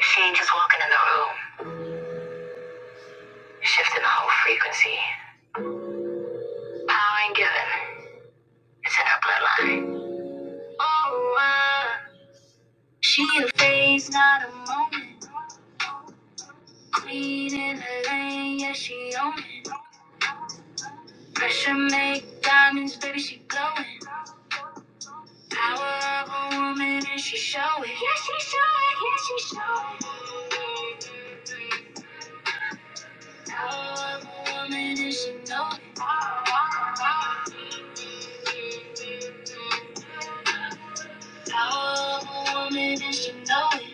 She ain't just walking in the room, shifting the whole frequency. Power ain't given. It's in her bloodline. Oh, my. She a phase, not a moment. Please own it. Pressure make diamonds, baby, she glowing. Power of a woman, and she show it. Yeah, she show it. Yeah, she show it. Power of a woman, and she know it. Power of a woman, and she know it.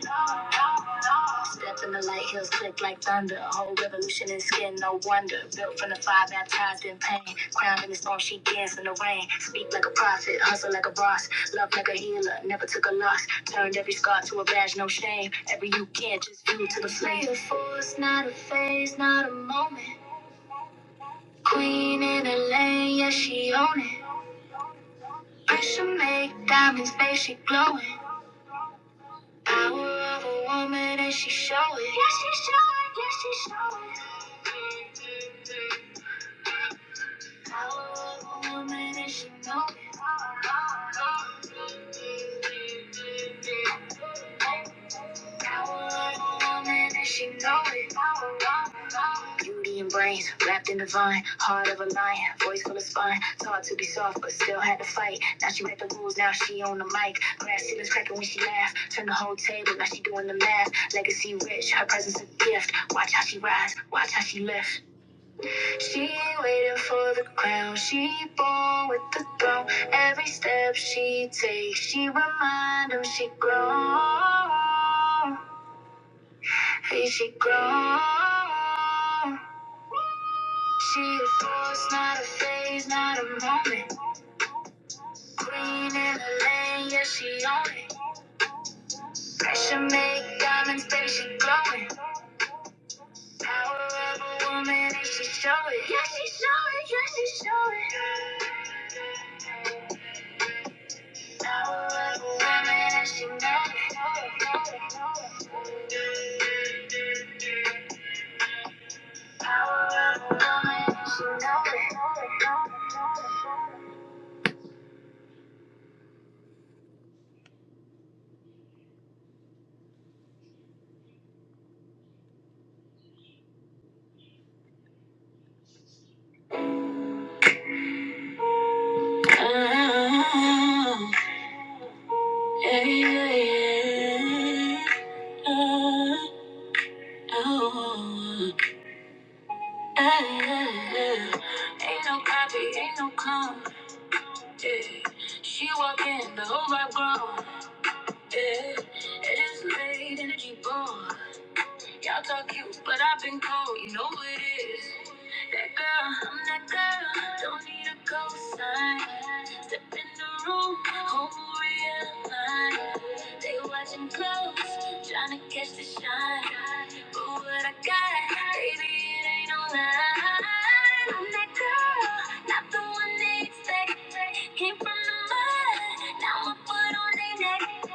Stepping the light hills click like thunder. Whole revolution in skin, no wonder. Built from the fire, baptized in pain. Crowned in the storm, she danced in the rain. Speak like a prophet, hustle like a boss. Love like a healer, never took a loss. Turned every scar to a badge, no shame. Every you can, just view to the flame. Play the fool, it's not a force, not a phase, not a moment. Queen in her lane, yeah, she own it. Pressure make diamonds, face she glowing. Power of a woman and she showing. Yeah, she showing. Yeah, she showing. Beauty and brains wrapped in the vine, heart of a lion, voice full of spine. Taught to be soft, but still had to fight. Now she read the rules, now she on the mic. Glass ceilings cracking when she laugh. Turn the whole table, now she doing the math. Legacy rich, her presence a gift. Watch how she rise, watch how she lift. She waiting for the crown. She born with the throne. Every step she takes, she remind him she grown. Hey, she grown. She a force, not a phase, not a moment. Queen in the lane, yeah, she own it. Pressure make diamonds, baby, she glowing. Power of a woman, and she show it. Yeah, she show it, yeah, she show it. Ain't no copy, ain't no clone. Yeah. She walk in, the whole vibe gone. Yeah. It is late, energy ball. Y'all talk cute, but I've been cold. You know what it is. That girl, I'm that girl. Don't need a cosign. Step in the room, whole real line. They watching close, trying to catch the shine. But what I got, baby, it ain't no lie. I'm that girl, not the one they expect. Came from the mud, now I put on their neck.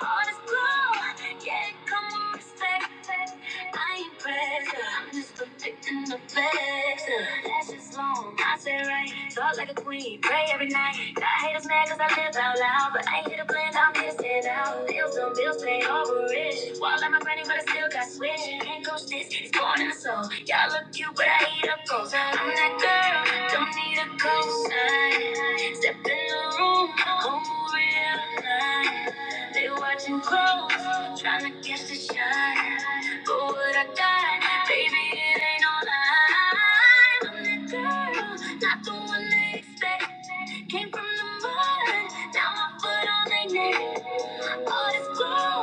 All this glow, yeah, it come with respect. I ain't pressure. I'm just protecting the flexor. Lashes long, I say right. Talk like a queen, pray every night. Got haters mad cause I live out loud. But I ain't here to blend, I'm here to stand out. Bills on bills, pay over rich. Walk like my granny, but I still got switch. Can't coach this, it's born in the soul. Y'all look cute, but I eat up goals. I'm that girl, don't need a cosign. Step in the room, am real blind. They watching close, trying to catch the shine. But what I got, baby, it ain't no lie. I'm the girl, not the one they expect. Came from the mud, now my foot on their neck. All this glow,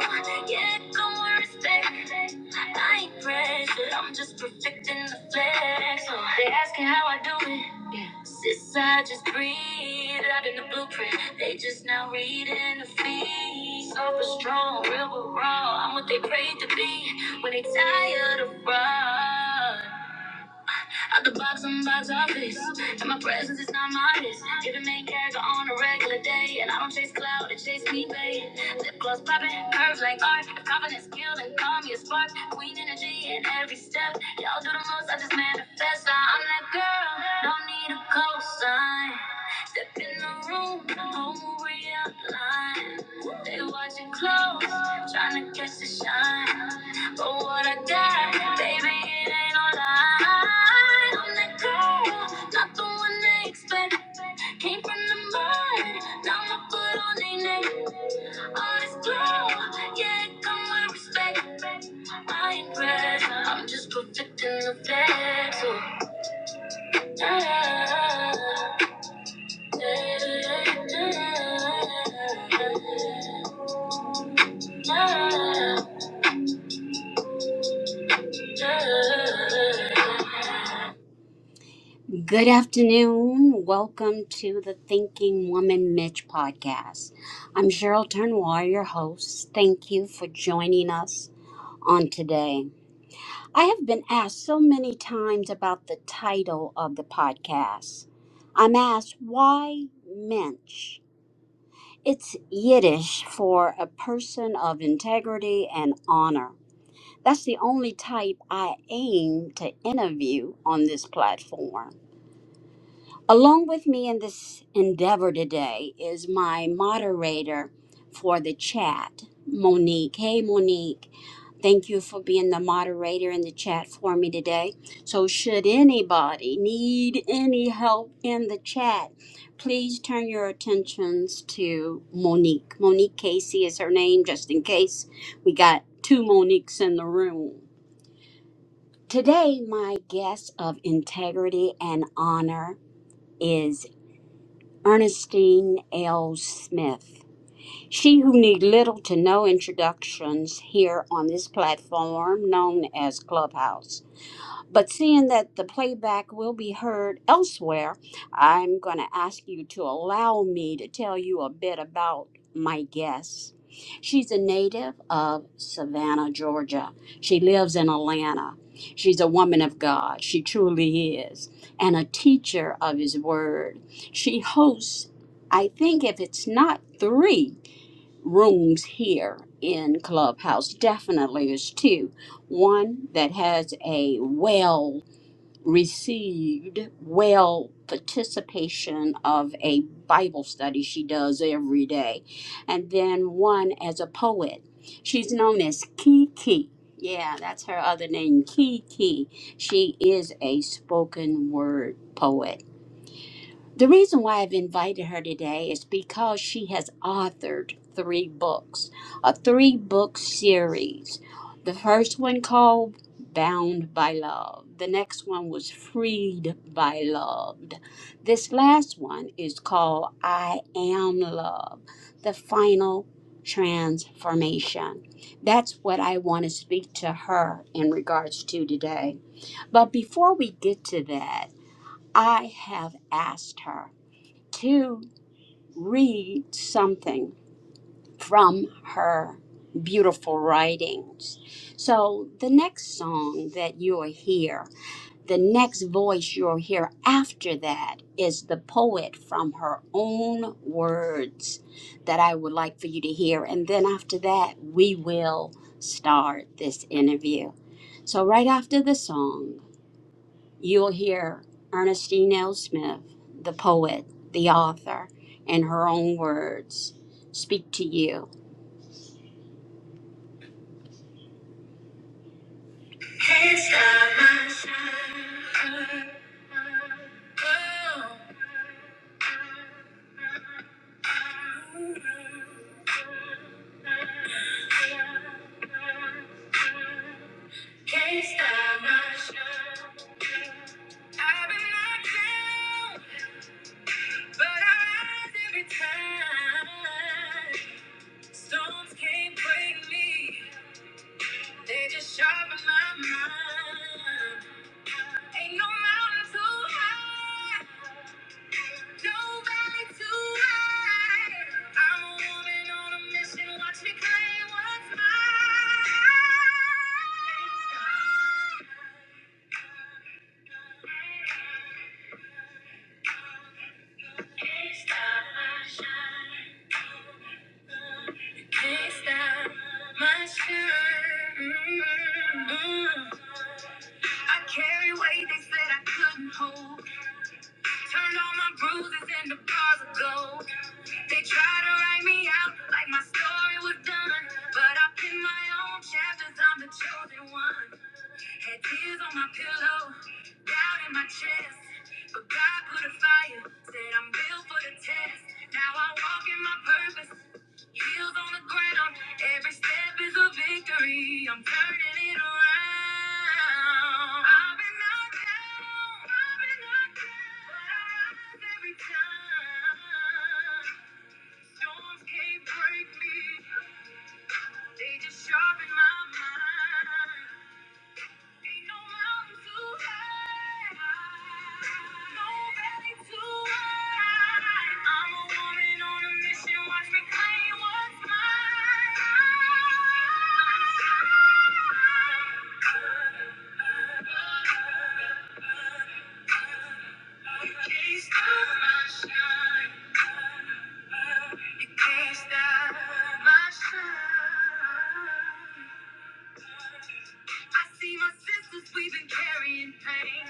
yeah, it come with respect. I ain't pressured, I'm just perfecting the flex. So they asking how I do it. Yeah. Sis, I just breathe, wrapping the blueprint. They just now reading the feed. Soft but strong, real but raw. I'm what they prayed to be when they tired of raw. Out the box, I'm box office. And my presence is not modest. Giving main character on a regular day. And I don't chase cloud, I chase me, babe. Lip gloss popping, curves like art. confidence skilled and call me a spark. Queen energy in every step. Y'all do the most, I just manifest. I'm that girl, don't need a cosign. Step in the room, whole real line. They watching close, trying to catch the shine. But what I got, baby, it ain't all lie. I'm that girl, not the one they expect. Came from the mud, now my foot on their neck. Honest girl, yeah, it come with respect. I ain't bad, I'm just perfect in the bed. So, yeah. Good afternoon. Welcome to the Thinking Woman Mitch podcast. I'm Cheryl Turnwall, your host. Thank you for joining us on today. I have been asked so many times about the title of the podcast. I'm asked, why Mitch? It's Yiddish for a person of integrity and honor. That's the only type I aim to interview on this platform. Along with me in this endeavor today is my moderator for the chat, Monique. Hey, Monique. Thank you for being the moderator in the chat for me today. So, should anybody need any help in the chat, please turn your attentions to Monique. Monique Casey is her name, just in case we got two Moniques in the room. Today, my guest of integrity and honor is Ernestine L. Smith. She who need little to no introductions here on this platform known as Clubhouse. But seeing that the playback will be heard elsewhere, I'm going to ask you to allow me to tell you a bit about my guest. She's a native of Savannah, Georgia. She lives in Atlanta. She's a woman of God. She truly is. And a teacher of His Word. She hosts, I think, if it's not three rooms here in Clubhouse. Definitely there's two. One that has a well received, well participation of a Bible study she does every day. And then one as a poet. She's known as Kiki. Yeah, that's her other name, Kiki. She is a spoken word poet the reason why I've invited her today is because she has authored three books, a three book series. The first one called Bound by Love, the next one was Freed by Love. This last one is called I Am Love, the final transformation. That's what I want to speak to her in regards to today. But before we get to that, I have asked her to read something from her beautiful writings. So, the next song that you'll hear, the next voice you'll hear after that is the poet from her own words that I would like for you to hear. And then after that, we will start this interview. So, right after the song, You'll hear Ernestine L. Smith, the poet, the author, in her own words, speak to you. Yes, I must have. Yes, I must have. I've been knocked down. But I every time storms can't break me. They just shot my mind. Ain't no mountain too high. No valley too high. I'm a woman on a mission. Watch me claim what's mine. Can't stop my shine can't stop my shine. mm I carry weight they said I couldn't hold. Turned all my bruises into bars of gold. They try to write me out like my story was done, but I pin my own chapters. I'm the chosen one. Had tears on my pillow, doubt in my chest. But God put a fire, said I'm built for the test. Now I walk in my purpose. Heels on the ground, every step is a victory. I'm turning it around. I've been knocked down, I've been knocked down, but I rise every time. Storms can't break me, they just sharpen my mind. Ain't no mountain too high, no valley too wide. I'm a woman on a mission, watch me claim what's mine. You can't stop my shine. You can't stop my shine. I see my sisters, we've been carrying pain.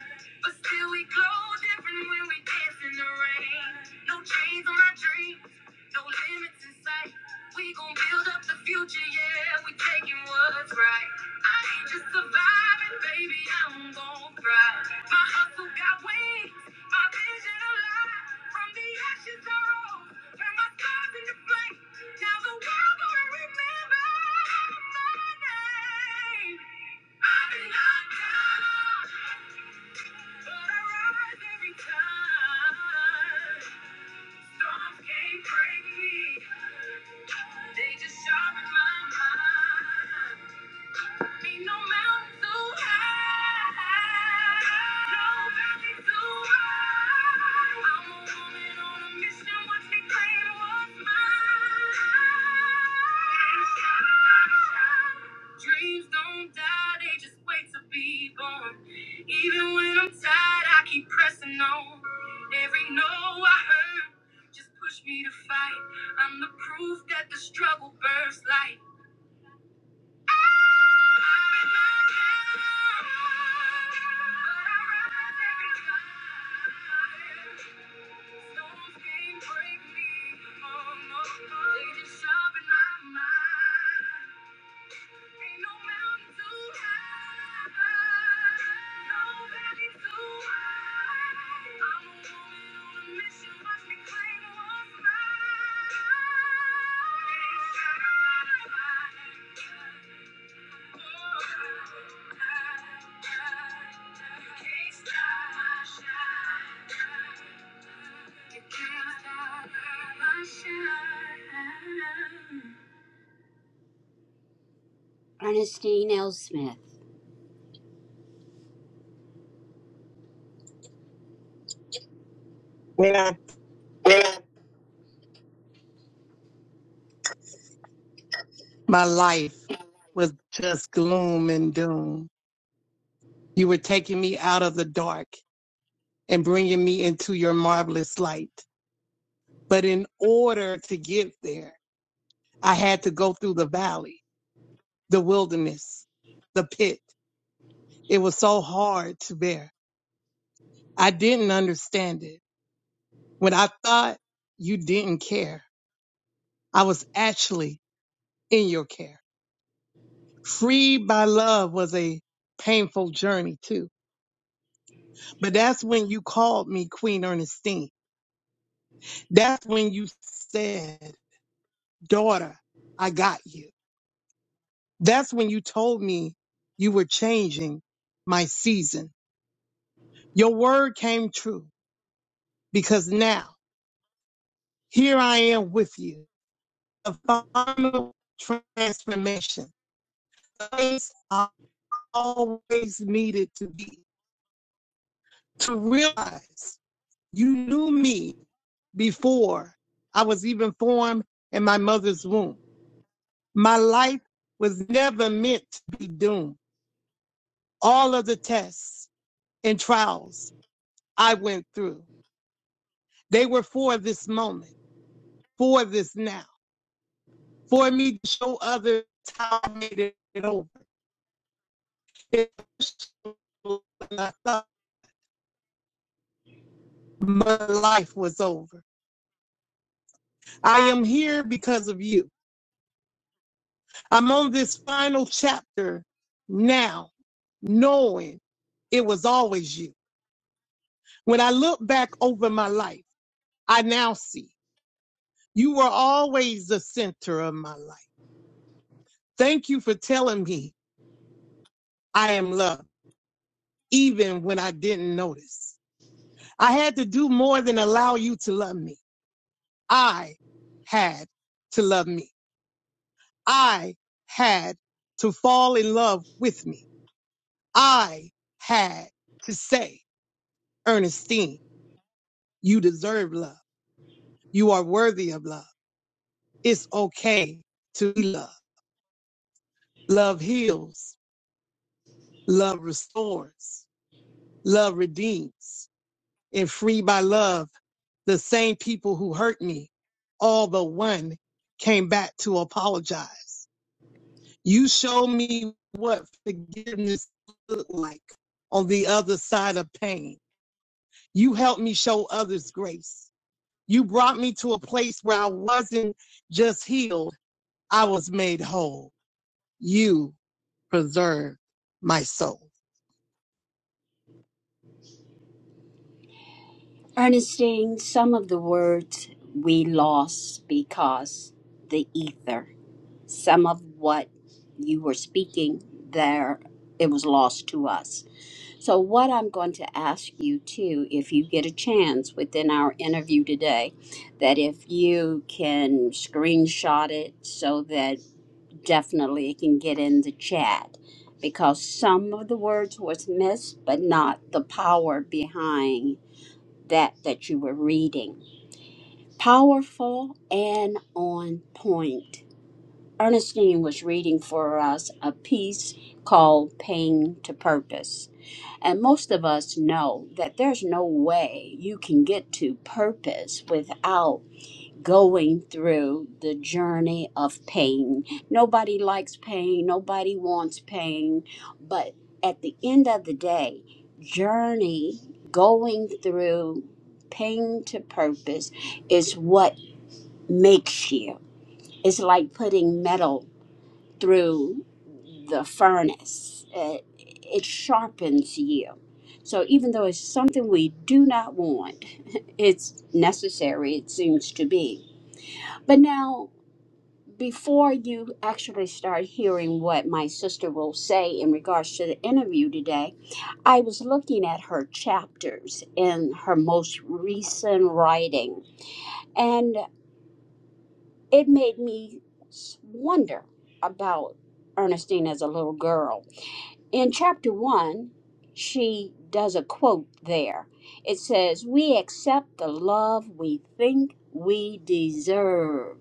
But still we glow different when we dance in the rain. No chains on our dreams, no limits in sight. We gon' build up the future, yeah, we taking what's right. I ain't just surviving, baby, I'm gon' thrive. My hustle got wings, my vision alive. From the ashes I rose, turn my scars into flames. They just sharpen my mind no mountain too high, no valley too high. I'm a woman on a mission, what they claim was mine. Dreams don't die, they just wait to be born. Even when I'm tired, I keep pressing on. Every no I heard just pushed me to fight. I'm the proof that the struggle births light. Thank you. Ernestine L. Smith. when my life was just gloom and doom. You were taking me out of the dark and bringing me into your marvelous light. But in order to get there, I had to go through the valley, the wilderness, the pit. It was so hard to bear. I didn't understand it. When I thought you didn't care, I was actually in your care. Freed by love was a painful journey too But that's when you called me Queen Ernestine. That's when you said, Daughter, I got you. That's when you told me you were changing my season. Your word came true because now here I am with you. The final transformation. The place I always needed to be to realize you knew me before I was even formed in my mother's womb. My life was never meant to be doomed. All of the tests and trials I went through, they were for this moment, for this now, for me to show others how I made it over. I thought my life was over. I am here because of you. I'm on this final chapter now, knowing it was always you. When I look back over my life, I now see. You were always the center of my life. Thank you for telling me I am loved, even when I didn't notice. I had to do more than allow you to love me. I had to love me. I had to fall in love with me. I had to say, Ernestine, you deserve love. You are worthy of love. It's okay to be loved. Love heals. Love restores. Love redeems. and free by love. The same people who hurt me, all but one, came back to apologize. You showed me what forgiveness looked like on the other side of pain. You helped me show others grace. You brought me to a place where I wasn't just healed, I was made whole. You preserved my soul. Ernestine, some of the words we lost because the ether. Some of what you were speaking there, it was lost to us. So, what I'm going to ask you too, if you get a chance within our interview today, that if you can screenshot it so that definitely it can get in the chat because some of the words was missed, but not the power behind that that you were reading. Powerful and on point. Ernestine was reading for us a piece called Pain to Purpose. And most of us know that there's no way you can get to purpose without going through the journey of pain. Nobody likes pain, nobody wants pain, but at the end of the day, journey going through pain to purpose is what makes you. It's like putting metal through the furnace. It, it sharpens you. So even though it's something we do not want, it's necessary, it seems to be. But now, before you actually start hearing what my sister will say in regards to the interview today, I was looking at her chapters in her most recent writing, and it made me s- wonder about Ernestine as a little girl in chapter one, she does a quote there. It says, We accept the love we think we deserve.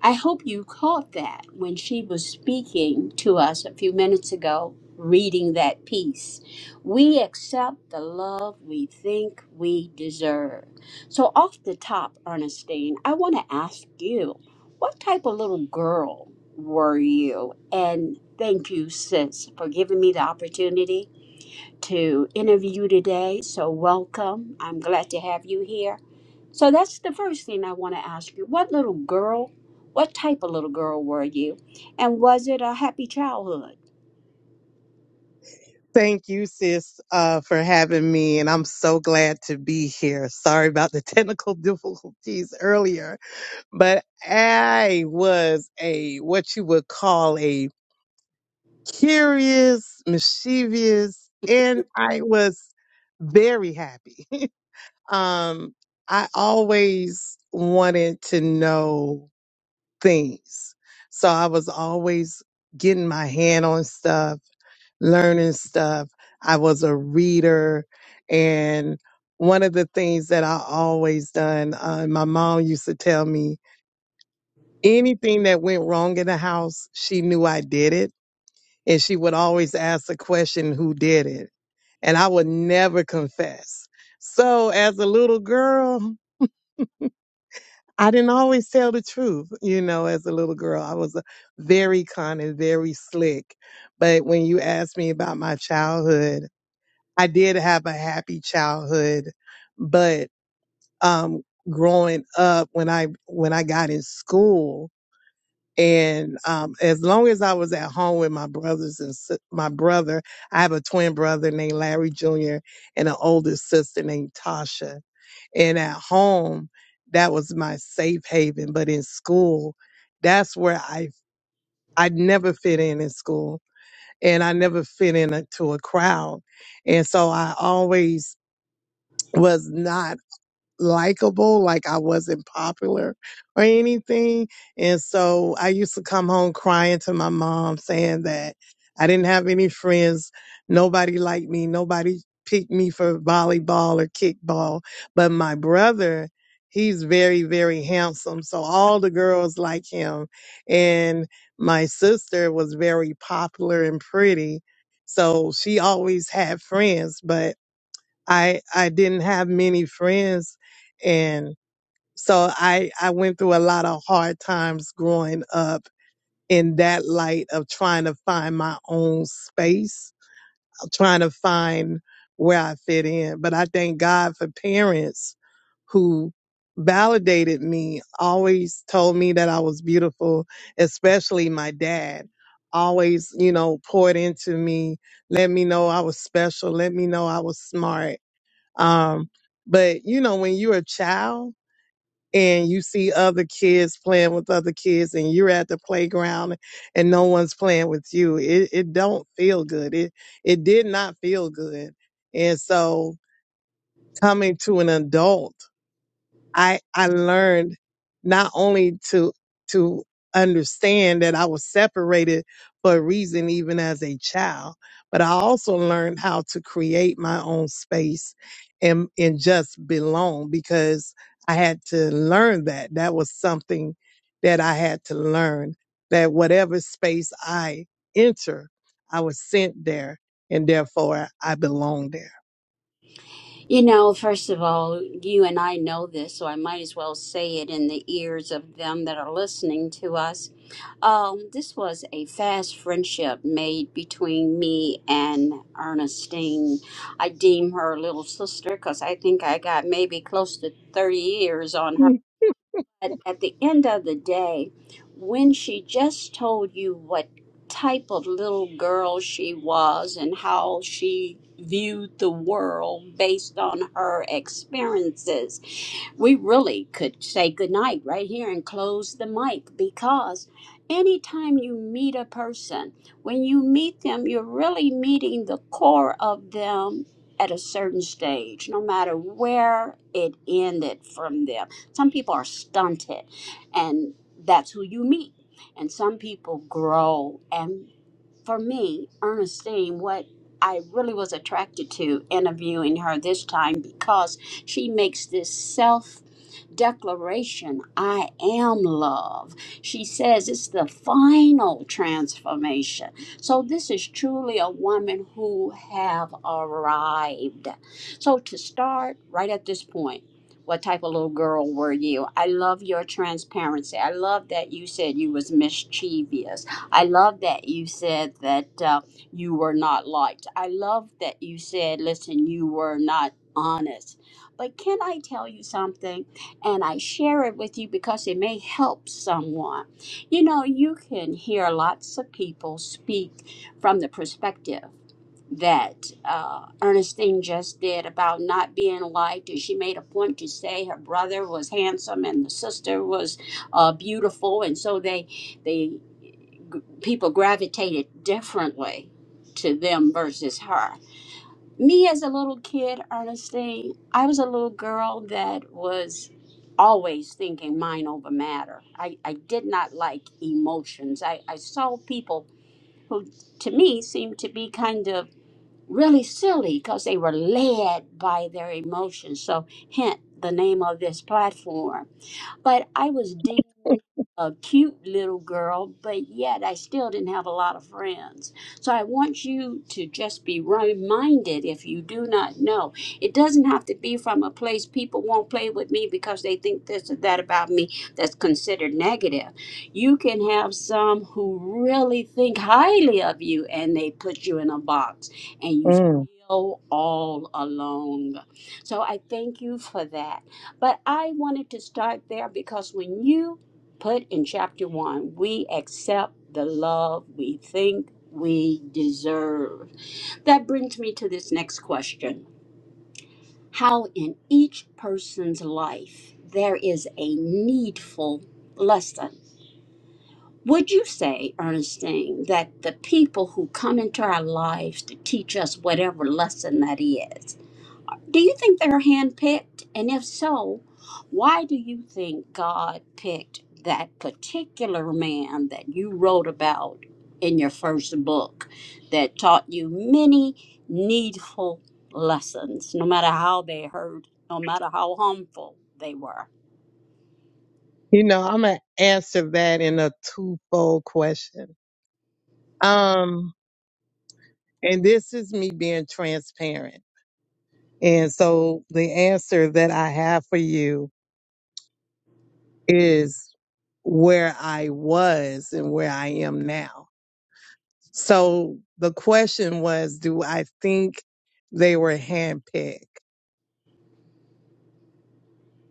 I hope you caught that when she was speaking to us a few minutes ago, reading that piece. We accept the love we think we deserve. So, off the top, Ernestine, I want to ask you what type of little girl were you? And thank you, sis, for giving me the opportunity to interview you today. So, welcome. I'm glad to have you here. So, that's the first thing I want to ask you. What little girl, what type of little girl were you? And was it a happy childhood? Thank you, sis, uh, for having me, and I'm so glad to be here. Sorry about the technical difficulties earlier, but I was a what you would call a curious, mischievous, and I was very happy. um, I always wanted to know things, so I was always getting my hand on stuff learning stuff. I was a reader. And one of the things that I always done, uh, my mom used to tell me anything that went wrong in the house, she knew I did it. And she would always ask the question, who did it? And I would never confess. So as a little girl, I didn't always tell the truth. You know, as a little girl, I was a very con and very slick. But when you ask me about my childhood, I did have a happy childhood, but um, growing up when I when I got in school and um, as long as I was at home with my brothers and sis- my brother, I have a twin brother named Larry Jr. and an older sister named Tasha. And at home, that was my safe haven. But in school, that's where I I never fit in in school, and I never fit in a, to a crowd. And so I always was not likable, like I wasn't popular or anything. And so I used to come home crying to my mom saying that I didn't have any friends. Nobody liked me. Nobody picked me for volleyball or kickball. But my brother, he's very, very handsome. So all the girls like him. And my sister was very popular and pretty. So she always had friends, but I I didn't have many friends and so I I went through a lot of hard times growing up in that light of trying to find my own space, trying to find where I fit in. But I thank God for parents who validated me, always told me that I was beautiful, especially my dad. Always, you know, poured into me, let me know I was special, let me know I was smart um, but you know, when you're a child and you see other kids playing with other kids and you're at the playground and no one's playing with you, it, it don't feel good. It it did not feel good. And so coming to an adult I I learned not only to to understand that I was separated for a reason even as a child, but I also learned how to create my own space and and just belong because I had to learn that. That was something that I had to learn that whatever space I enter, I was sent there and therefore I belong there. You know, first of all, you and I know this, so I might as well say it in the ears of them that are listening to us. Um, this was a fast friendship made between me and Ernestine. I deem her little sister because I think I got maybe close to 30 years on her. But Mm. at the end of the day, when she just told you what type of little girl she was and how she viewed the world based on her experiences, we really could say goodnight right here and close the mic because anytime you meet a person, when you meet them, you're really meeting the core of them at a certain stage, no matter where it ended from them some people are stunted, and that's who you meet. And some people grow. And for me, Ernestine, what I really was attracted to interviewing her this time because she makes this self declaration, I am love. She says it's the final transformation. So this is truly a woman who have arrived. So to start right at this point, what type of little girl were you? I love your transparency. I love that you said you was mischievous. I love that you said that uh, you were not liked. I love that you said, listen, you were not honest. But can I tell you something? and I share it with you because it may help someone. You know, you can hear lots of people speak from the perspective that uh, Ernestine just did about not being liked, and she made a point to say her brother was handsome and the sister was uh, beautiful, and so they they people gravitated differently to them versus her me as a little kid, honestly, I was a little girl that was always thinking mind over matter. I, I did not like emotions. I, I saw people who, to me, seemed to be kind of really silly because they were led by their emotions. So, hint the name of this platform. But I was deemed a cute little girl, but yet I still didn't have a lot of friends. So I want you to just be reminded if you do not know. It doesn't have to be from a place people won't play with me because they think this or that about me that's considered negative. You can have some who really think highly of you and they put you in a box and you Mm. feel all alone. So I thank you for that. But I wanted to start there because when you put in chapter one, we accept the love we think we deserve. That brings me to this next question How in each person's life there is a needful lesson? Would you say, Ernestine, that the people who come into our lives to teach us whatever lesson that is, do you think they're handpicked? And if so, why do you think God picked that particular man that you wrote about in your first book that taught you many needful lessons, no matter how they hurt, no matter how harmful they were? You know, I'm gonna answer that in a twofold question. Um, And this is me being transparent. And so the answer that I have for you is where I was and where I am now. So the question was, do I think they were handpicked?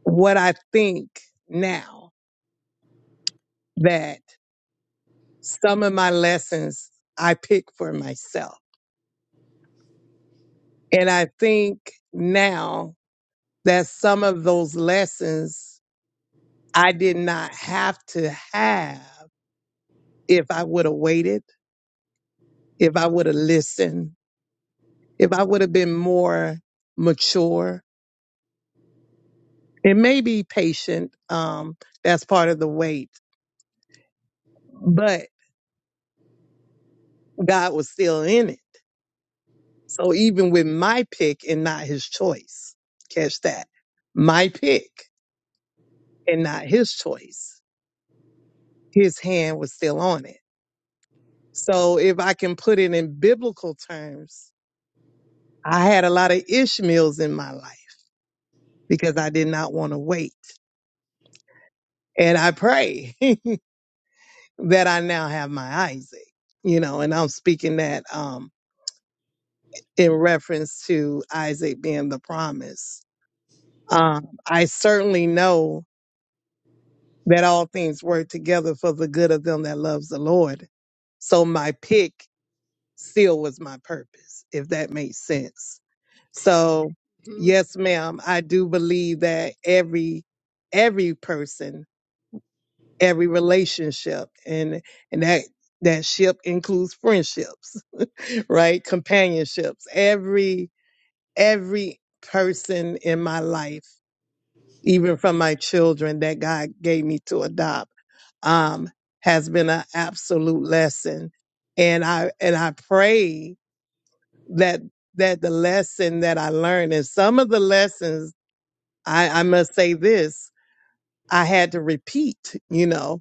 What I think now that some of my lessons I pick for myself. And I think now that some of those lessons I did not have to have if I would have waited, if I would have listened, if I would have been more mature and maybe patient, um, that's part of the wait. But God was still in it. So even with my pick and not his choice, catch that. My pick and not his choice, his hand was still on it. So if I can put it in biblical terms, I had a lot of Ishmaels in my life because I did not want to wait and I pray that I now have my Isaac, you know, and I'm speaking that um, in reference to Isaac being the promise. Um, I certainly know that all things work together for the good of them that loves the Lord. So my pick still was my purpose, if that makes sense. So yes, ma'am, I do believe that every every person, every relationship, and and that that ship includes friendships right? Companionships. Every every person in my life, even from my children that God gave me to adopt, um, has been an absolute lesson. And I and I pray that that the lesson that I learned and some of the lessons I, I must say this, I had to repeat, you know,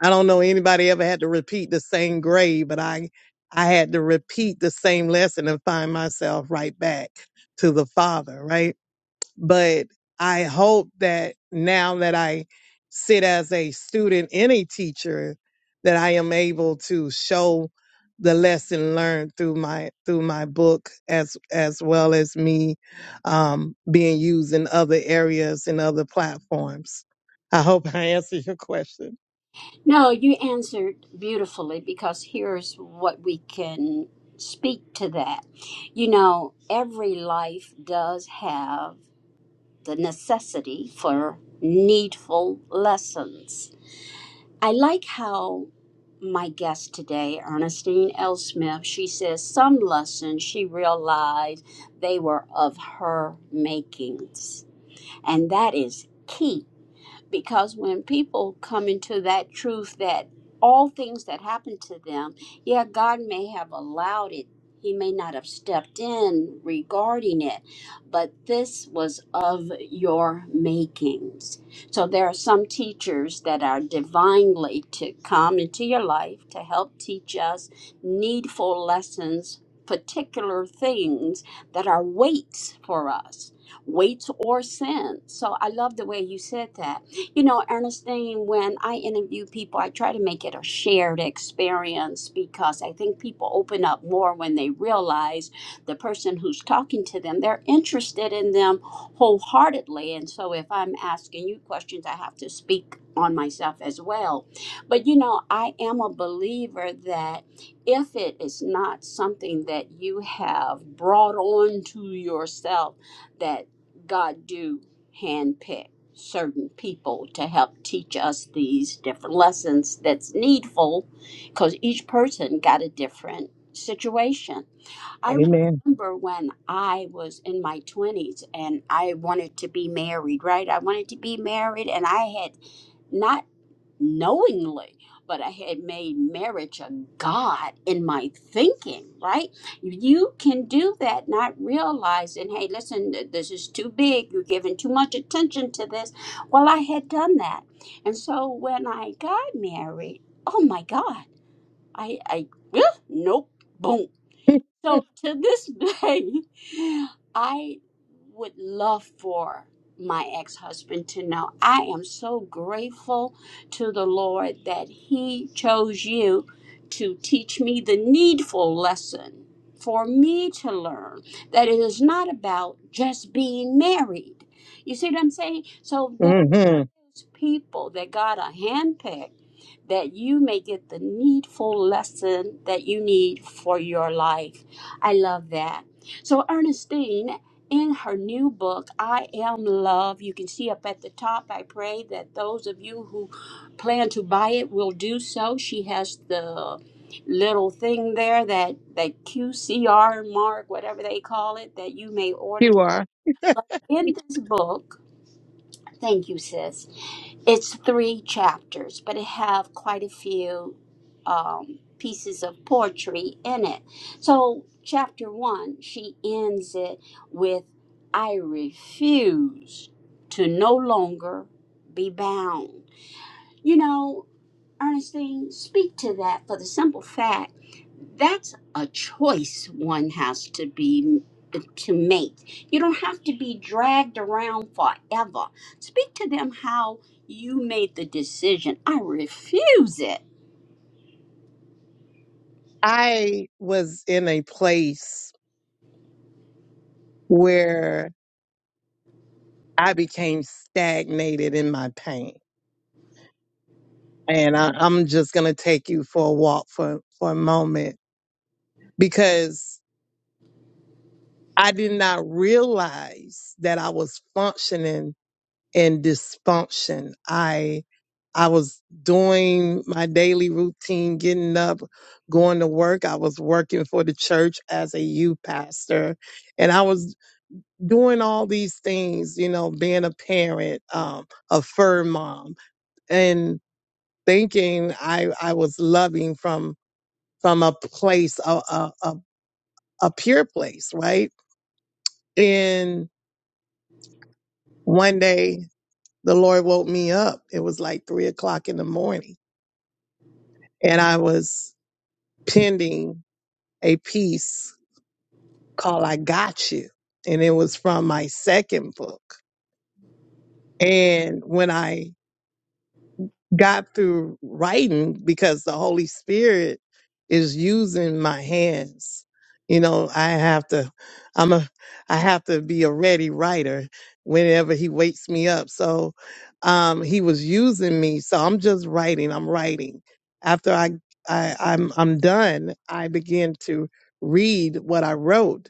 I don't know anybody ever had to repeat the same grade, but I I had to repeat the same lesson and find myself right back to the father, right? But I hope that now that I sit as a student and a teacher that I am able to show the lesson learned through my through my book as as well as me um being used in other areas and other platforms. I hope I answered your question. No, you answered beautifully because here's what we can speak to that. You know, every life does have the necessity for needful lessons. I like how my guest today, Ernestine L. Smith, she says some lessons she realized they were of her makings. And that is key because when people come into that truth that all things that happen to them, yeah, God may have allowed it. He may not have stepped in regarding it, but this was of your makings. So there are some teachers that are divinely to come into your life to help teach us needful lessons, particular things that are weights for us, weights or sins. So I love the way you said that you know, Ernestine, when I interview people, I try to make it a shared experience because I think people open up more when they realize the person who's talking to them, they're interested in them wholeheartedly. And so if I'm asking you questions, I have to speak on myself as well. But you know, I am a believer that if it is not something that you have brought on to yourself, that God do handpick certain people to help teach us these different lessons that's needful because each person got a different situation. I Amen. remember when I was in my 20s and I wanted to be married, right? I wanted to be married and I had not knowingly, but I had made marriage a God in my thinking, right? You can do that, not realizing, hey, listen, th- this is too big. You're giving too much attention to this. Well, I had done that. And so when I got married, oh my God, I, I, yeah, nope, boom. So to this day, I would love for my ex husband to know I am so grateful to the Lord that He chose you to teach me the needful lesson for me to learn that it is not about just being married. You see what I'm saying? So hmm those people that God has handpicked that you may get the needful lesson that you need for your life. I love that. So Ernestine in her new book, I Am Love, you can see up at the top. I pray that those of you who plan to buy it will do so. She has the little thing there that that QCR mark, whatever they call it, that you may order You are. in this book Thank you, sis. It's three chapters, but it have quite a few um, pieces of poetry in it. So, chapter one, she ends it with, "I refuse to no longer be bound." You know, Ernestine, speak to that for the simple fact that's a choice one has to be to make. You don't have to be dragged around forever. Speak to them how you made the decision. I refuse it. I was in a place where I became stagnated in my pain. And I, I'm just going to take you for a walk for, for a moment because I did not realize that I was functioning in dysfunction. I, I was doing my daily routine, getting up, going to work. I was working for the church as a youth pastor and I was doing all these things, you know, being a parent, um, a fur mom, and thinking I I was loving from from a place, a a a, a pure place, right? And one day the Lord woke me up. It was like three o'clock in the morning, and I was pending a piece called "I Got You," and it was from my second book. And when I got through writing because the Holy Spirit is using my hands. You know, I have to I'm a I have to be a ready writer whenever he wakes me up. So um he was using me. So I'm just writing, I'm writing. After I, I I'm I'm done, I begin to read what I wrote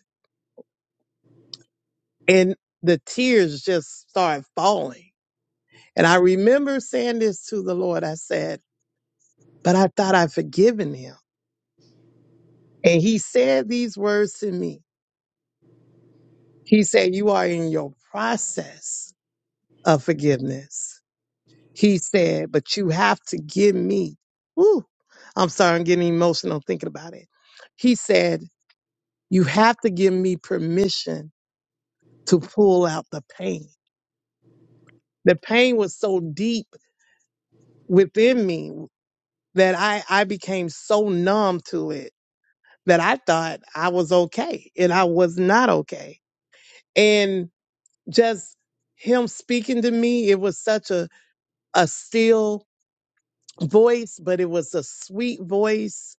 and the tears just start falling. And I remember saying this to the Lord. I said, but I thought I'd forgiven him. And he said these words to me. He said, You are in your process of forgiveness. He said, But you have to give me. Woo, I'm sorry, I'm getting emotional thinking about it. He said, You have to give me permission to pull out the pain. The pain was so deep within me that I, I became so numb to it that I thought I was okay and I was not okay. And just him speaking to me it was such a a still voice but it was a sweet voice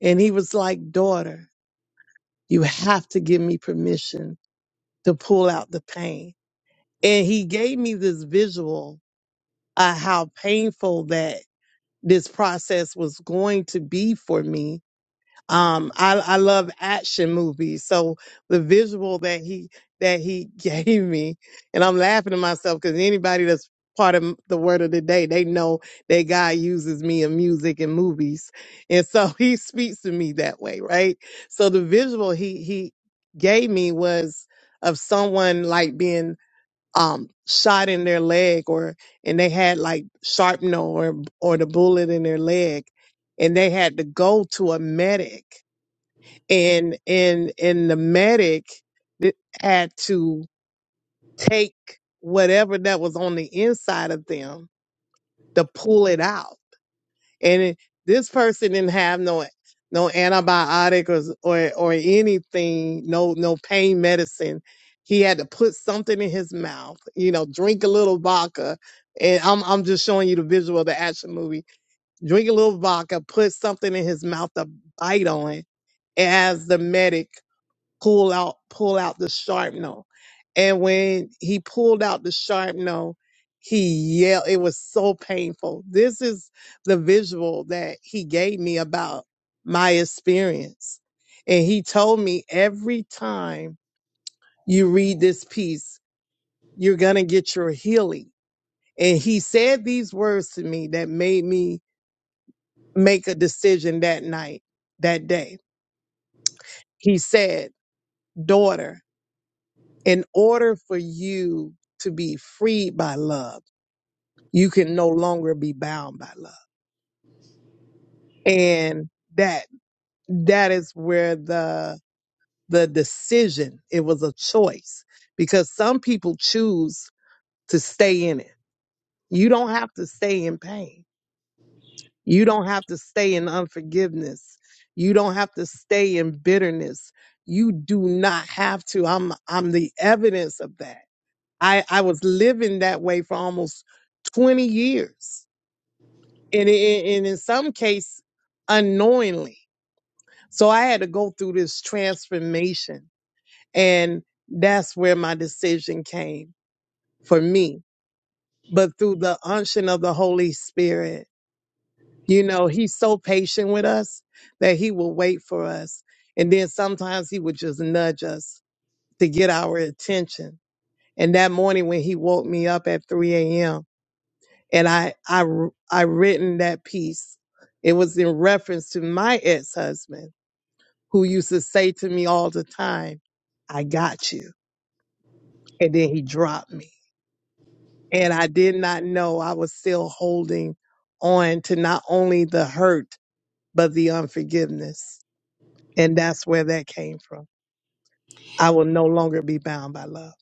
and he was like daughter you have to give me permission to pull out the pain and he gave me this visual of how painful that this process was going to be for me Um, I, I love action movies. So the visual that he that he gave me, and I'm laughing to myself because anybody that's part of the word of the day, they know that God uses me in music and movies, and so He speaks to me that way, right? So the visual he he gave me was of someone like being um shot in their leg or and they had like shrapnel or or the bullet in their leg and they had to go to a medic and and and the medic th- had to take whatever that was on the inside of them to pull it out and it, this person didn't have no no antibiotic or, or or anything no no pain medicine he had to put something in his mouth you know drink a little vodka and I'm I'm just showing you the visual of the action movie drink a little vodka put something in his mouth to bite on as the medic pull out, pull out the sharpnel. And when he pulled out the sharpnel, he yelled. It was so painful. This is the visual that he gave me about my experience. And he told me every time you read this piece, you're going to get your healing. And he said these words to me that made me make a decision that night, that day. He said, Daughter, in order for you to be freed by love, you can no longer be bound by love. And that that is where the the decision, it was a choice because some people choose to stay in it. You don't have to stay in pain. You don't have to stay in unforgiveness. You don't have to stay in bitterness. You do not have to. I'm I'm the evidence of that I, I was living that way for almost 20 years. And, in- and in some case, unknowingly. So I had to go through this transformation. And that's where my decision came for me. But through the unction of the Holy Spirit, you know, he's so patient with us that he will wait for us. And then sometimes he would just nudge us to get our attention. And that morning when he woke me up at 3 a.m., and I I I written that piece. It was in reference to my ex husband who used to say to me all the time, "I got you," and then he dropped me, and I did not know I was still holding on to not only the hurt but the unforgiveness, and that's where that came from. I will no longer be bound by love.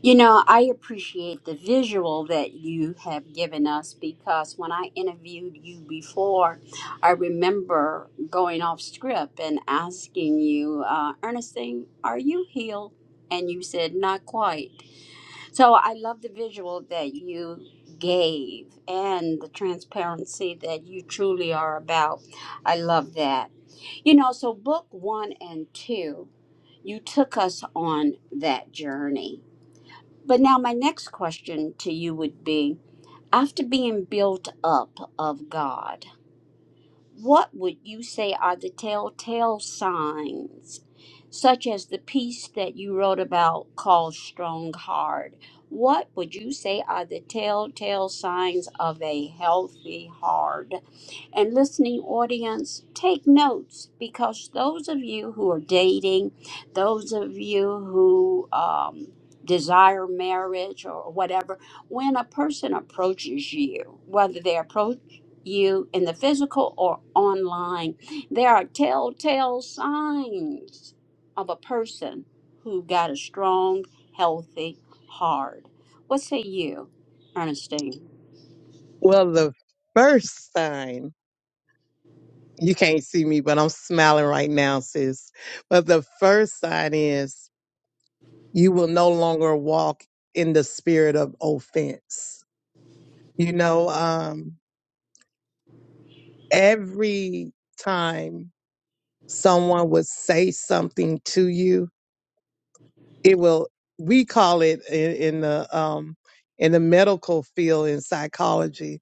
You know, I appreciate the visual that you have given us because when I interviewed you before, I remember going off script and asking you, uh, Ernestine, are you healed? And you said, not quite. So I love the visual that you gave and the transparency that you truly are about. I love that. You know, so book one and two, you took us on that journey but now, my next question to you would be after being built up of God, what would you say are the telltale signs, such as the piece that you wrote about called Strong Heart? What would you say are the telltale signs of a healthy heart? And listening audience, take notes because those of you who are dating, those of you who um, desire marriage or whatever, when a person approaches you, whether they approach you in the physical or online. There are telltale signs of a person who got a strong, healthy heart. What say you, Ernestine? Well, the first sign you can't see me, but I'm smiling right now, sis. But the first sign is you will no longer walk in the spirit of offense. You know, um, every time someone would say something to you, it will, we call it in, in the, um, in the medical field in psychology,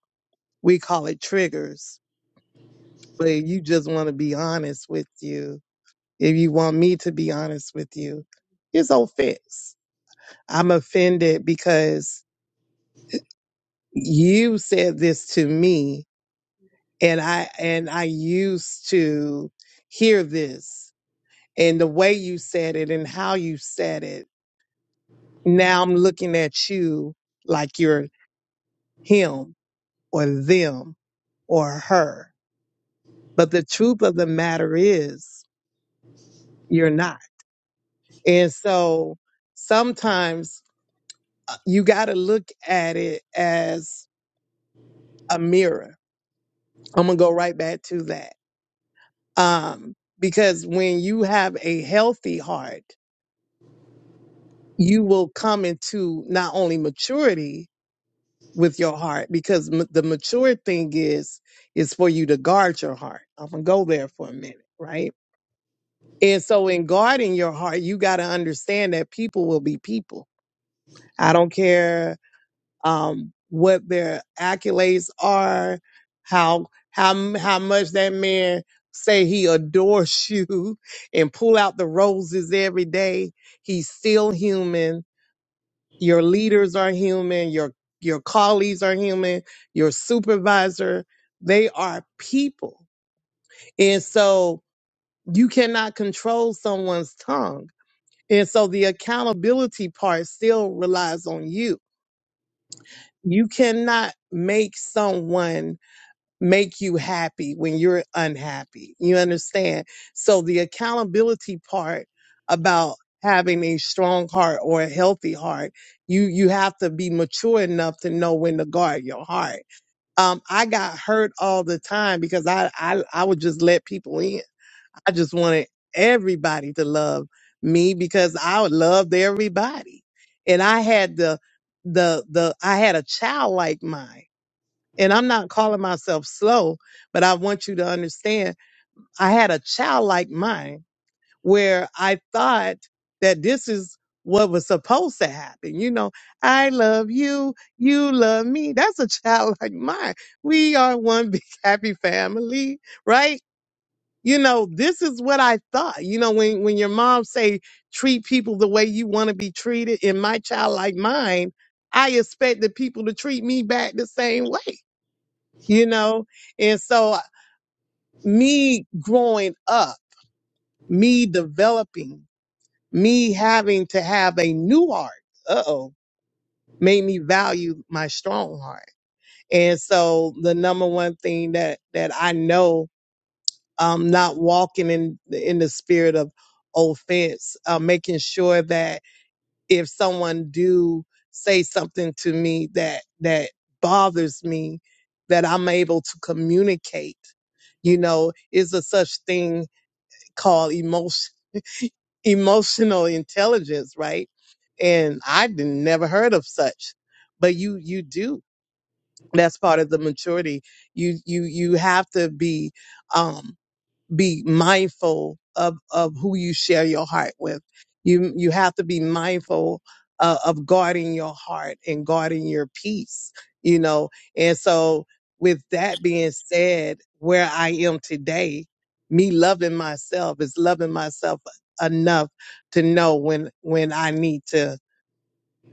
we call it triggers. But if you just want to be honest with you, if you want me to be honest with you, it's offense. I'm offended because you said this to me and I and I used to hear this and the way you said it and how you said it. Now I'm looking at you like you're him or them or her. But the truth of the matter is you're not. And so sometimes uh, you got to look at it as a mirror. I'm going to go right back to that. Um because when you have a healthy heart you will come into not only maturity with your heart because m- the mature thing is is for you to guard your heart i'm gonna go there for a minute right and so in guarding your heart you got to understand that people will be people i don't care um what their accolades are how how m- how much that man say he adores you and pull out the roses every day he's still human your leaders are human your your colleagues are human your supervisor they are people and so you cannot control someone's tongue and so the accountability part still relies on you you cannot make someone make you happy when you're unhappy. You understand? So the accountability part about having a strong heart or a healthy heart, you you have to be mature enough to know when to guard your heart. Um, I got hurt all the time because I I, I would just let people in. I just wanted everybody to love me because I loved everybody. And I had the the the I had a childlike mind and I'm not calling myself slow, but I want you to understand I had a childlike mind where I thought that this is what was supposed to happen. You know, I love you, you love me. That's a childlike mind. We are one big happy family, right? You know, this is what I thought. You know, when when your mom say treat people the way you want to be treated, in my childlike mind, I expected people to treat me back the same way you know? And so me growing up, me developing, me having to have a new heart, uh-oh, made me value my strong heart. And so the number one thing that that I know um not walking in in the spirit of offense, uh, making sure that if someone do say something to me that that bothers me, that I'm able to communicate You know, is a such thing called emotion, emotional intelligence, right? And I didn't never heard of such, but you you do. That's part of the maturity. You you you have to be. Um, be mindful of of who you share your heart with. You you have to be mindful uh, of guarding your heart and guarding your peace. You know, and so with that being said, where I am today, me loving myself is loving myself enough to know when when I need to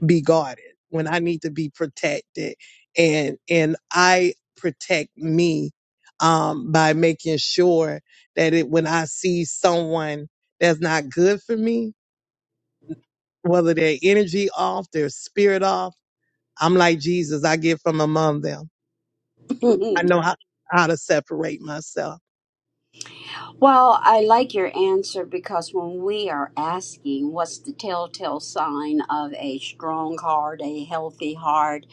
be guarded, when I need to be protected. And and I protect me um by making sure that it when I see someone that's not good for me, whether their energy off, their spirit off, I'm like Jesus, I get from among them. I know how, how to separate myself. Well, I like your answer because when we are asking what's the telltale sign of a strong heart, a healthy heart,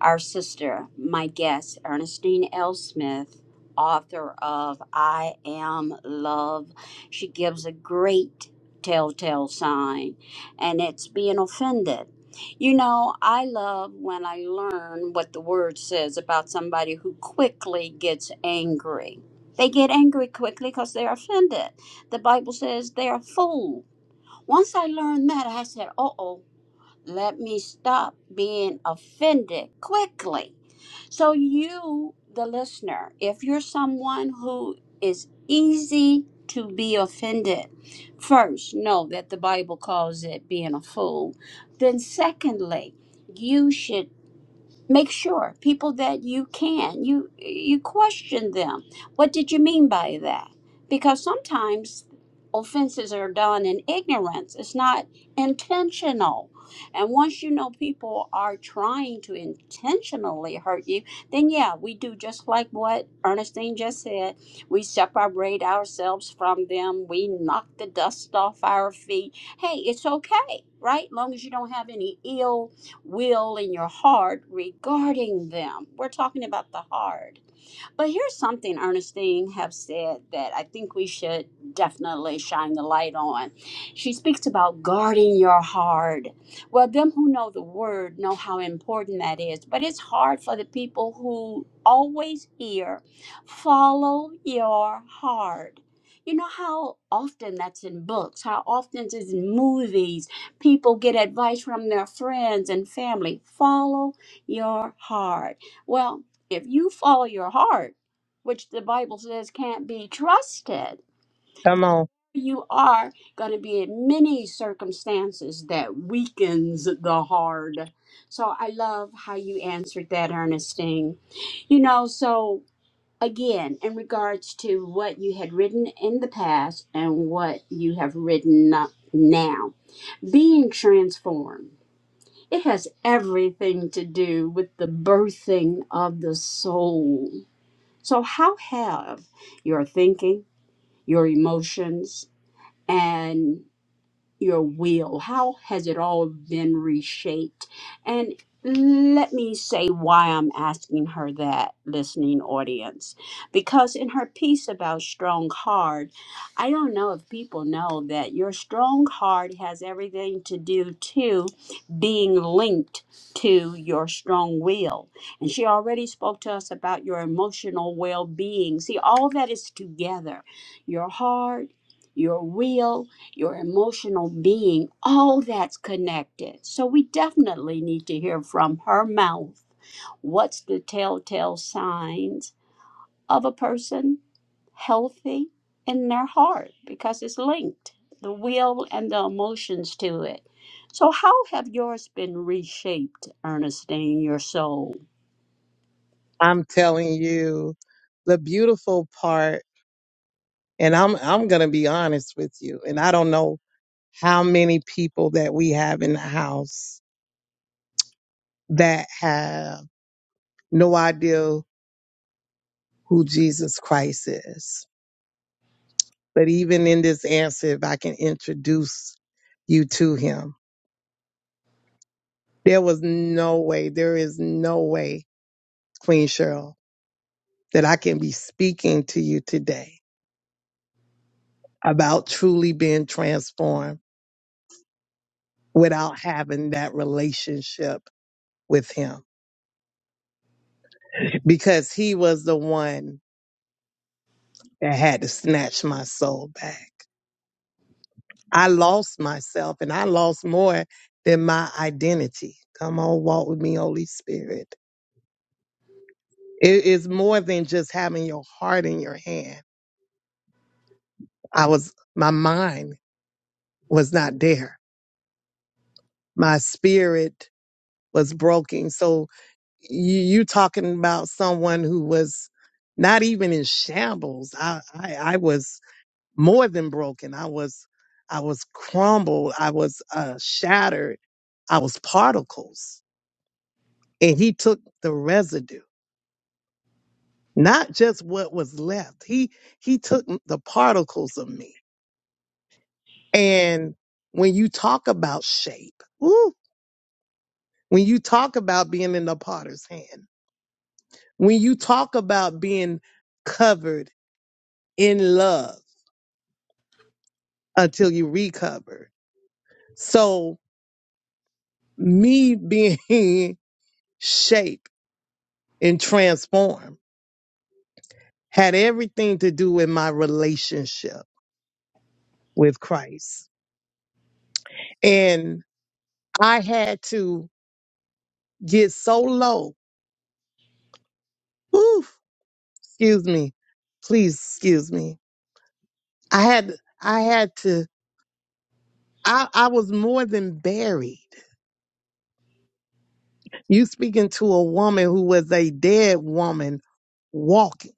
our sister, my guest, Ernestine L. Smith, author of I Am Love, she gives a great telltale sign, and it's being offended. You know, I love when I learn what the word says about somebody who quickly gets angry they get angry quickly because they're offended. The Bible says they're a fool. Once I learned that, I said, uh oh, let me stop being offended quickly. So, you, the listener, if you're someone who is easy to be offended, first, know that the Bible calls it being a fool. Then, secondly, you should make sure people that you can you you question them what did you mean by that because sometimes offenses are done in ignorance it's not intentional and once you know people are trying to intentionally hurt you then yeah we do just like what ernestine just said we separate ourselves from them we knock the dust off our feet hey it's okay right long as you don't have any ill will in your heart regarding them. We're talking about the heart. But here's something Ernestine have said that I think we should definitely shine the light on. She speaks about guarding your heart. Well, them who know the word know how important that is, but it's hard for the people who always hear, follow your heart. You know how often that's in books, how often it's in movies. People get advice from their friends and family. Follow your heart. Well, if you follow your heart, which the Bible says can't be trusted, Come on. you are going to be in many circumstances that weakens the hard. So I love how you answered that, Ernestine. You know, so again, in regards to what you had written in the past and what you have written up now, being transformed. It has everything to do with the birthing of the soul so, how have your thinking, your emotions, and your will? How has it all been reshaped? And let me say why I'm asking her that, listening audience. Because in her piece about strong heart, I don't know if people know that your strong heart has everything to do to being linked to your strong will. And she already spoke to us about your emotional well being. See, all that is together your heart, your will, your emotional being, all that's connected. So we definitely need to hear from her mouth what's the telltale signs of a person healthy in their heart because it's linked, the will and the emotions to it. So, how have yours been reshaped, Ernestine, your soul? I'm telling you. The beautiful part And I'm I'm gonna be honest with you. And I don't know how many people that we have in the house that have no idea who Jesus Christ is. But even in this answer, if I can introduce you to him, there was no way, there is no way, Queen Cheryl, that I can be speaking to you today about truly being transformed without having that relationship with him because he was the one that had to snatch my soul back. I lost myself and I lost more than my identity. Come on, walk with me, Holy Spirit. It is more than just having your heart in your hand. I was, my mind was not there. My spirit was broken. So you, you talking about someone who was not even in shambles. I, I, I was more than broken. I was, I was crumbled. I was uh, shattered. I was particles. And he took the residue, not just what was left. He, he took the particles of me. And when you talk about shape, ooh, when you talk about being in the potter's hand, when you talk about being covered in love until you recover. So me being shaped and transform had everything to do with my relationship with Christ. And I had to get so low. Oof, excuse me. Please excuse me. I had I had to I, I was more than buried. You speaking to a woman who was a dead woman walking.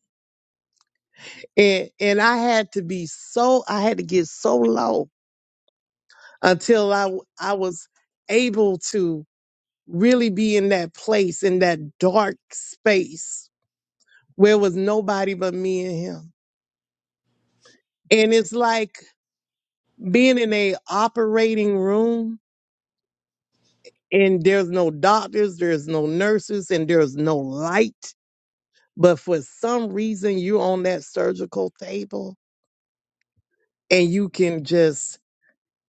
And and I had to be so I had to get so low until I w- I was able to really be in that place, in that dark space where it was nobody but me and him. And it's like being in a operating room and there's no doctors, there's no nurses, and there's no light. But for some reason, you're on that surgical table and you can just,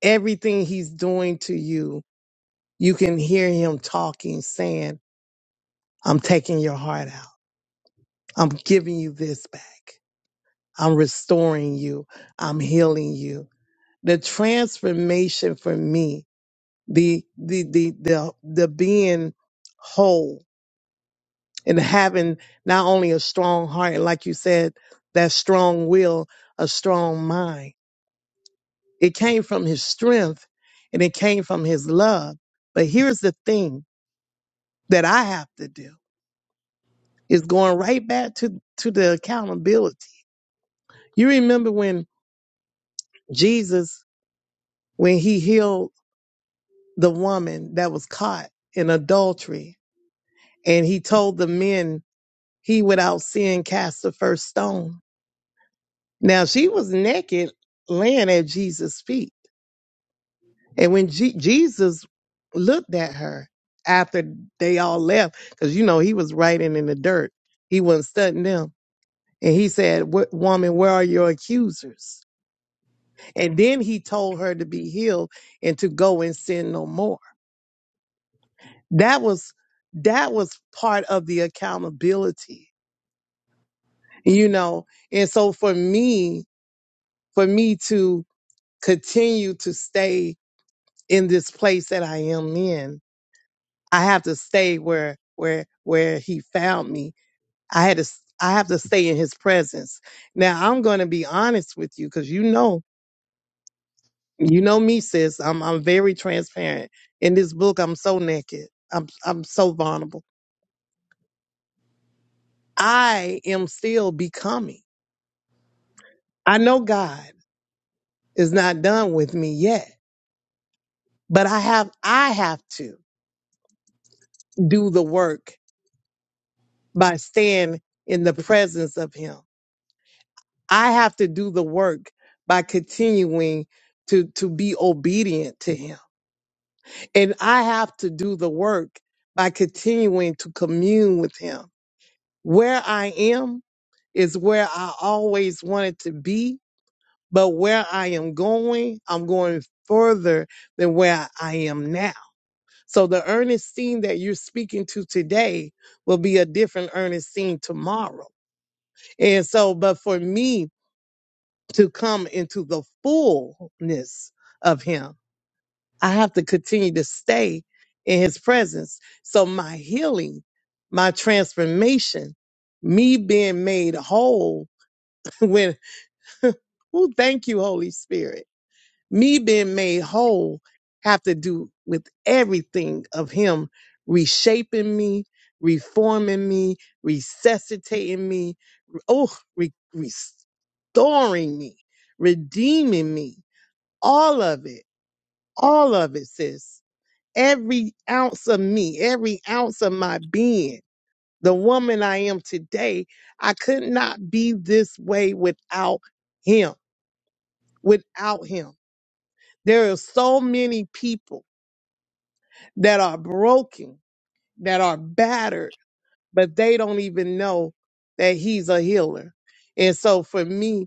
everything he's doing to you, you can hear him talking, saying, I'm taking your heart out. I'm giving you this back. I'm restoring you. I'm healing you. The transformation for me, the, the, the, the, the being whole and having not only a strong heart, like you said, that strong will, a strong mind. It came from his strength and it came from his love. But here's the thing that I have to do is going right back to, to the accountability. You remember when Jesus, when he healed the woman that was caught in adultery. And he told the men, he without sin cast the first stone. Now she was naked laying at Jesus' feet. And when Je- Jesus looked at her after they all left, because you know he was writing in the dirt, he wasn't studying them. And he said, "Wo- Woman, where are your accusers? And then he told her to be healed and to go and sin no more. That was that was part of the accountability, you know. And so for me, for me to continue to stay in this place that I am in, I have to stay where where where he found me. I had to s- I have to stay in his presence. Now I'm going to be honest with you cuz you know, you know me sis, I'm I'm very transparent. In this book I'm so naked. I'm I'm so vulnerable. I am still becoming. I know God is not done with me yet, but I have I have to do the work by staying in the presence of him. I have to do the work by continuing to to be obedient to him. And I have to do the work by continuing to commune with him. Where I am is where I always wanted to be, but where I am going, I'm going further than where I am now. So the Ernestine that you're speaking to today will be a different Ernestine tomorrow. And so, but for me to come into the fullness of him, I have to continue to stay in his presence. So my healing, my transformation, me being made whole when, oh, thank you, Holy Spirit me being made whole have to do with everything of him reshaping me reforming me resuscitating me oh re- restoring me redeeming me all of it all of it sis every ounce of me every ounce of my being the woman i am today i could not be this way without him without him there are so many people that are broken, that are battered, but they don't even know that he's a healer. And so for me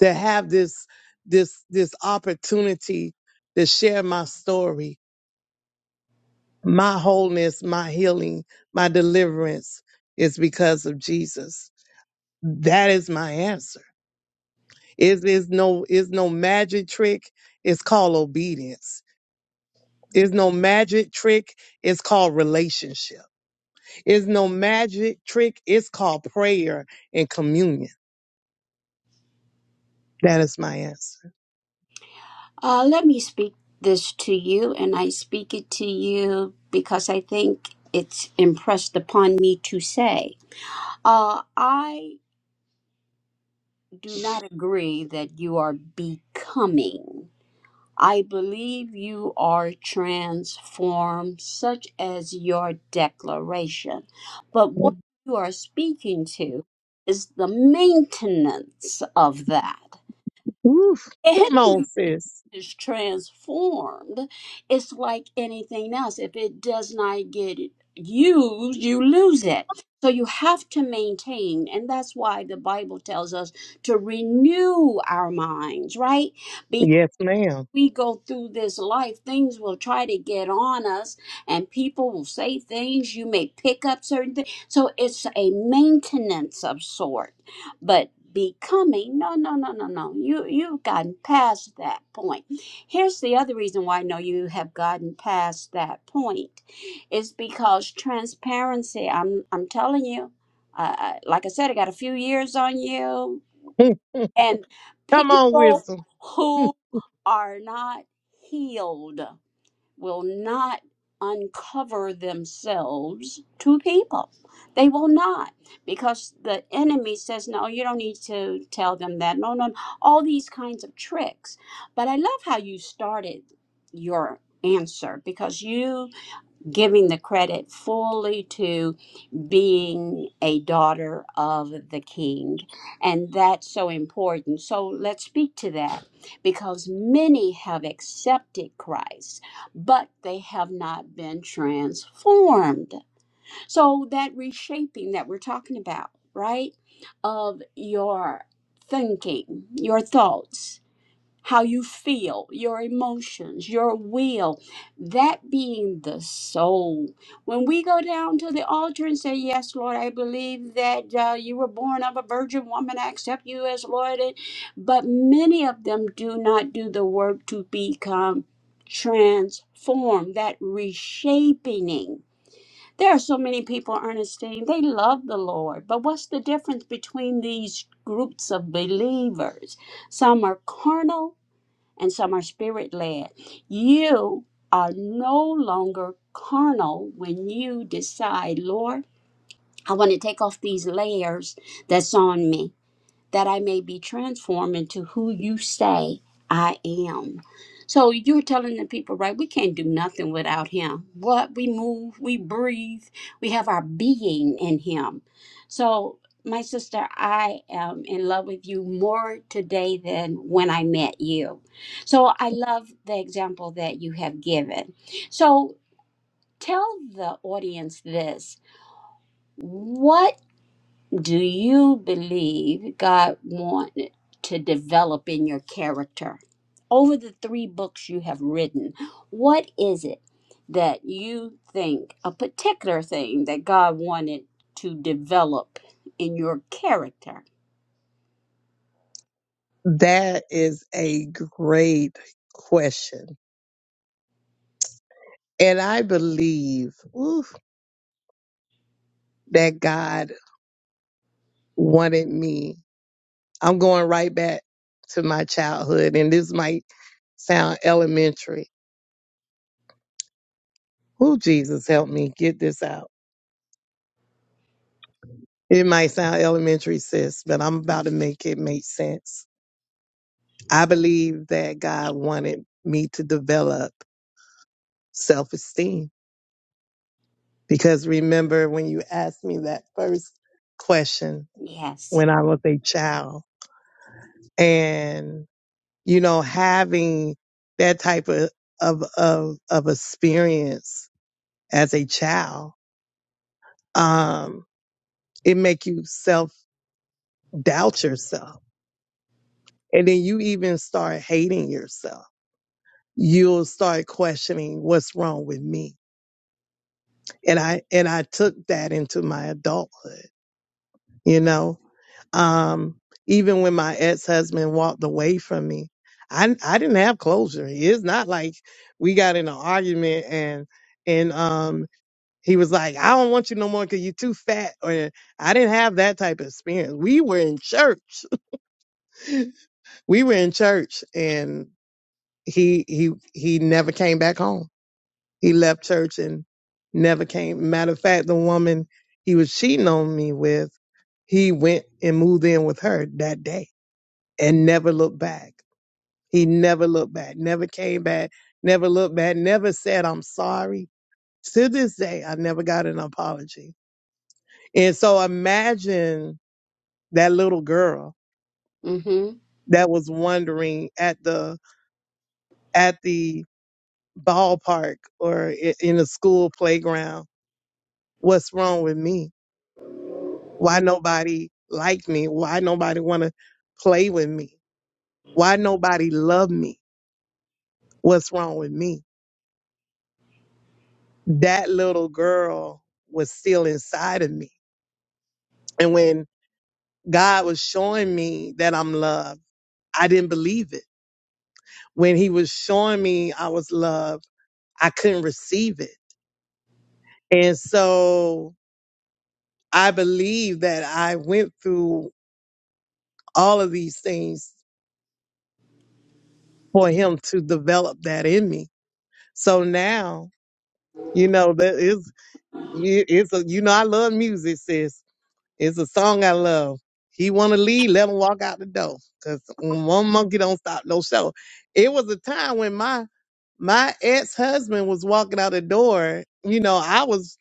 to have this this this opportunity to share my story, my wholeness, my healing, my deliverance is because of Jesus. That is my answer. It is no it's no magic trick. It's called obedience. It's no magic trick. It's called relationship It's no magic trick. It's called prayer and communion. That is my answer. Uh, let me speak this to you, and I speak it to you because I think it's impressed upon me to say. Uh, I do not agree that you are becoming. I believe you are transformed, such as your declaration. But what you are speaking to is the maintenance of that. Oof. Come And on, sis. is transformed, it's like anything else. If it does not get used, you lose it. So you have to maintain, and that's why the Bible tells us to renew our minds, right? Yes, ma'am. we go through this life, things will try to get on us, and people will say things. You may pick up certain things. So it's a maintenance of sort, but becoming no no no no no you you've gotten past that point here's the other reason why i know you have gotten past that point is because transparency i'm i'm telling you uh, like i said i got a few years on you Come and on, people wisdom. who are not healed will not uncover themselves to people. They will not because the enemy says, No, you don't need to tell them that. No, no, all these kinds of tricks. But I love how you started your answer because you giving the credit fully to being a daughter of the king. And that's so important. So let's speak to that because many have accepted Christ, but they have not been transformed. So that reshaping that we're talking about, right? Of your thinking, your thoughts how you feel, your emotions, your will, that being the soul. When we go down to the altar and say, Yes, Lord, I believe that uh, you were born of a virgin woman, I accept you as Lord. and- But many of them do not do the work to become transformed, that reshaping. There are so many people, Ernestine, they love the Lord, but what's the difference between these groups of believers? Some are carnal and some are spirit led. You are no longer carnal when you decide, Lord, I want to take off these layers that's on me that I may be transformed into who you say I am. So you're telling the people, right? We can't do nothing without him. What we move, we breathe, we have our being in him. So, my sister, I am in love with you more today than when I met you. So, I love the example that you have given. So, tell the audience this. What do you believe God wanted to develop in your character? Over the three books you have written, what is it that you think, a particular thing that God wanted to develop in your character? That is a great question. And I believe oof, that God wanted me. I'm going right back to my childhood, and this might sound elementary. Who Jesus help me get this out? It might sound elementary, sis, but I'm about to make it make sense. I believe that God wanted me to develop self esteem because remember when you asked me that first question Yes. when I was a child and, you know, having that type of, of, of, of experience as a child, um, it make you self doubt yourself. And then you even start hating yourself you'll start questioning what's wrong with me. And I and I took that into my adulthood, you know. Um, even when my ex husband walked away from me, I I didn't have closure. It's not like we got in an argument and and um he was like, I don't want you no more because you're too fat. Or I didn't have that type of experience. We were in church. We were in church and he he he never came back home He left church and never came. Matter of fact, the woman he was cheating on me with, he went and moved in with her that day and never looked back. He never looked back, never came back, never looked back, never said, I'm sorry. To this day, I never got an apology. And so imagine that little girl Mm-hmm. that was wondering at the, at the ballpark or i- in a school playground, what's wrong with me? Why nobody like me? Why nobody want to play with me? Why nobody love me? What's wrong with me? That little girl was still inside of me. And when God was showing me that I'm loved, I didn't believe it. When he was showing me I was loved, I couldn't receive it. And so I believe that I went through all of these things for him to develop that in me. So now, you know, that is You, it's a, you know, I love music, sis. It's a song I love. He want to leave, let him walk out the door. Cause one monkey don't stop no show. It was a time when my my ex husband was walking out the door. You know, I was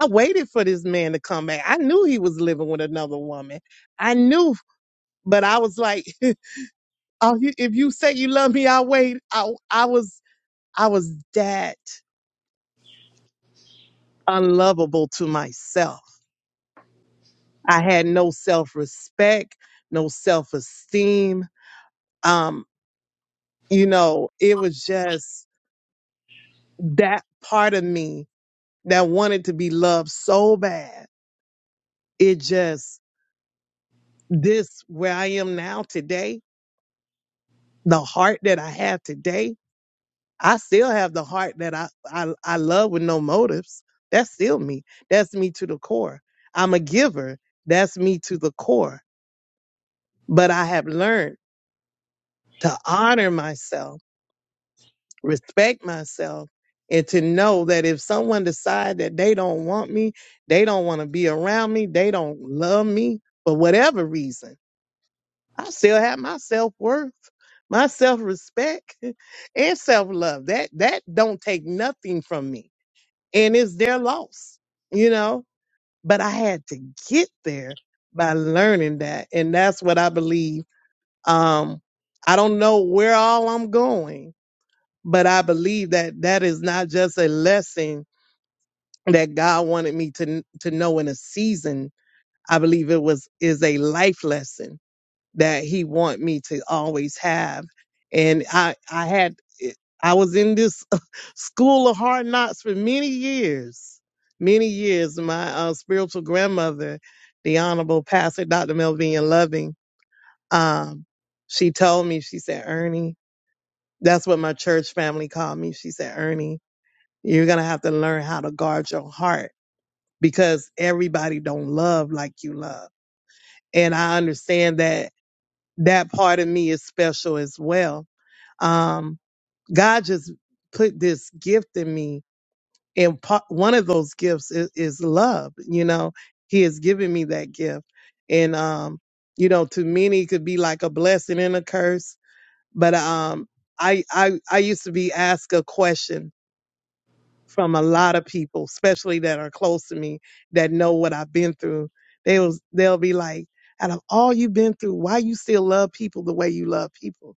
I waited for this man to come back. I knew he was living with another woman. I knew, but I was like, oh, you- if you say you love me, I'll wait. I I was I was that unlovable to myself. I had no self respect, no self esteem. Um, you know, it was just that part of me that wanted to be loved so bad. It just, this where I am now today, the heart that I have today, I still have the heart that I, I, I love with no motives. That's still me. That's me to the core. I'm a giver. That's me to the core. But I have learned to honor myself respect myself and to know that if someone decide that they don't want me, they don't want to be around me, they don't love me for whatever reason, I still have my self-worth, my self-respect and self-love. That that don't take nothing from me. And it's their loss, you know? But I had to get there by learning that. And that's what I believe. Um I don't know where all I'm going, but I believe that that is not just a lesson that God wanted me to to know in a season. I believe it was is a life lesson that He want me to always have. And I I had I was in this school of hard knocks for many years, many years. My uh, spiritual grandmother, the Honorable Pastor Dr. Melvin Loving, um, she told me she said, Ernie, that's what my church family called me. She said, Ernie. You're going to have to learn how to guard your heart because everybody don't love like you love. And I understand that that part of me is special as well. Um, God just put this gift in me. And part, one of those gifts is, is love. You know, he has given me that gift. And, um, you know, to many it could be like a blessing and a curse, but, um, I, I, I used to be asked a question from a lot of people, especially that are close to me that know what I've been through. They was they'll be like, out of all you've been through, why you still love people the way you love people?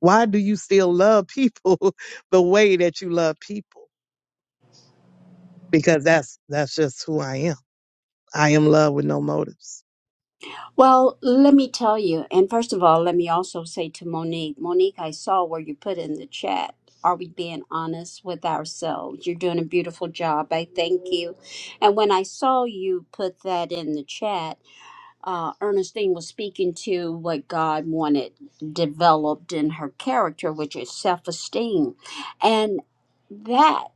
Why do you still love people the way that you love people? Because that's that's just who I am. I am love with no motives. Well, let me tell you, and first of all, let me also say to Monique, Monique, I saw where you put in the chat. Are we being honest with ourselves? You're doing a beautiful job. I thank you. And when I saw you put that in the chat, uh, Ernestine was speaking to what God wanted developed in her character, which is self esteem. And that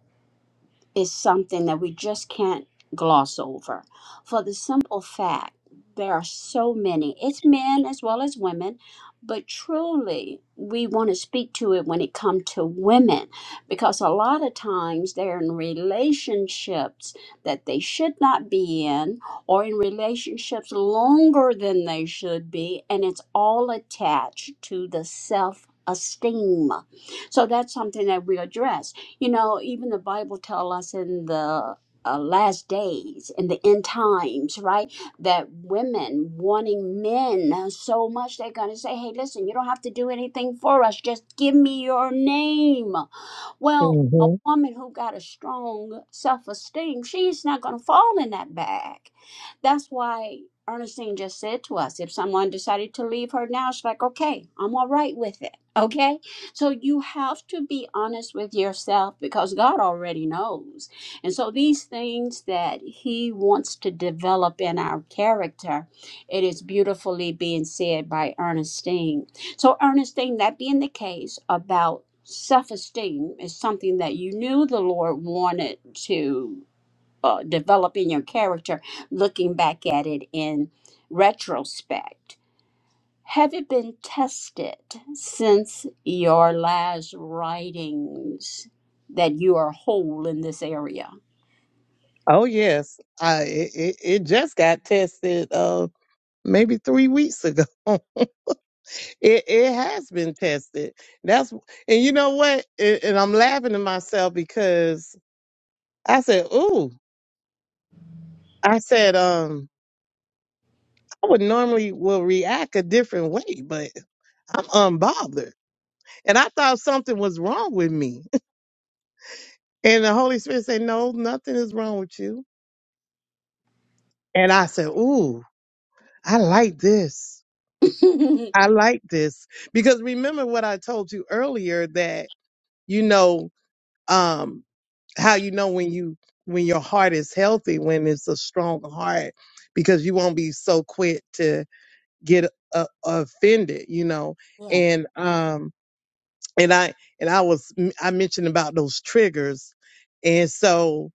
is something that we just can't gloss over for the simple fact there are so many it's men as well as women but truly we want to speak to it when it comes to women because a lot of times they're in relationships that they should not be in or in relationships longer than they should be and it's all attached to the self esteem so that's something that we address you know, even the Bible tell us in the uh, last days in the end times, right? That women wanting men so much, they're going to say, Hey, listen, you don't have to do anything for us. Just give me your name. Well, a hmm woman who got a strong self esteem, she's not going to fall in that bag. That's why Ernestine just said to us if someone decided to leave her now, she's like, okay, I'm all right with it. Okay? So you have to be honest with yourself because God already knows. And so these things that He wants to develop in our character, it is beautifully being said by Ernestine so, Ernestine, that being the case about self esteem is something that you knew the Lord wanted to uh, develop in your character, looking back at it in retrospect. Have it been tested since your last writings that you are whole in this area? Oh yes, I it, it, it just got tested uh maybe three weeks ago. It it has been tested. That's and you know what? A- and I'm laughing to myself because I said, "Ooh," I said, "Um, I would normally will react a different way, but I'm unbothered." And I thought something was wrong with me, and the Holy Spirit said, "No, nothing is wrong with you." And I said, "Ooh, I like this. yeah. I like this because remember what I told you earlier that you know." Um, how you know when you when your heart is healthy when it's a strong heart because you won't be so quick to get uh, offended you know and um and i and i was i mentioned about those triggers and so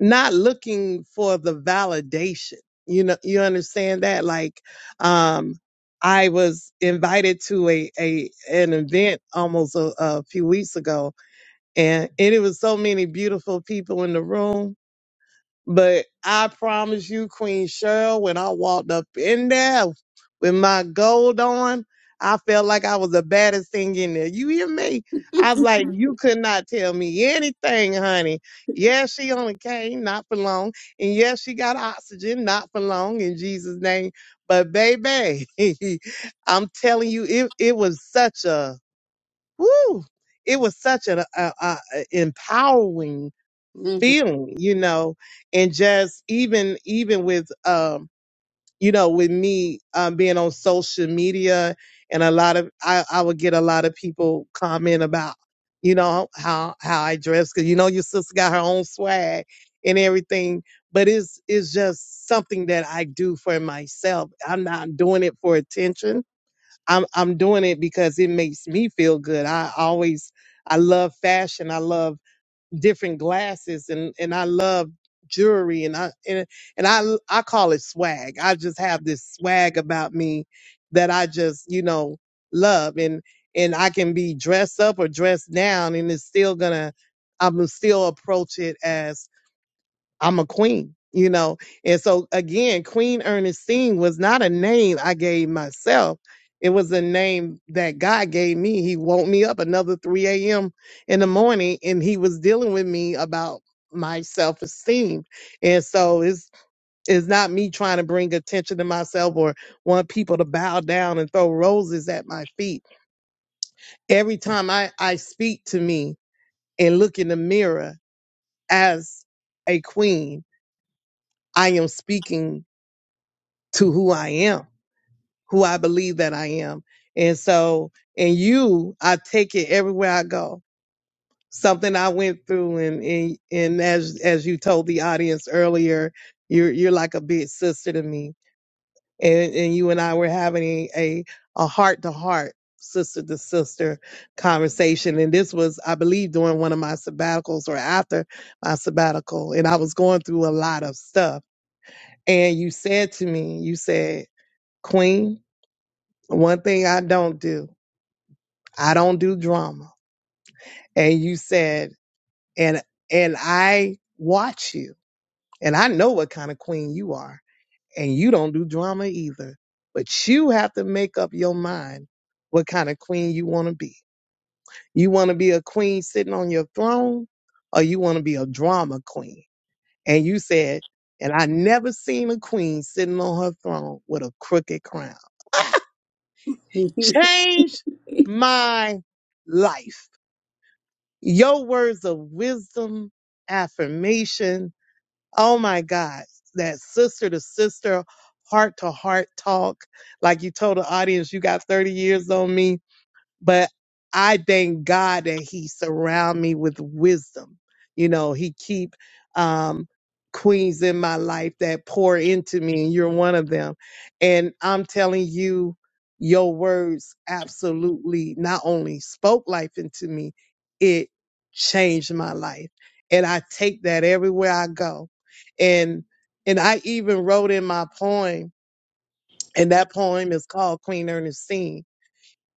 not looking for the validation you know you understand that like um i was invited to a a an event almost a, a few weeks ago and and it was so many beautiful people in the room but I promise you, Queen Cheryl, when I walked up in there with my gold on, I felt like I was the baddest thing in there. You hear me? I was like, you could not tell me anything, honey. Yes, she only came, not for long. And yes, she got oxygen, not for long, in Jesus' name. But baby, I'm telling you, it, it was such a, woo, it was such an a, a a- empowering hmm feeling, you know, and just even even with um, you know, with me um being on social media and a lot of I, I would get a lot of people comment about, you know, how how I dress because you know your sister got her own swag and everything. But it's it's just something that I do for myself. I'm not doing it for attention. I'm I'm doing it because it makes me feel good. I always I love fashion. I love different glasses and and I love jewelry and I and, and I I call it swag. I just have this swag about me that I just, you know, love and and I can be dressed up or dressed down and it's still going to I'm gonna still approach it as. I'm a queen, you know. And so again, Queen Ernestine was not a name I gave myself. It was a name that God gave me. He woke me up another 3 a.m. in the morning and he was dealing with me about my self-esteem. And so it's it's not me trying to bring attention to myself or want people to bow down and throw roses at my feet. Every time I, I speak to me and look in the mirror as a queen, I am speaking to who I am, who I believe that I am. And so, and you, I take it everywhere I go. Something I went through and, and, and as, as you told the audience earlier, you're, you're like a big sister to me. And, and you and I were having a, a heart to heart, sister to sister conversation. And this was, I believe, during one of my sabbaticals or after my sabbatical. And I was going through a lot of stuff. And you said to me, you said, Queen, One thing I don't do, I don't do drama. And you said, and and I watch you, and I know what kind of queen you are, and you don't do drama either. But you have to make up your mind what kind of queen you want to be. You want to be a queen sitting on your throne, or you want to be a drama queen. And you said, and I never seen a queen sitting on her throne with a crooked crown. Change my life Your words of wisdom, affirmation. Oh my God, that sister to sister, heart to heart talk. Like you told the audience, you got 30 years on me but I thank God that He surround me with wisdom. You know, He keep um, queens in my life that pour into me, and you're one of them. And I'm telling you, your words absolutely not only spoke life into me, it changed my life, and I take that everywhere I go. And and I even wrote in my poem, and that poem is called Queen Ernestine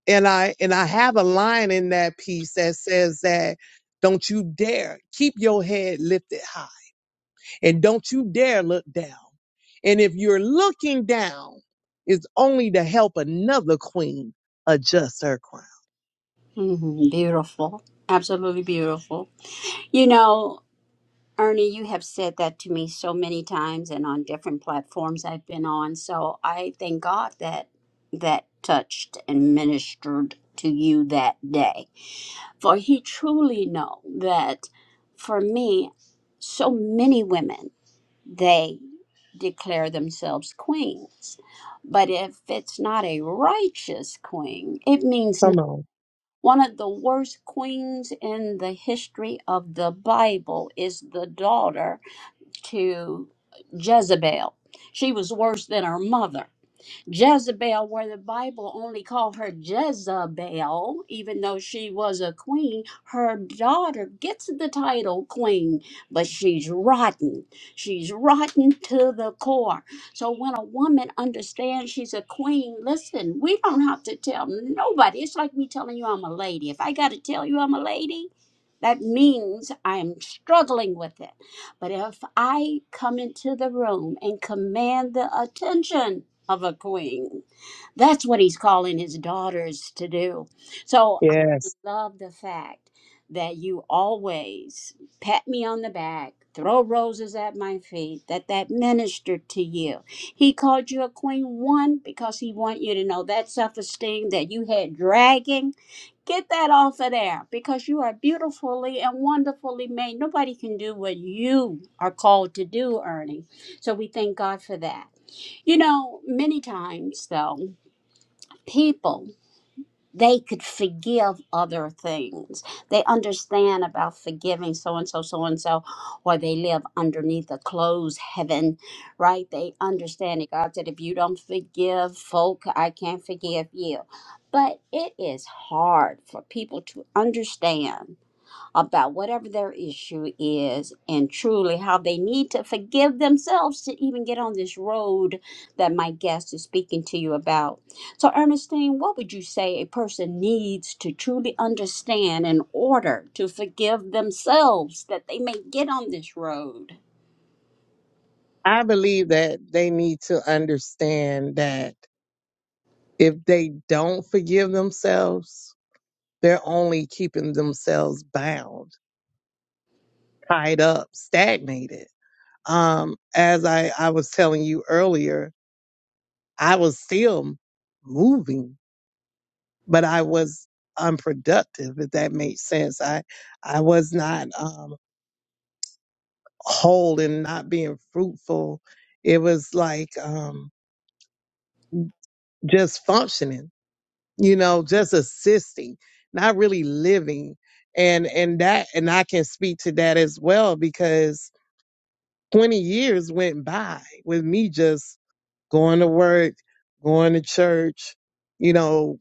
and I and I have a line in that piece that says that don't you dare keep your head lifted high and don't you dare look down. And if you're looking down, it's only to help another queen adjust her crown. Beautiful. Absolutely beautiful. You know, Ernie, you have said that to me so many times and on different platforms I've been on. So I thank God that that touched and ministered to you that day. For he truly know that for me, so many women, they declare themselves queens. But if it's not a righteous queen, it means nothing. Come on. one of the worst queens in the history of the Bible is the daughter to Jezebel. She was worse than her mother. Jezebel, where the Bible only called her Jezebel, even though she was a queen, her daughter gets the title queen, but she's rotten. She's rotten to the core. So when a woman understands she's a queen, listen, we don't have to tell nobody. It's like me telling you I'm a lady. If I got to tell you I'm a lady, that means I'm struggling with it. But if I come into the room and command the attention, of a queen. That's what he's calling his daughters to do. So Yes. love the fact that you always pat me on the back throw roses at my feet that that ministered to you he called you a queen one because he want you to know that self-esteem that you had dragging get that off of there because you are beautifully and wonderfully made nobody can do what you are called to do ernie so we thank god for that you know many times though people they could forgive other things. They understand about forgiving so and so, so and so, or they live underneath a closed heaven, right? They understand it. God said, if you don't forgive folk, I can't forgive you. But it is hard for people to understand about whatever their issue is and truly how they need to forgive themselves to even get on this road that my guest is speaking to you about. So, Ernestine, what would you say a person needs to truly understand in order to forgive themselves that they may get on this road? I believe that they need to understand that if they don't forgive themselves, they're only keeping themselves bound, tied up, stagnated Um, as I, I was telling you earlier, I was still moving, but I was unproductive, if that makes sense. I, I was not, um, whole and not being fruitful. It was like, um, just functioning, you know, just assisting, not really living. And, and that, and I can speak to that as well because 20 years went by with me just going to work, going to church, you know,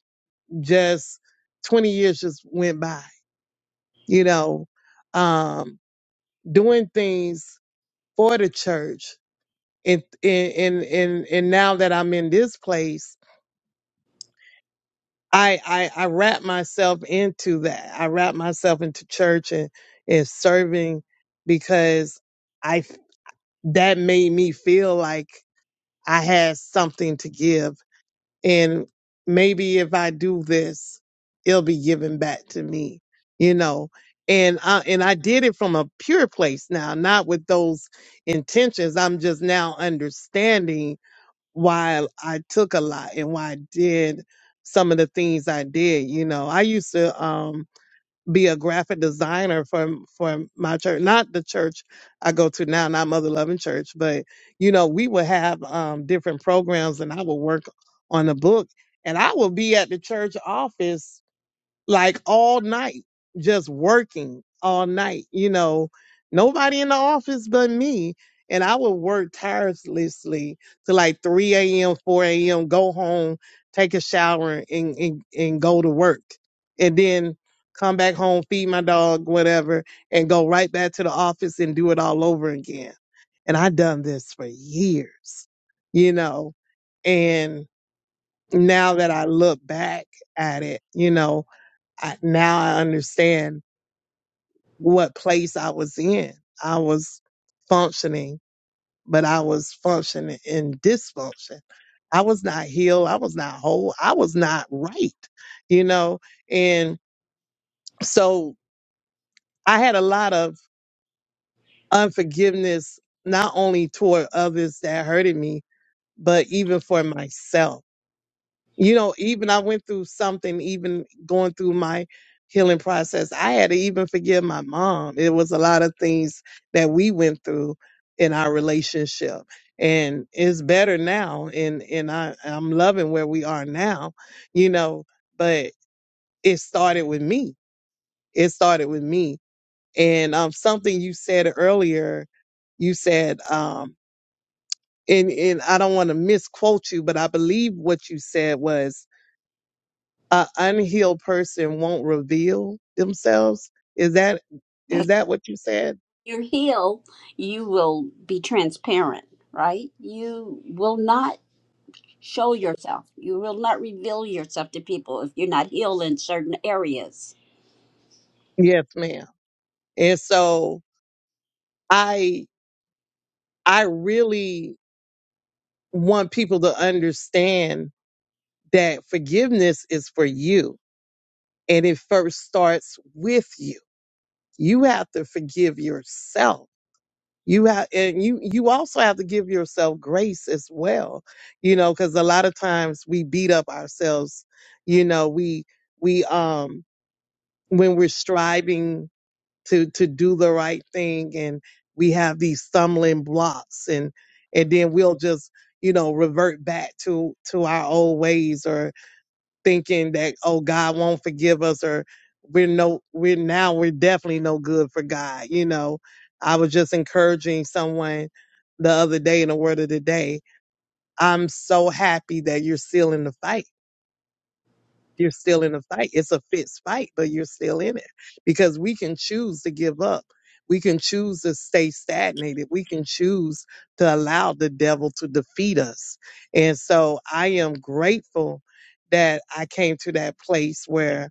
just 20 years just went by, you know, um, doing things for the church. And, and, and, and, now that I'm in this place, I, I, I wrap myself into that. I wrap myself into church and, and serving because I, that made me feel like I had something to give and maybe if I do this, it'll be given back to me, you know. And I and I did it from a pure place now, not with those intentions. I'm just now understanding why I took a lot and why I did some of the things I did. You know, I used to. um be a graphic designer for for my church, not the church I go to now, not Mother Loving Church, but you know we would have um, different programs, and I would work on a book, and I would be at the church office like all night, just working all night, you know, nobody in the office but me. And I would work tirelessly to like 3 a.m., 4 a.m., go home, take a shower and, and, and go to work. And then come back home, feed my dog, whatever, and go right back to the office and do it all over again. And I done this for years, you know, and now that I look back at it, you know, I, now I understand what place I was in. I was functioning, but I was functioning in dysfunction. I was not healed. I was not whole. I was not right, you know? And so I had a lot of unforgiveness, not only toward others that hurted me, but even for myself you know even i went through something even going through my healing process i had to even forgive my mom it was a lot of things that we went through in our relationship and it's better now and and i i'm loving where we are now you know but it started with me it started with me and um something you said earlier you said um and and i don't want to misquote you but i believe what you said was An unhealed person won't reveal themselves. Is that is That that what you said? you heal, you will be transparent, right? You will not show yourself. You will not reveal yourself to people if you're not healed in certain areas. Yes, ma'am. And so I I really want people to understand that forgiveness is for you and it first starts with you. You have to forgive yourself. You have and you you also have to give yourself grace as well. You know, cuz a lot of times we beat up ourselves, you know, we we um when we're striving to to do the right thing and we have these stumbling blocks and and then we'll just you know revert back to to our old ways or thinking that oh God won't forgive us or we're no we're now we're definitely no good for God you know I was just encouraging someone the other day in the word of the day I'm so happy that you're still in the fight you're still in a fight. It's a fixed fight, but you're still in it because we can choose to give up. We can choose to stay stagnated. We can choose to allow the devil to defeat us. And so I am grateful that I came to that place where,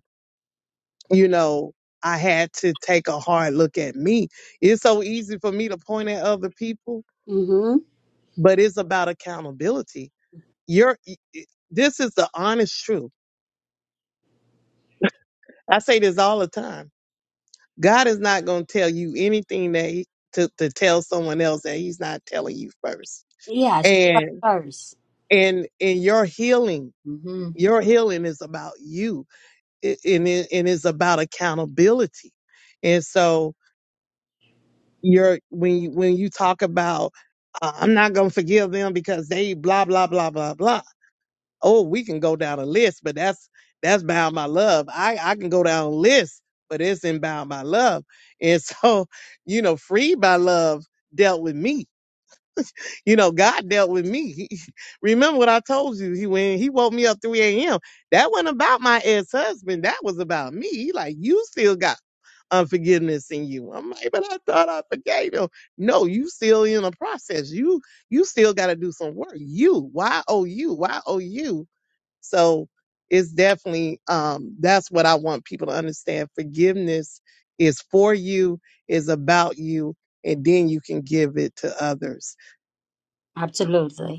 you know, I had to take a hard look at me. It's so easy for me to point at other people, Mm-hmm. but it's about accountability. You're, this is the honest truth. I say this all the time God is not going to tell you anything that he, to, to tell someone else that he's not telling you first. Yes, to us And first. and and your healing, hmm your healing is about you, It- and it, and it's about accountability. And so you're when you when you talk about uh, I'm not going to forgive them because they blah blah blah blah blah. oh, we can go down a list, but that's that's bound by love. I I can go down a list, but it's in bound by love. And so, you know, freed by love dealt with me. You know, God dealt with me. He, remember what I told you? He when he woke me up 3 a.m. That wasn't about my ex husband. That was about me. He like you still got unforgiveness in you. I'm like, but I thought I forgave him. No, you still in a process. You you still got to do some work. You, why oh you, why oh you? So it's definitely um, that's what I want people to understand. Forgiveness is for you, is about you, and then you can give it to others. Absolutely.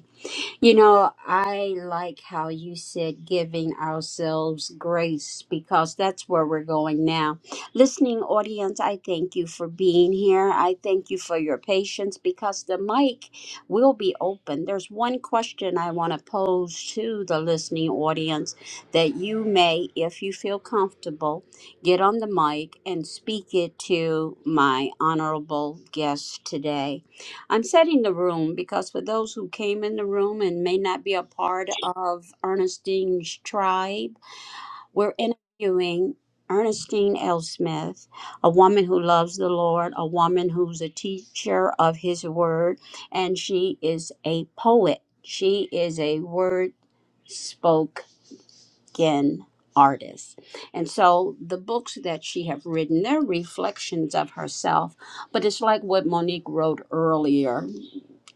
You know, I like how you said giving ourselves grace because that's where we're going now. Listening audience, I thank you for being here. I thank you for your patience because the mic will be open. There's one question I want to pose to the listening audience that you may, if you feel comfortable, get on the mic and speak it to my honorable guest today. I'm setting the room because for those who came in the room and may not be a part of Ernestine's tribe, we're interviewing Ernestine L. Smith, a woman who loves the Lord, a woman who's a teacher of His Word, and she is a poet. She is a word spoken artist. And so the books that she have written, they're reflections of herself, but it's like what Monique wrote earlier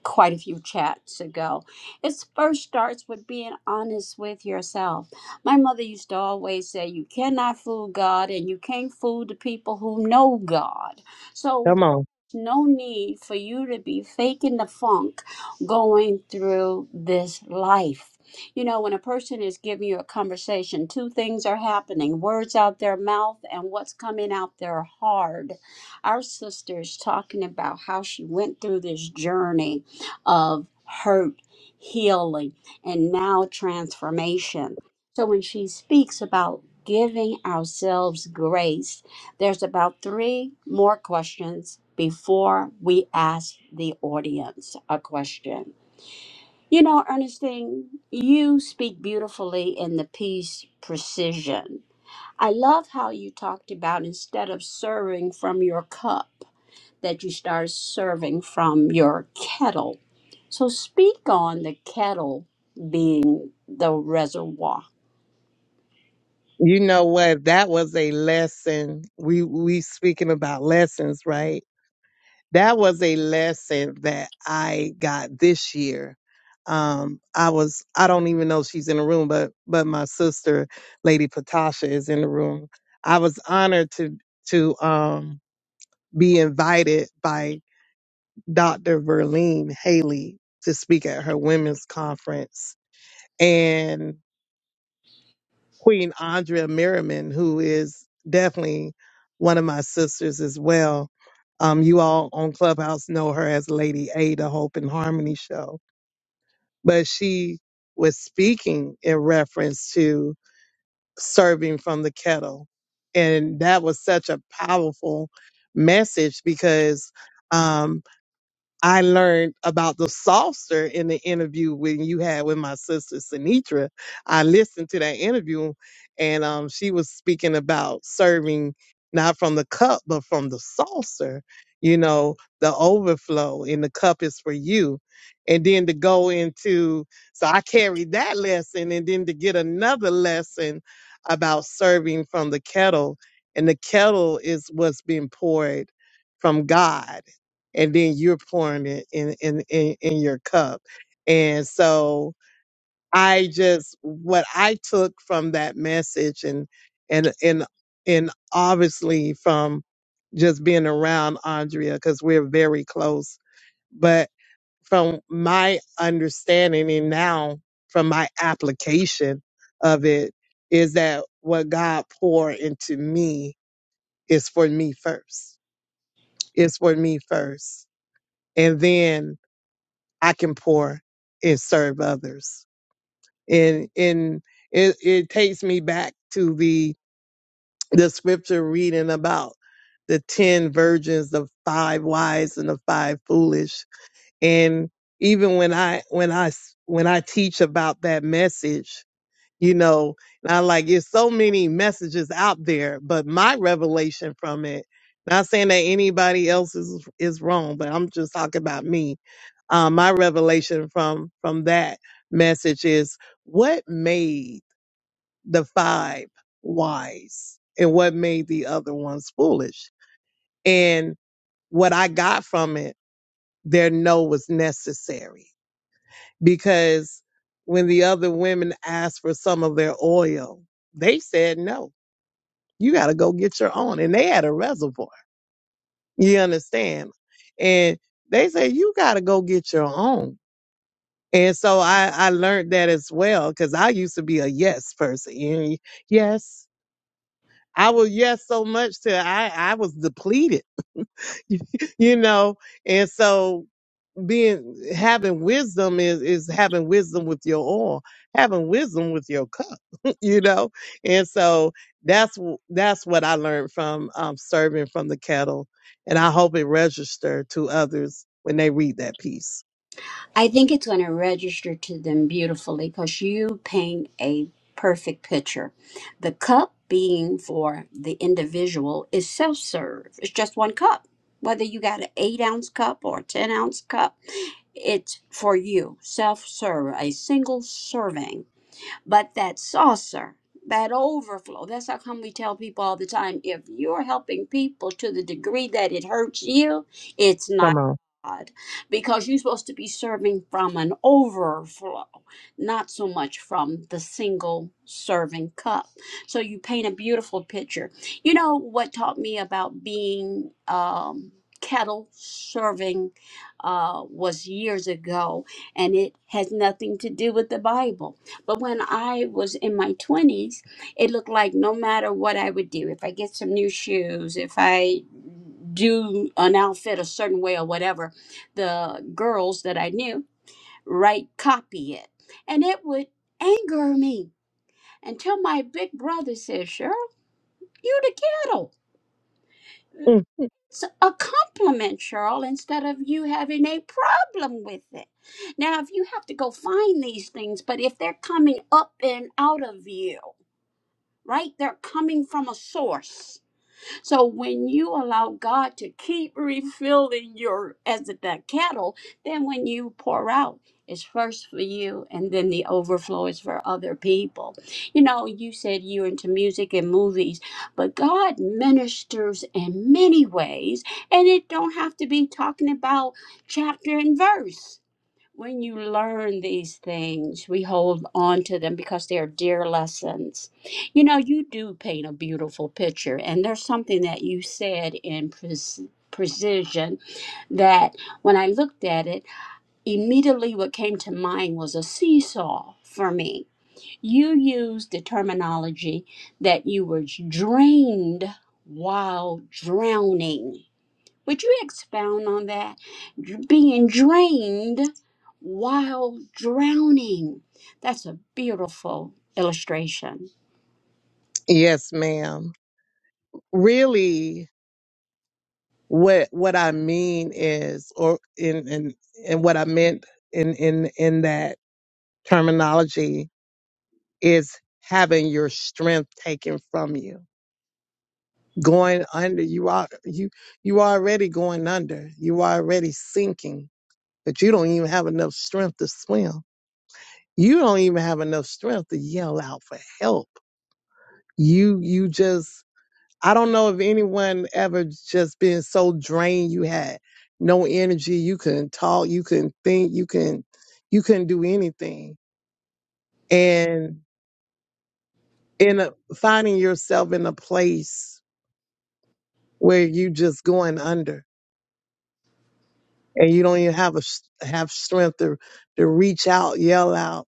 quite a few chats ago. It first starts with being honest with yourself. My mother used to always say, You cannot fool God and you can't fool the people who know God. So Come on. no need for you to be faking the funk going through this life. You know, when a person is giving you a conversation, two things are happening words out their mouth and what's coming out their heart. Our sister is talking about how she went through this journey of hurt, healing, and now transformation. So when she speaks about giving ourselves grace, there's about three more questions before we ask the audience a question. You know, Ernestine, you speak beautifully in the piece Precision. I love how you talked about instead of serving from your cup, that you start serving from your kettle. So, speak on the kettle being the reservoir You know what? That was a lesson. We we speaking about lessons, right? That was a lesson that I got this year. Um, I was I don't even know if she's in the room, but but my sister, Lady Patasha, is in the room. I was honored to to um be invited by Dr. Verlene Haley to speak at her women's conference. And Queen Andrea Merriman, who is definitely one of my sisters as well. Um, you all on Clubhouse know her as Lady A, the Hope and Harmony show. But she was speaking in reference to serving from the kettle. And that was such a powerful message because um, I learned about the saucer in the interview when you had with my sister Sinitra. I listened to that interview, and um, she was speaking about serving not from the cup but from the saucer. You know, the overflow in the cup is for you, and then to go into. So I carried that lesson, and then to get another lesson about serving from the kettle, and the kettle is what's being poured from God and then you're pouring it in in in, in your cup and so i just what i took from that message and and and and obviously from just being around andrea because we're very close but from my understanding and now from my application of it is that what god poured into me is for me first it's for me first and then I can pour and serve others. And and it, it takes me back to the the scripture reading about the ten virgins, the five wise and the five foolish. And even when I when I s- when I teach about that message, you know and i like there's so many messages out there but my revelation from it not saying that anybody else is is wrong but i'm just talking about me um my revelation from from that message is what made the five wise and what made the other ones foolish and what i got from it their no was necessary because when the other women asked for some of their oil, they said no. You got to go get your own, and they had a reservoir. You understand? And they said you got to go get your own. And so I I learned that as well because I used to be a yes person. And yes, I was yes so much to I I was depleted, you know. And so being having wisdom is is having wisdom with your oil, having wisdom with your cup, you know. And so that's wh- that's what I learned from um, serving from the kettle, and I hope it registered to others when they read that piece. I think it's going to register to them beautifully because you paint a perfect picture. The cup being for the individual is self serve, it's just one cup. Whether you got an eight ounce cup or a 10 ounce cup, it's for you. Self serve, a single serving. But that saucer, that overflow, that's how come we tell people all the time if you're helping people to the degree that it hurts you, it's not Come on, God. Because you're supposed to be serving from an overflow, not so much from the single serving cup. So you paint a beautiful picture. You know what taught me about being um, kettle serving uh, was years ago, and it has nothing to do with the Bible but when I was in my 20s, it looked like no matter what I would do, if I get some new shoes, if I do an outfit a certain way or whatever, the girls that I knew, right, copy it. And it would anger me until my big brother said, Cheryl, you the ghetto. Mm. It's a compliment, Cheryl, instead of you having a problem with it. Now, if you have to go find these things, but if they're coming up and out of you, right? They're coming from a source. So when you allow God to keep refilling your as the kettle, then when you pour out, it's first for you and then the overflow is for other people. You know, you said you're into music and movies, but God ministers in many ways, and it don't have to be talking about chapter and verse when you learn these things, we hold on to them because they are dear lessons. You know, you do paint a beautiful picture, and there's something that you said in pres precision that when I looked at it, immediately what came to mind was a seesaw for me. You used the terminology that you were drained while drowning. Would you expound on that? Being drained while drowning. That's a beautiful illustration. yes, ma'am. Really, what what I mean is, or in in and what I meant in in in that terminology is having your strength taken from you going under. You are you you already going under. You already sinking, but you don't even have enough strength to swim. You don't even have enough strength to yell out for help. You you just I don't know if anyone ever just been so drained you had no energy, you couldn't talk, you couldn't think, you couldn't you couldn't do anything. And in a, finding yourself in a place where you just going under and you don't even have a s- have strength to to reach out, yell out,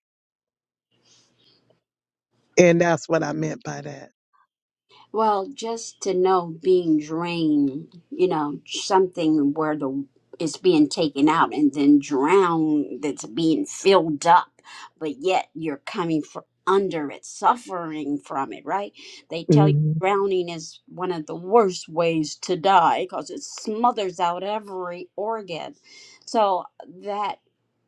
and that's what I meant by that. Well, just to know being drained, you know, something where the it's being taken out and then drowned that's being filled up, but yet you're coming from under it, suffering from it, right? They tell you Mhm. drowning is one of the worst ways to die because it smothers out every organ. So that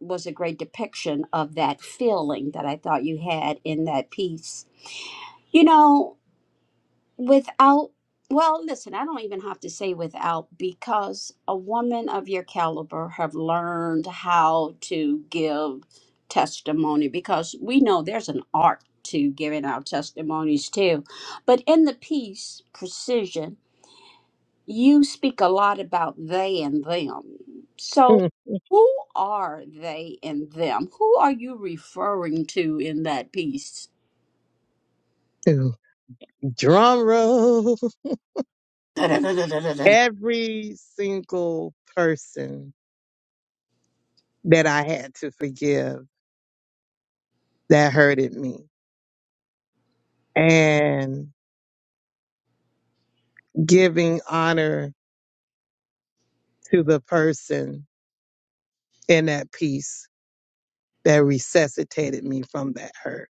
was a great depiction of that feeling that I thought you had in that piece. You know, Without, well, listen, I don't even have to say without because a woman of your caliber have learned how to give testimony because we know there's an art to giving our testimonies too. But in the piece, Precision, you speak a lot about they and them. So, Ooh. who are they and them? Who are you referring to in that piece? Drum roll. Every single person that I had to forgive that hurted me, and giving honor to the person in that piece that resuscitated me from that hurt.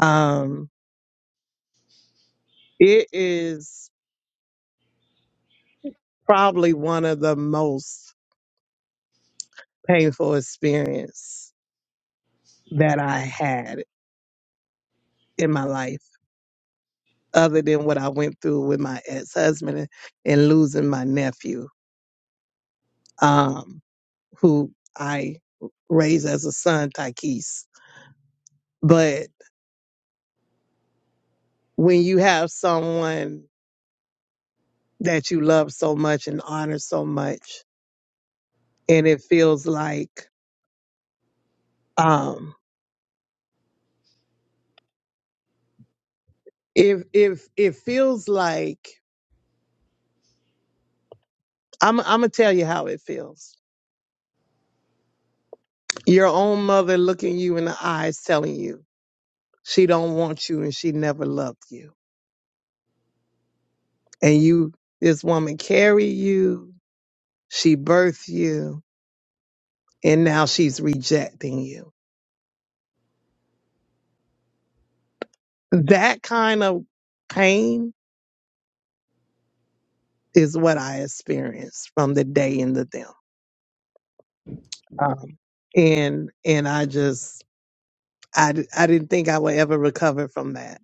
Um, it is probably one of the most painful experience that I had in my life, other than what I went through with my ex-husband and, and losing my nephew, um, who I raised as a son, Tykes. But when you have someone that you love so much and honor so much, and it feels like um if if it feels like I'm I'm gonna tell you how it feels. Your own mother looking you in the eyes telling you she don't want you and she never loved you. And you this woman carry you, she birthed you, and now she's rejecting you. That kind of pain is what I experienced from the day in the them. Um, and and I just I, d- I didn't think I would ever recover from that.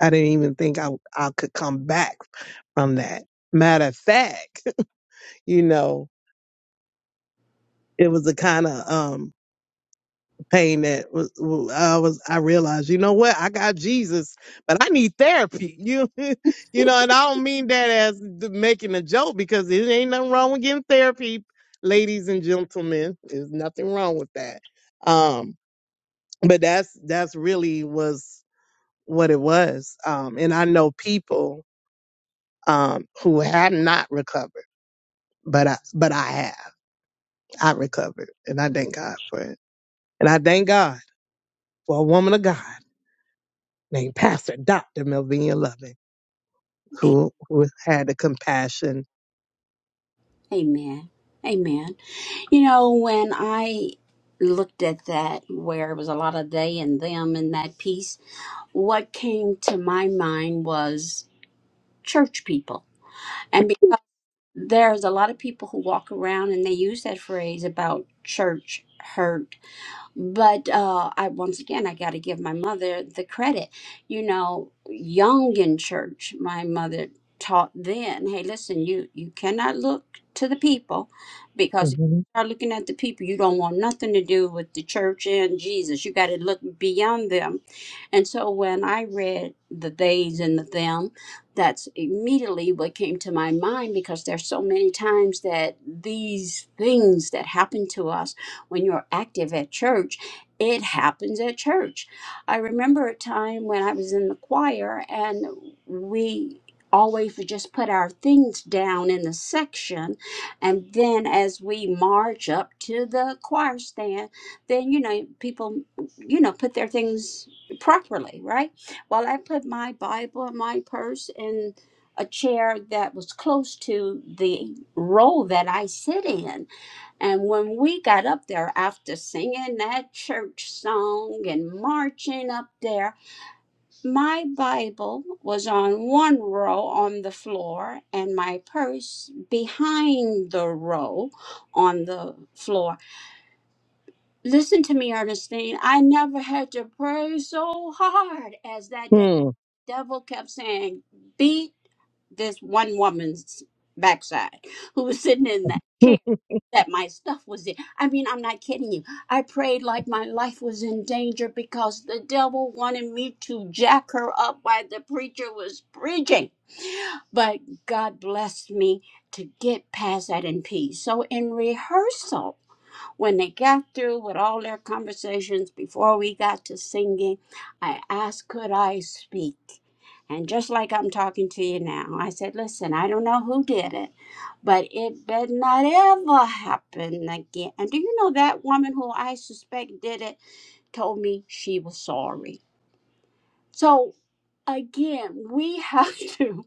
I didn't even think I, I could come back from that. Matter of fact, you know, it was the kind of um, pain that was, w- I was, I realized, you know what? I got Jesus, but I need therapy. You, you know, and I don't mean that as th- making a joke because it ain't nothing wrong with getting therapy, ladies and gentlemen. There's nothing wrong with that. Um, but that's, that's really was what it was. Um, and I know people um, who have not recovered, but I, but I have. I recovered, and I thank God for it. And I thank God for a woman of God named Pastor Dr. Melvina Loving, who, who had the compassion. Amen. Amen. You know, when I looked at that, where it was a lot of they and them in that piece, what came to my mind was church people there's a lot of people who walk around and they use that phrase about church hurt but uh i once again i got to give my mother the credit you know young in church my mother taught then hey listen you you cannot look to the people because if Mhm. you start looking at the people you don't want nothing to do with the church and jesus you got to look beyond them and so when i read the theys and the thems that's immediately what came to my mind because there's so many times that these things that happen to us when you're active at church it happens at church i remember a time when i was in the choir and we always would just put our things down in the section and then as we march up to the choir stand then you know people you know put their things properly right well, I put my Bible and my purse in a chair that was close to the row that I sit in. And when we got up there after singing that church song and marching up there, my Bible was on one row on the floor and my purse behind the row on the floor. Listen to me, Ernestine. I never had to pray so hard as that day Hmm. devil kept saying, beat this one woman's backside who was sitting in that Hmm. chair that my stuff was in. I mean, I'm not kidding you. I prayed like my life was in danger because the devil wanted me to jack her up while the preacher was preaching. But God blessed me to get past that in peace. So in rehearsal, when they got through with all their conversations before we got to singing, I asked, Could I speak? And just like I'm talking to you now, I said, Listen, I don't know who did it, but it better not ever happen again. And do you know that woman who I suspect did it told me she was sorry? So again, we have to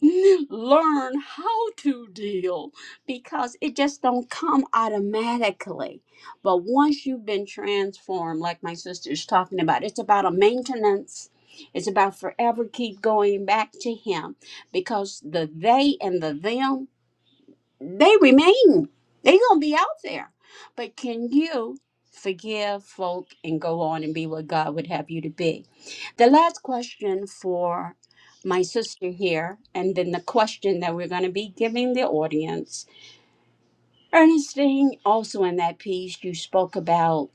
learn how to deal because it just don't come automatically. But once you've been transformed, like my sister's talking about, it's about a maintenance. It's about forever keep going back to him because the they and the them they remain. They gonna be out there. But can you forgive folk and go on and be what God would have you to be? The last question for my sister here, and then the question that we're gonna be giving the audience. Ernestine, also in that piece, you spoke about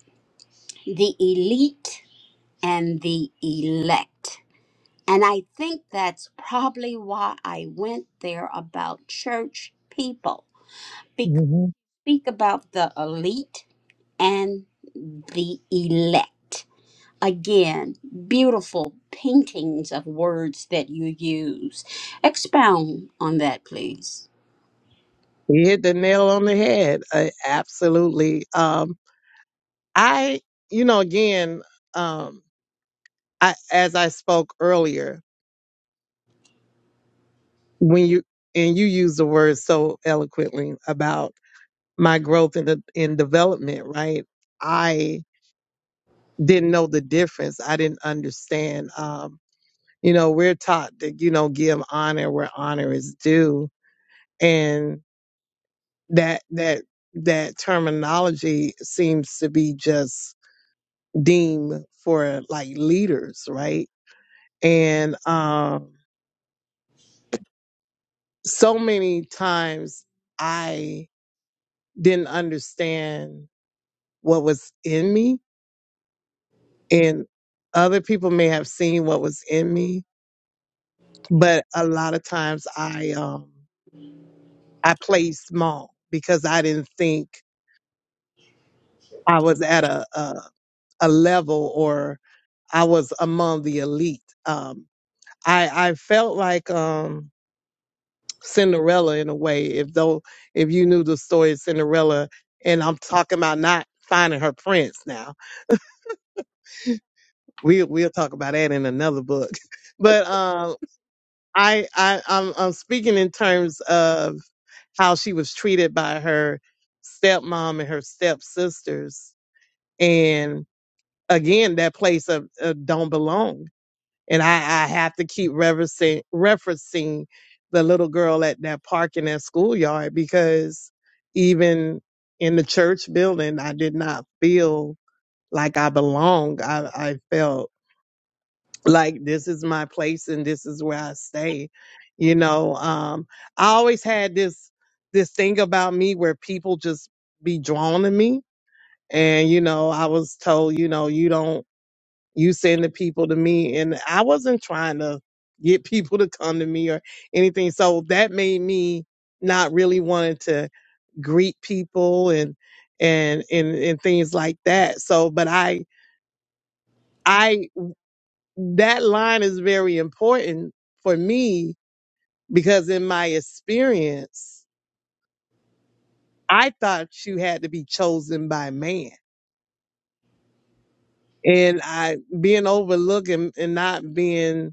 the elite and the elect. And I think that's probably why I went there about church people Mhm. speak about the elite and the elect. Again, beautiful paintings of words that you use. Expound on that, please. You hit the nail on the head. Uh, absolutely. Um, I, you know, again, um, I, as I spoke earlier, when you and you use the word so eloquently about my growth and the in development, right? I didn't know the difference. I didn't understand. Um, you know, we're taught that you know give honor where honor is due, and that that that terminology seems to be just deemed for like leaders, right? And um, so many times I didn't understand what was in me and other people may have seen what was in me but a lot of times i um i played small because i didn't think i was at a a, a level or i was among the elite um i i felt like um cinderella in a way if though if you knew the story of cinderella and i'm talking about not finding her prince now we we'll talk about that in another book but um I, I I'm, I'm speaking in terms of how she was treated by her stepmom and her stepsisters. And again, that place of, of don't belong. And I, I have to keep referencing, referencing the little girl at that park in that schoolyard because even in the church building, I did not feel like I belonged. I, I felt like this is my place and this is where I stay. You know, um, I always had this this thing about me where people just be drawn to me, and you know, I was told, you know, you don't you send the people to me, and I wasn't trying to get people to come to me or anything. So that made me not really wanting to greet people and and and and things like that. So, but I. I that line is very important for me because in my experience, I thought you had to be chosen by man. And I being overlooked and, and not being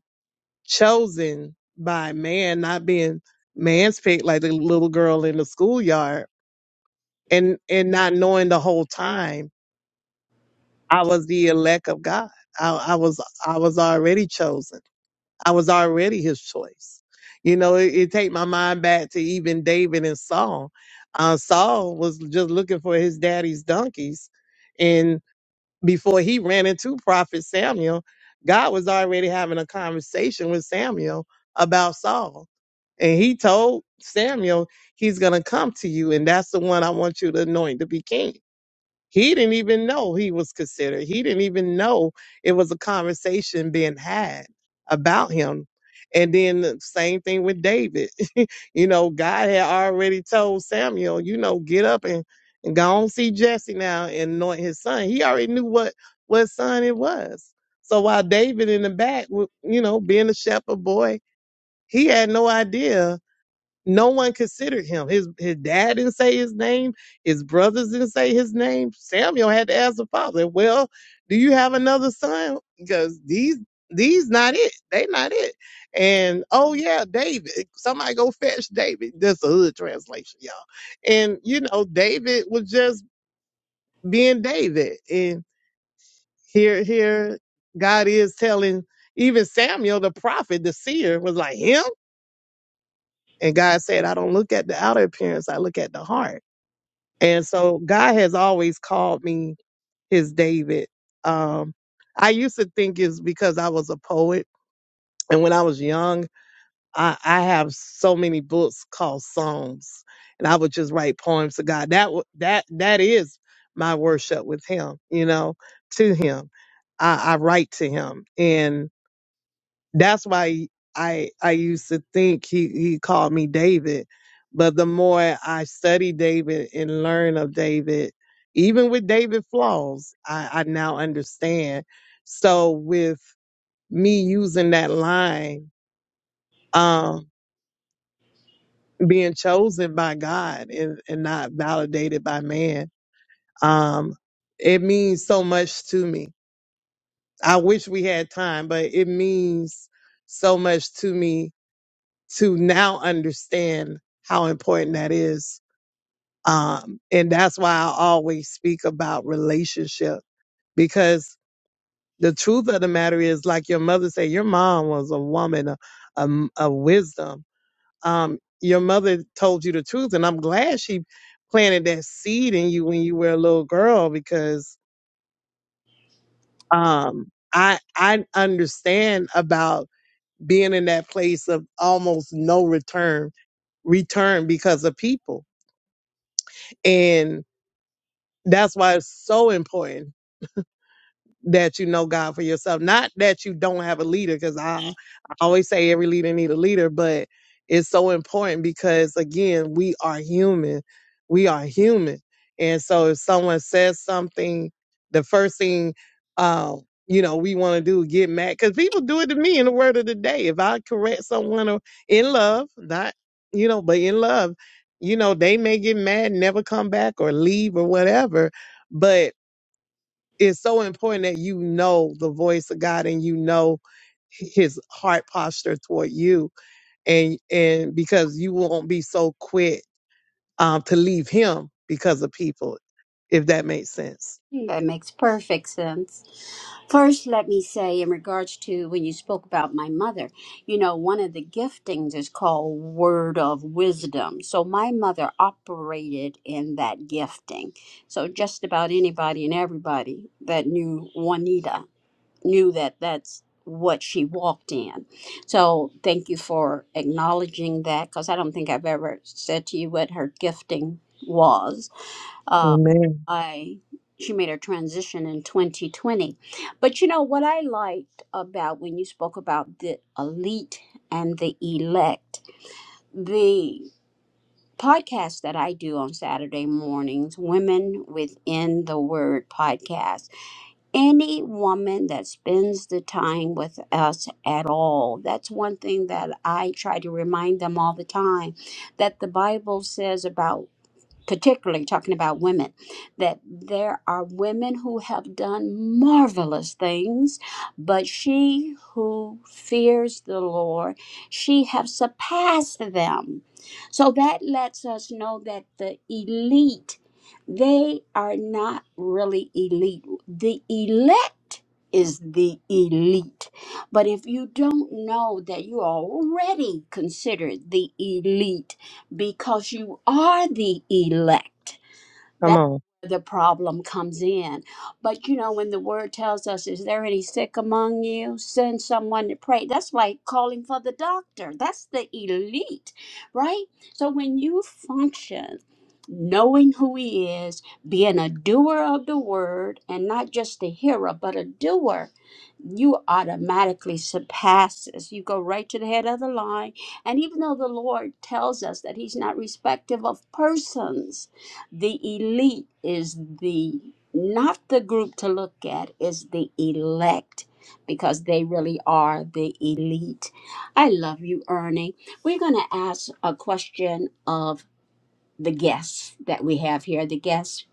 chosen by man, not being man's picked like the little girl in the schoolyard and, and not knowing the whole time I was the elect of God. I, I was I was already chosen. I was already his choice. You know, it, it take my mind back to even David and Saul. Uh, Saul was just looking for his daddy's donkeys, and before he ran into Prophet Samuel, God was already having a conversation with Samuel about Saul, and he told Samuel, "He's gonna come to you, and that's the one I want you to anoint to be king." He didn't even know he was considered. He didn't even know it was a conversation being had about him. And then the same thing with David. you know, God had already told Samuel, you know, get up and, and go on see Jesse now and anoint his son. He already knew what what son it was. So while David in the back, wa- you know, being a shepherd boy, he had no idea no one considered him. His his dad didn't say his name. His brothers didn't say his name. Samuel had to ask the father, "Well, do you have another son? Because these these not it. They not it." And oh yeah, David. Somebody go fetch David. That's a hood translation, y'all. And you know, David was just being David. And here here God is telling even Samuel the prophet, the seer, was like him. And God said, I don't look at the outer appearance, I look at the heart. And so God has always called me his David. Um, I used to think it's because I was a poet. And when I was young, I, I have so many books called Psalms, and I would just write poems to God. That wa- that that is my worship with Him, you know, to Him. I, I write to Him, that's why I I used to think he he called me David, but the more I study David and learn of David, even with David flaws, I, I now understand. So with me using that line, um, being chosen by God and, and not validated by man, um, it means so much to me. I wish we had time, but it means so much to me to now understand how important that is. Um, and that's why I always speak about relationship because the truth of the matter is, like your mother said, your mom was a woman of, um, of wisdom. Um, your mother told you the truth, and I'm glad she planted that seed in you when you were a little girl because um, I I understand about being in that place of almost no return return because of people And that's why it's so important that you know God for yourself. Not that you don't have a leader, because I, I always say every leader need a leader, but it's so important because again, we are human. We are human. And so if someone says something, the first thing um, you know, we want to do is get mad. Cause people do it to me in the word of the day. If I correct someone or in love, not you know, but in love, you know, they may get mad, never come back or leave or whatever. But it's so important that you know the voice of God and you know his heart posture toward you and and because you won't be so quick um to leave him because of people if that makes sense That makes perfect sense. First, let me say, in regards to when you spoke about my mother, you know, one of the giftings is called word of wisdom. So, my mother operated in that gifting. So, just about anybody and everybody that knew Juanita knew that that's what she walked in. So thank you for acknowledging that because I don't think I've ever said to you what her gifting was. Uh, Amen. I she made her transition in 2020, but you know what I liked about when you spoke about the elite and the elect, the podcast that I do on Saturday mornings, Women Within the Word podcast any woman that spends the time with us at all. That's one thing that I try to remind them all the time that the Bible says about particularly talking about women, that there are women who have done marvelous things, but she who fears the Lord, she have surpassed them. So that lets us know that the elite, they are not really elite. The elect is the elite. But if you don't know that you are already considered the elite, because you are the elect. Come That's on. where the problem comes in. But you know, when the word tells us, is there any sick among you? Send someone to pray. That's like calling for the doctor. That's the elite, right? So when you function knowing who he is, being a doer of the word, and not just a hearer, but a doer, you automatically surpass us. You go right to the head of the line. And even though the Lord tells us that he's not respective of persons, the elite is the not the group to look at, is the elect because they really are the elite. I love you, Ernie. We're going to ask a question of the guests that we have here, the guests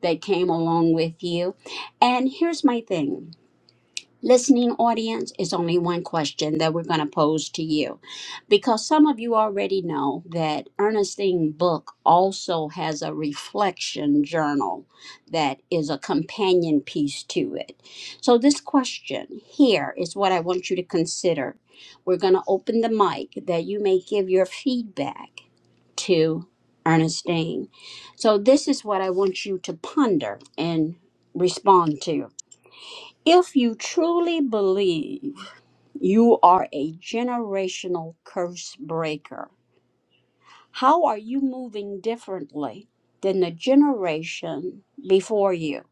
that came along with you. And here's my thing listening audience is only one question that we're going to pose to you because some of you already know that Ernestine Book also has a reflection journal that is a companion piece to it. So, this question here is what I want you to consider. We're going to open the mic that you may give your feedback to Ernestine. So, this is what I want you to ponder and respond to. If you truly believe you are a generational curse breaker, how are you moving differently than the generation before you?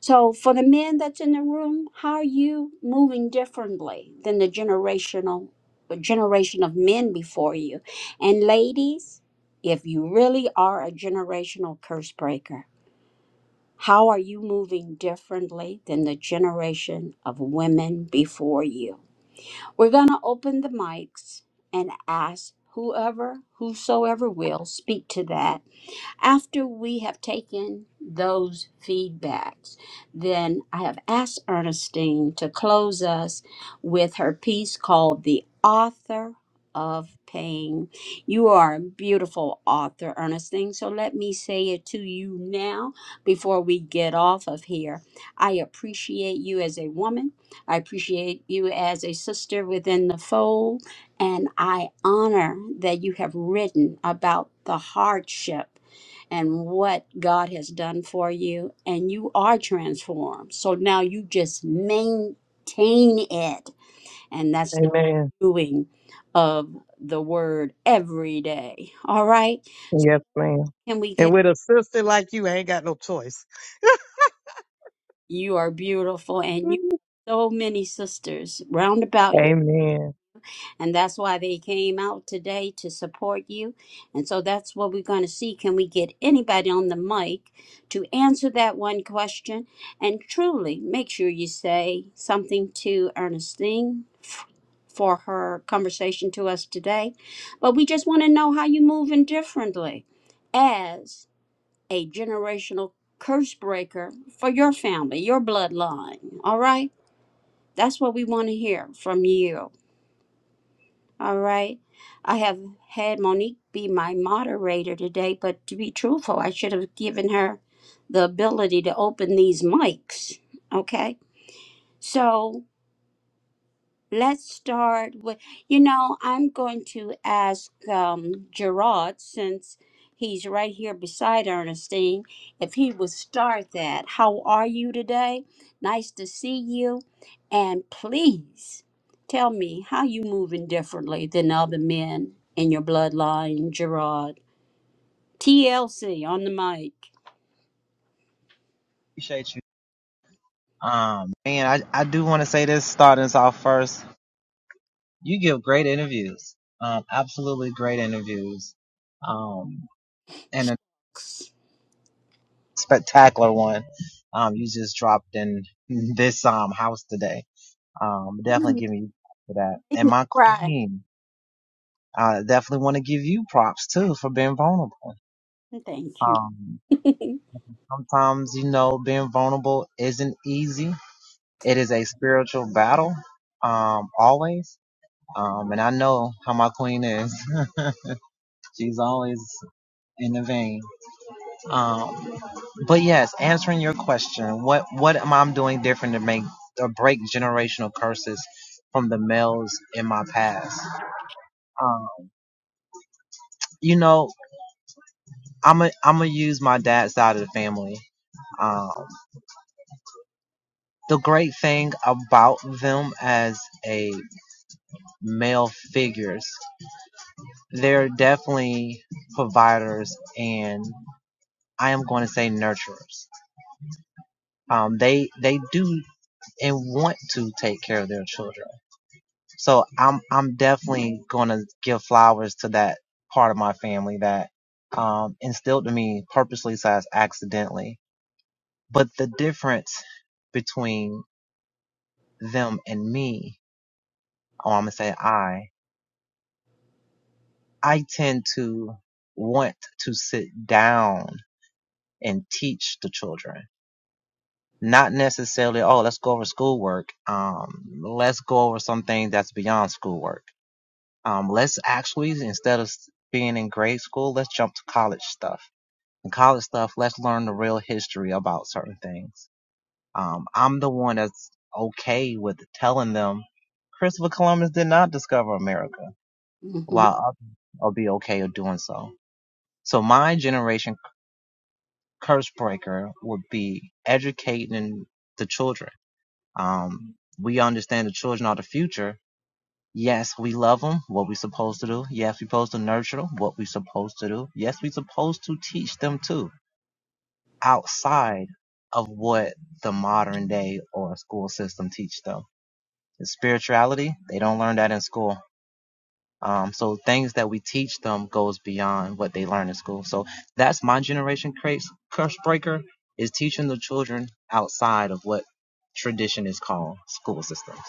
So, for the men that's in the room, how are you moving differently than the generational generation of men before you? And ladies, if you really are a generational curse breaker, how are you moving differently than the generation of women before you? We're going to open the mics and ask whoever, whosoever will speak to that. After we have taken those feedbacks, then I have asked Ernestine to close us with her piece called The Author of Pain. You are a beautiful author, Ernestine, so let me say it to you now before we get off of here. I appreciate you as a woman, I appreciate you as a sister within the fold, and I honor that you have written about the hardship and what God has done for you, and you are transformed. So now you just maintain it, and that's the Amen. doing of the word every day. All right. So Yes, ma'am. can we and get with a sister like you I ain't got no choice you are beautiful, and you so many sisters round about you Amen. And that's why they came out today to support you. And so that's what we're going to see. Can we get anybody on the mic to answer that one question? And truly, make sure you say something to Ernestine f- for her conversation to us today. But we just want to know how you're moving differently as a generational curse breaker for your family, your bloodline. All right? That's what we want to hear from you. All right. I have had Monique be my moderator today, but to be truthful, I should have given her the ability to open these mics. Okay. So Let's start with, you know, I'm going to ask um, Gerard, since he's right here beside Ernestine, if he would start that. How are you today? Nice to see you. And please tell me how you moving differently than other men in your bloodline, Gerard. TLC on the mic. appreciate you. Um, man, I, I do want to say this starting us off first. You give great interviews. Um, absolutely great interviews. Um, and a spectacular one. Um, you just dropped in this, um, house today. Um, definitely give me props for that. And my Right. queen, I definitely want to give you props too for being vulnerable. Thank Um, you. sometimes, you know, being vulnerable isn't easy. It is a spiritual battle. Um, always Um, and I know how my queen is. She's always in the vein. Um, but yes, answering your question, what what am I doing different to make or break generational curses from the males in my past? Um, you know, I'm a, I'm gonna use my dad's side of the family. Um, the great thing about them as a male figures, they're definitely providers and I am going to say nurturers. um, they they do and want to take care of their children. So I'm I'm definitely gonna give flowers to that part of my family that um, instilled to me purposely slash accidentally. But the difference between them and me, or I'm gonna say I, I tend to want to sit down and teach the children not necessarily, oh, let's go over schoolwork. Um, let's go over something that's beyond schoolwork. Um, let's actually, instead of being in grade school, let's jump to college stuff. In college stuff, let's learn the real history about certain things. Um, I'm the one that's okay with telling them Christopher Columbus did not discover America, while others will be okay with doing so. So my generation curse breaker would be educating the children. Um, we understand the children are the future, Yes, we love them. What we supposed to do? Yes, we supposed to nurture them. What we supposed to do? Yes, we supposed to teach them too, outside of what the modern day or school system teach them. The spirituality, they don't learn that in school. Um, so things that we teach them goes beyond what they learn in school. So that's my generation craze curse breaker is teaching the children outside of what tradition is called school systems.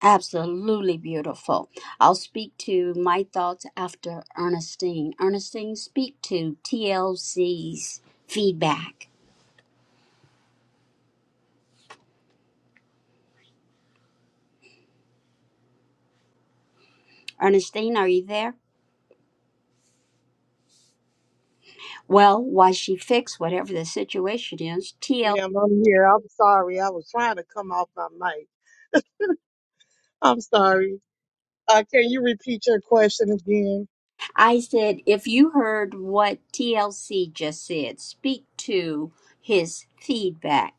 Absolutely beautiful. I'll speak to my thoughts after Ernestine. Ernestine, speak to TLC's feedback. Ernestine, are you there? Well, while she fixed whatever the situation is, TL, Ma'am, I'm here. I'm sorry. I was trying to come off my mic. I'm sorry. Uh, can you repeat your question again? I said, if you heard what TLC just said, speak to his feedback.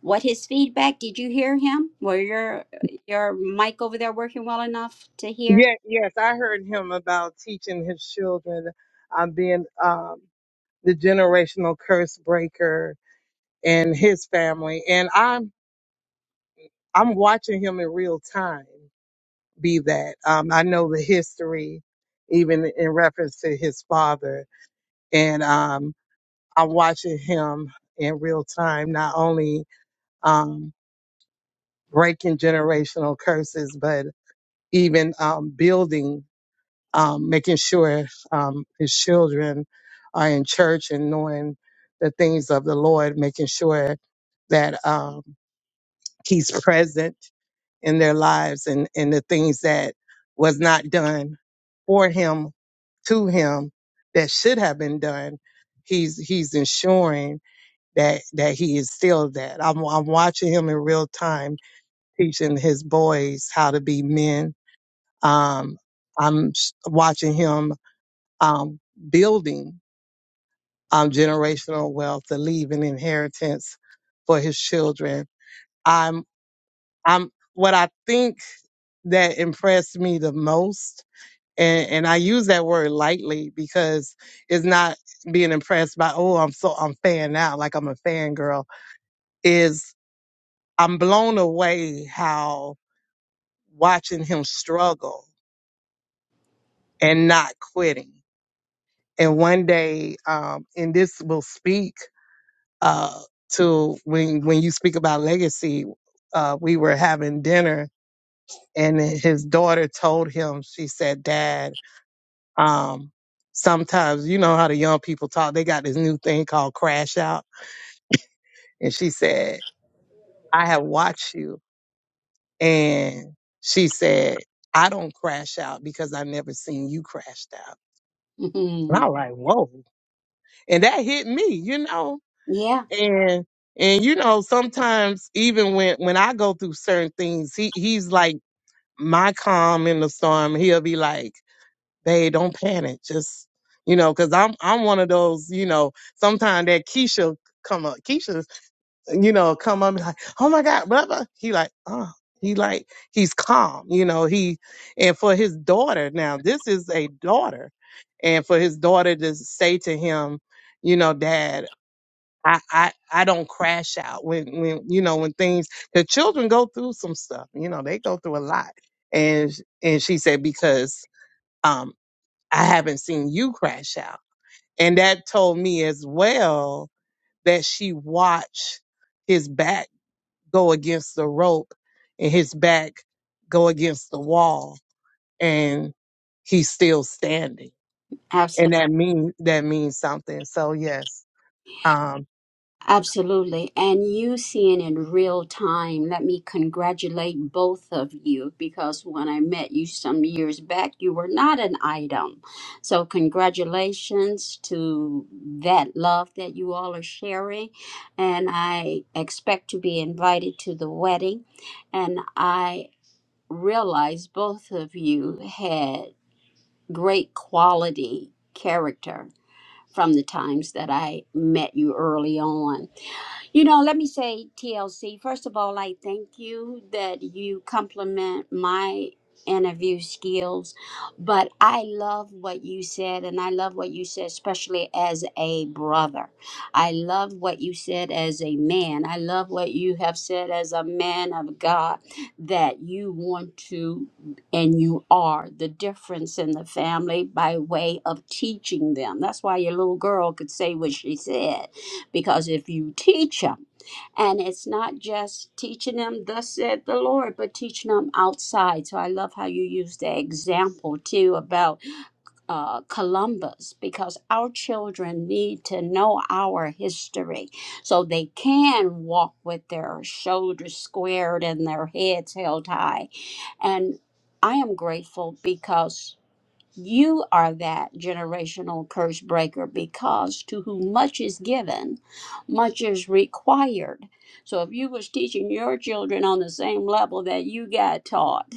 What his feedback? Did you hear him? Were your your mic over there working well enough to hear? Yeah, yes, I heard him about teaching his children um, being um, the generational curse breaker in his family, and I'm I'm watching him in real time be that. Um, I know the history, even in reference to his father, and um, I'm watching him in real time, not only um, breaking generational curses, but even um, building. um, making sure um, his children are in church and knowing the things of the Lord, making sure that um, he's present in their lives and, and the things that was not done for him, to him, that should have been done. He's he's ensuring that that he is still that. I'm I'm watching him in real time, teaching his boys how to be men. Um, I'm s- watching him um, building um, generational wealth to leave an inheritance for his children. I'm, I'm, what I think that impressed me the most, and, and I use that word lightly because it's not being impressed by, oh, I'm so, I'm fan out, like I'm a fangirl, is I'm blown away how watching him struggle and not quitting. And one day, um, and this will speak uh, to when when you speak about legacy, uh, we were having dinner and his daughter told him, she said, Dad, um, sometimes you know how the young people talk, they got this new thing called crash out. And she said, I have watched you. And she said, I don't crash out because I never seen you crashed out. And I was like, whoa. And that hit me, you know yeah, and and you know sometimes even when when i go through certain things he he's like my calm in the storm he'll be like babe don't panic just you know because i'm i'm one of those you know sometimes that keisha come up keisha you know come up and be like oh my god blah blah he like oh he like he's calm you know he and for his daughter now this is a daughter and for his daughter to say to him you know dad I, I I don't crash out when when you know when things the children go through some stuff you know they go through a lot and and she said because um I haven't seen you crash out and that told me as well that she watched his back go against the rope and his back go against the wall and he's still standing absolutely. and that means that means something so yes um, Absolutely. And you seeing in real time, let me congratulate both of you because when I met you some years back, you were not an item. So, congratulations to that love that you all are sharing. And I expect to be invited to the wedding. And I realize both of you had great quality character from the times that I met you early on. You know, let me say TLC. First of all, I thank you that you compliment my interview skills, but I love what you said, and I love what you said, especially as a brother. I love what you said as a man. I love what you have said as a man of God that you want to and you are the difference in the family by way of teaching them. That's why your little girl could say what she said because if you teach them, and it's not just teaching them, thus said the Lord, but teaching them outside. So I love how you use the example too about uh, Columbus, because our children need to know our history so they can walk with their shoulders squared and their heads held high. And I am grateful because. You are that generational curse breaker because to whom much is given, much is required. So if you was teaching your children on the same level that you got taught,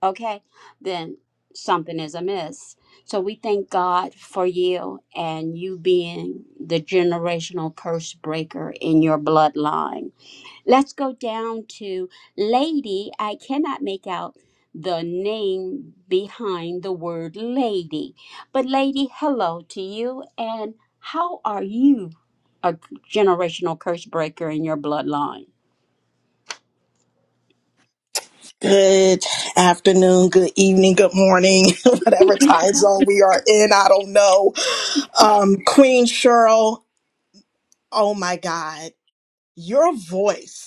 okay, then something is amiss. So we thank God for you and you being the generational curse breaker in your bloodline Let's go down to lady. I cannot make out the name behind the word lady. But, lady, hello to you. And how are you a generational curse breaker in your bloodline? Good afternoon, good evening, good morning, whatever time zone we are in, I don't know. Um, Queen Cheryl, oh my God, your voice,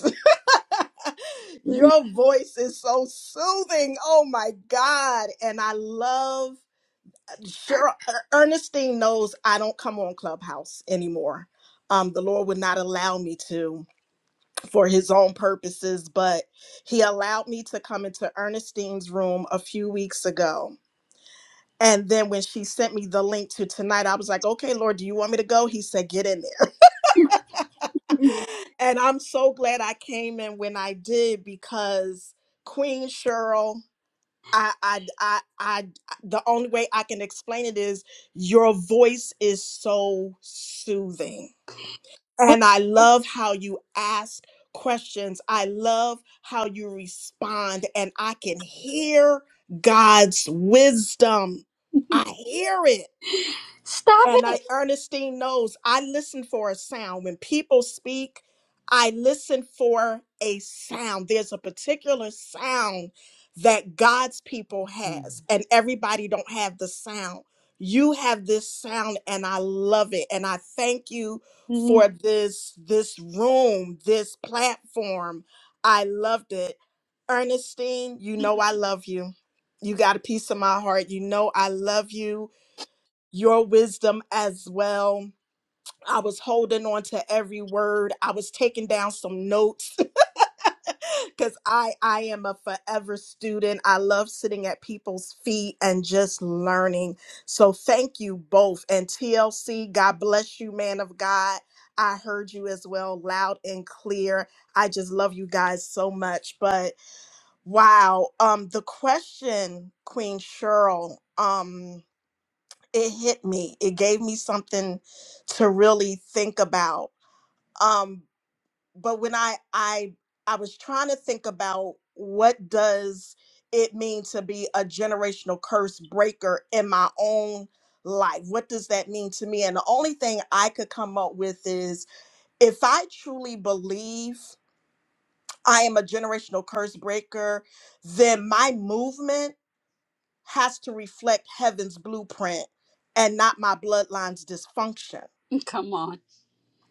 your voice is so soothing. Oh my God. And I love Cheryl. Er- Ernestine knows I don't come on Clubhouse anymore. Um, the Lord would not allow me to for his own purposes, but he allowed me to come into Ernestine's room a few weeks ago And then when she sent me the link to tonight, I was like, okay, Lord, do you want me to go? He said, get in there. and I'm so glad I came in when I did because Queen Cheryl, I, I, I, I, the only way I can explain it is your voice is so soothing. And I love how you ask questions. I love how you respond. And I can hear God's wisdom. I hear it Stop And it. I, Ernestine knows I listen for a sound. When people speak, I listen for a sound. There's a particular sound that God's people has, and everybody don't have the sound. You have this sound, and I love it. And I thank you Mm, for this this room, this platform. I loved it. Ernestine, you know I love you. You got a piece of my heart. You know I love you your wisdom as well. I was holding on to every word. I was taking down some notes because I I am a forever student. I love sitting at people's feet and just learning. So thank you both. And TLC, God bless you, man of God. I heard you as well, loud and clear. I just love you guys so much. But wow, um, the question, Queen Cheryl, um, it hit me. It gave me something to really think about. Um, but when I I I was trying to think about what does it mean to be a generational curse breaker in my own life? What does that mean to me? And the only thing I could come up with is if I truly believe I am a generational curse breaker, then my movement has to reflect heaven's blueprint and not my bloodline's dysfunction Come on.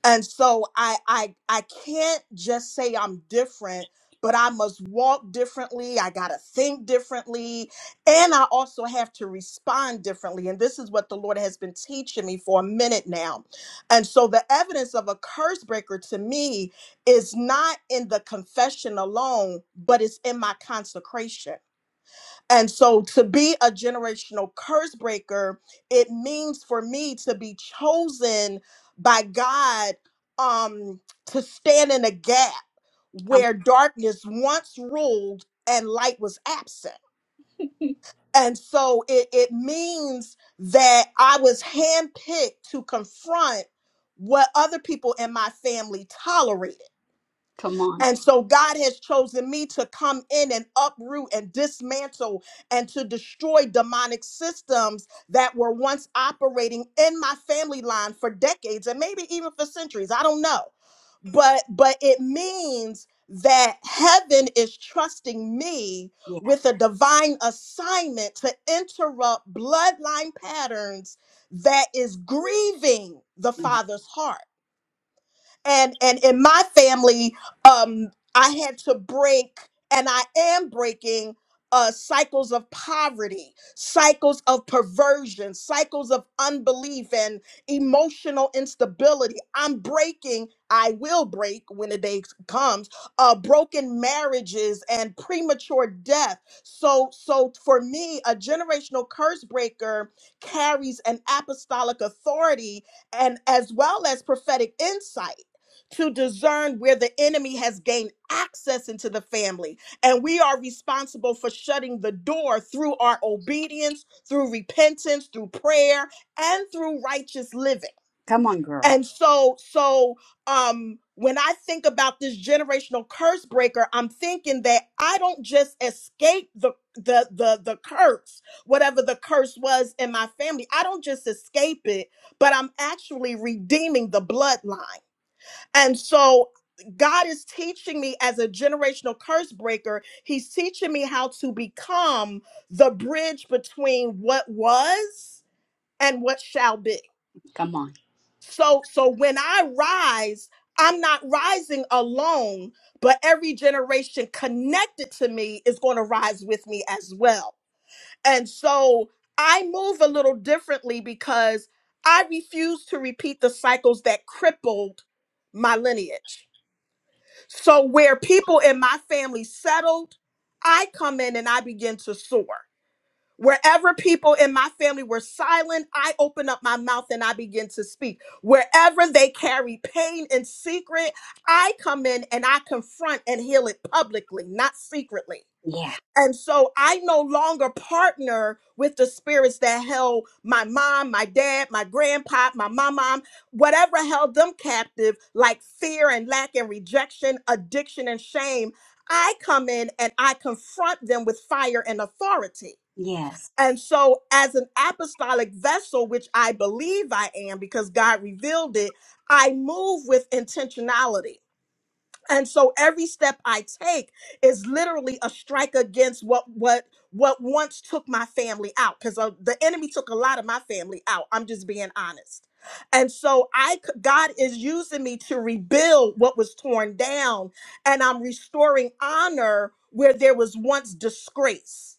and so I I I can't just say I'm different, but I must walk differently. I got to think differently, and I also have to respond differently. And this is what the Lord has been teaching me for a minute now. And so the evidence of a curse breaker to me is not in the confession alone, but it's in my consecration and so to be a generational curse breaker, it means for me to be chosen by God um to stand in a gap Come, where darkness once ruled and light was absent. And so it, it means that I was handpicked to confront what other people in my family tolerated. come on. And so God has chosen me to come in and uproot and dismantle and to destroy demonic systems that were once operating in my family line for decades and maybe even for centuries. I don't know. But but it means that heaven is trusting me Yes. with a divine assignment to interrupt bloodline patterns that is grieving the Yeah. father's heart and and in my family um i had to break and i am breaking uh cycles of poverty cycles of perversion cycles of unbelief and emotional instability i'm breaking i will break when the day comes uh broken marriages and premature death so so for me a generational curse breaker carries an apostolic authority and as well as prophetic insight to discern where the enemy has gained access into the family. And we are responsible for shutting the door through our obedience, through repentance, through prayer, and through righteous living. Come on, girl. And so, so um when I think about this generational curse breaker, I'm thinking that I don't just escape the the the the curse, whatever the curse was in my family. I don't just escape it, but I'm actually redeeming the bloodline. And so God is teaching me as a generational curse breaker, He's teaching me how to become the bridge between what was and what shall be. Come on. So so when I rise, I'm not rising alone, but every generation connected to me is going to rise with me as well. And so I move a little differently because I refuse to repeat the cycles that crippled my lineage. So, where people in my family settled, I come in and I begin to soar. Wherever people in my family were silent, I open up my mouth and I begin to speak. Wherever they carry pain in secret, I come in and I confront and heal it publicly, not secretly. Yeah. And so I no longer partner with the spirits that held my mom, my dad, my grandpa, my mom, whatever held them captive, like fear and lack and rejection, addiction and shame. I come in and I confront them with fire and authority. Yes. And so, as an apostolic vessel, which I believe I am because God revealed it, I move with intentionality and so every step i take is literally a strike against what what what once took my family out because the enemy took a lot of my family out i'm just being honest and so i c- god is using me to rebuild what was torn down and i'm restoring honor where there was once disgrace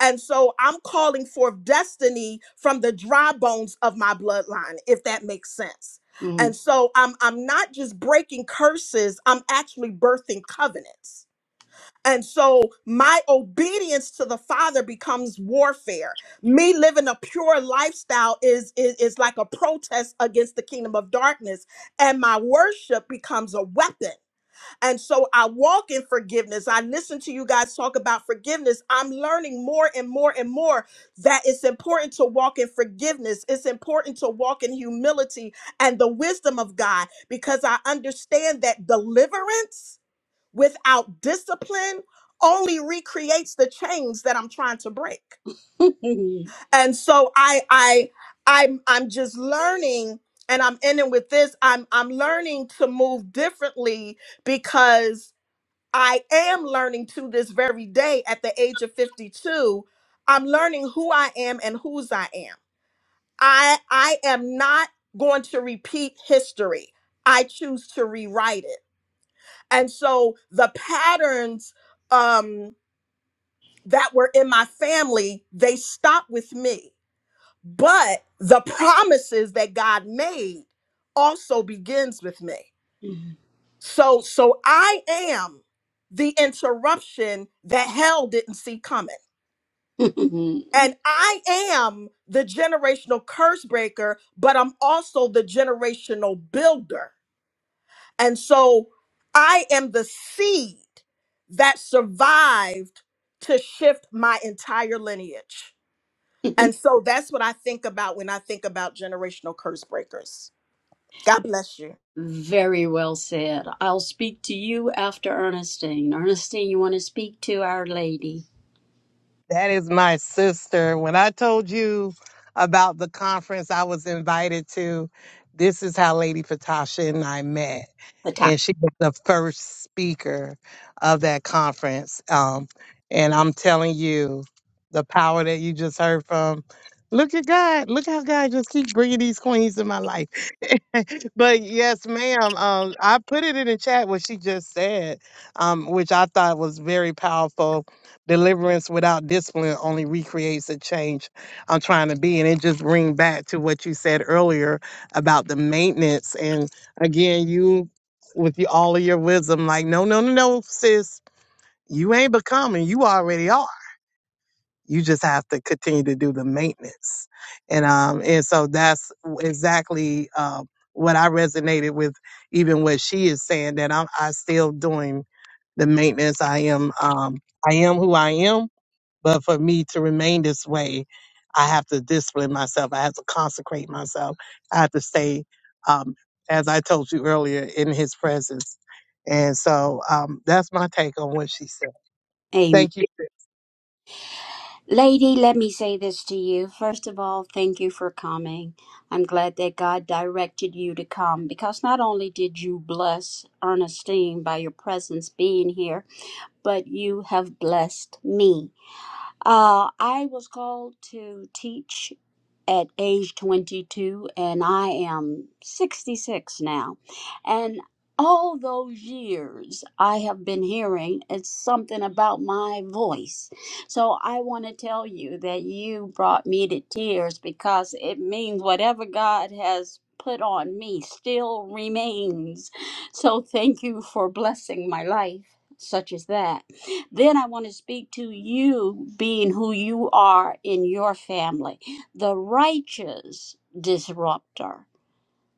and so I'm calling forth destiny from the dry bones of my bloodline, if that makes sense. Mm. And so I'm I'm not just breaking curses, I'm actually birthing covenants. And so my obedience to the Father becomes warfare. Me living a pure lifestyle is, is, is like a protest against the kingdom of darkness, and my worship becomes a weapon. And so I walk in forgiveness. I listen to you guys talk about forgiveness. I'm learning more and more and more that it's important to walk in forgiveness. It's important to walk in humility and the wisdom of God because I understand that deliverance without discipline only recreates the chains that I'm trying to break. And so I I I'm I'm just learning and I'm ending with this. I'm I'm learning to move differently because I am learning to this very day at the age of 52. I'm learning who I am and whose I am. I I am not going to repeat history. I choose to rewrite it. And so the patterns um that were in my family, they stopped with me. But the promises that God made also begins with me. So so I am the interruption that hell didn't see coming. Mhm. And I am the generational curse breaker, but I'm also the generational builder. And so I am the seed that survived to shift my entire lineage. And so that's what I think about when I think about generational curse breakers. God bless you. Very well said. I'll speak to you after Ernestine. Ernestine, you want to speak to Our Lady? That is my sister. When I told you about the conference I was invited to, this is how Lady Patasha and I met. The And she was the first speaker of that conference. Um, and I'm telling you, the power that you just heard from. Look at God. Look how God just keeps bringing these queens in my life. but yes, ma'am. Um, I put it in the chat what she just said, um, which I thought was very powerful Deliverance without discipline only recreates the change I'm trying to be. And it just bring back to what you said earlier about the maintenance. And again, you with your, all of your wisdom, like, no, no, no, no, sis, you ain't becoming. You already are. You just have to continue to do the maintenance. And um, and so that's exactly uh, what I resonated with, even what she is saying that I'm I still doing the maintenance. I am um I am who I am but for me to remain this way, I have to discipline myself. I have to consecrate myself. I have to stay, um, as I told you earlier, in his presence. And so um, that's my take on what she said. time. Thank you. Lady, let me say this to you. First of all, thank you for coming. I'm glad that God directed you to come because not only did you bless Ernestine by your presence being here, but you have blessed me. Uh, I was called to teach at age 22 and I am 66 now. And all those years I have been hearing it's something about my voice. So I want to tell you that you brought me to tears because it means whatever God has put on me still remains. So thank you for blessing my life. Such as that. Then I want to speak to you being who you are in your family the righteous disruptor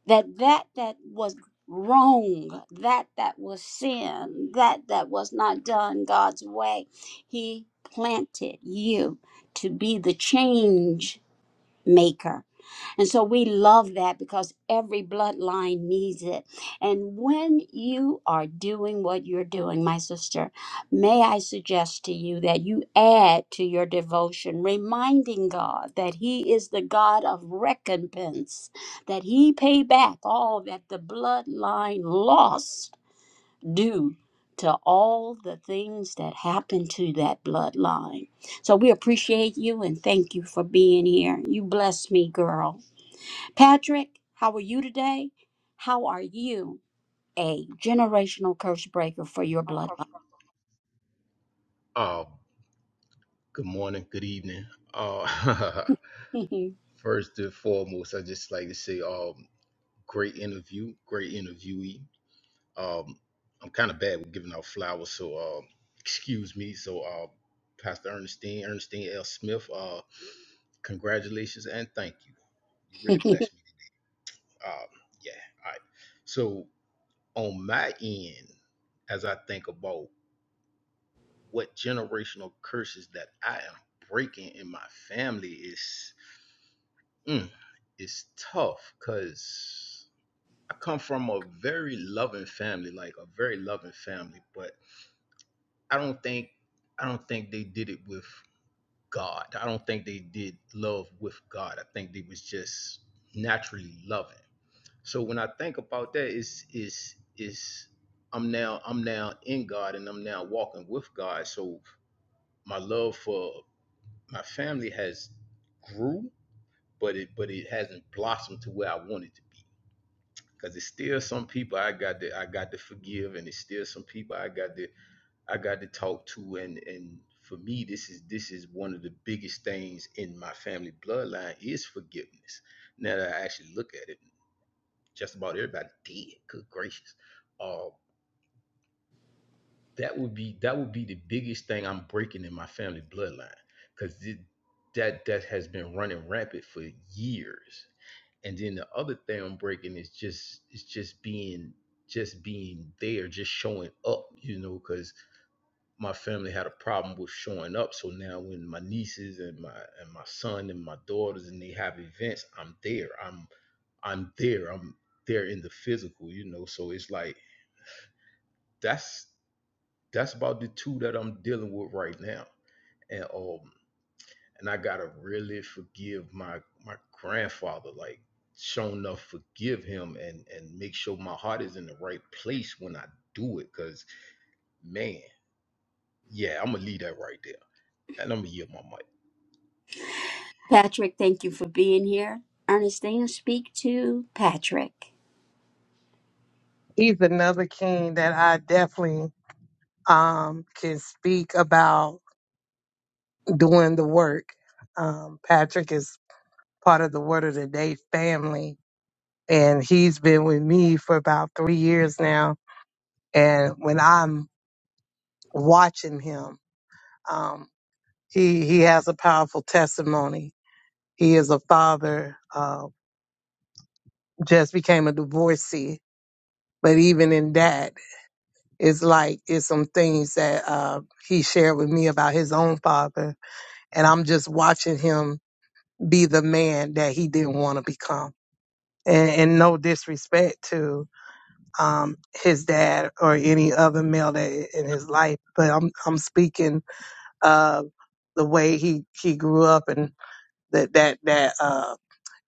that that that was wrong that that was sin that that was not done god's way he planted you to be the change maker. And so we love that because every bloodline needs it. And when you are doing what you're doing, my sister, may I suggest to you that you add to your devotion, reminding God that He is the God of recompense, that He paid back all that the bloodline lost due to all the things that happened to that bloodline. So we appreciate you and thank you for being here. You bless me, girl. Patrick, how are you today? How are you a generational curse breaker for your I'm bloodline? comfortable. Oh, good morning, good evening. Uh, first and foremost, I just like to say, um, great interview, great interviewee. Um, I'm kind of bad with giving out flowers, so uh, excuse me. So, uh, Pastor Ernestine, Ernestine L. Smith, uh, congratulations and thank you. You really blessed me. today. Um, yeah, all right. So, on my end, as I think about what generational curses that I am breaking in my family is mm, is tough because I come from a very loving family, like a very loving family, but I don't think I don't think they did it with God. I don't think they did love with God. I think they was just naturally loving. So when I think about that, is is is I'm now I'm now in God and I'm now walking with God. So my love for my family has grew, but it but it hasn't blossomed to where I want it to be. Cause it's still some people I got to I got to forgive, and it's still some people I got to I got to talk to, and and for me this is this is one of the biggest things in my family bloodline is forgiveness. Now that I actually look at it, just about everybody did. Good gracious, uh, that would be that would be the biggest thing I'm breaking in my family bloodline because that that has been running rampant for years. And then the other thing I'm breaking is just it's just being just being there, just showing up, you know, because my family had a problem with showing up. So now when my nieces and my and my son and my daughters and they have events, I'm there. I'm I'm there. I'm there in the physical, you know. So it's like that's that's about the two that I'm dealing with right now. and um and I gotta really forgive my my grandfather, like show enough forgive him and and make sure my heart is in the right place when I do it. Cause man, yeah, I'm gonna leave that right there. And I'm gonna yield my mic. Patrick, thank you for being here. Ernestine, speak to Patrick. He's another king that I definitely um, can speak about doing the work. Um, Patrick is part of the Word of the Day family, and he's been with me for about three years now. And when I'm watching him, Um, he he has a powerful testimony. He is a father. Uh, just became a divorcee, but even in that, it's like it's some things that uh, he shared with me about his own father, and I'm just watching him be the man that he didn't want to become. And, and no disrespect to um, his dad or any other male that in his life, but I'm I'm speaking of the way he he grew up and that that that. Uh,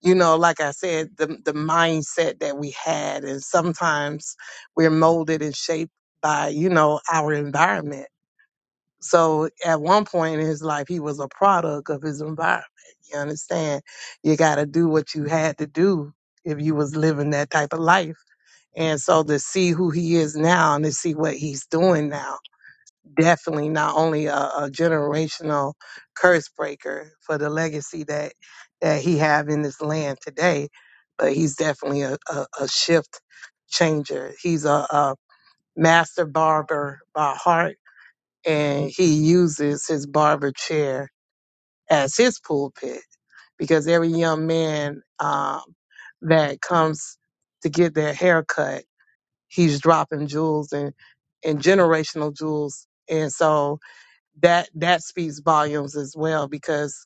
you know, like I said, the the mindset that we had, and sometimes we're molded and shaped by you know our environment. So at one point in his life, he was a product of his environment. You understand? You got to do what you had to do if you was living that type of life. And so to see who he is now and to see what he's doing now definitely not only a, a generational curse breaker for the legacy that that he have in this land today, but he's definitely a, a, a shift changer. He's a, a master barber by heart, and he uses his barber chair as his pulpit because every young man um, that comes to get their hair cut, he's dropping jewels and and generational jewels, and so that that speaks volumes as well because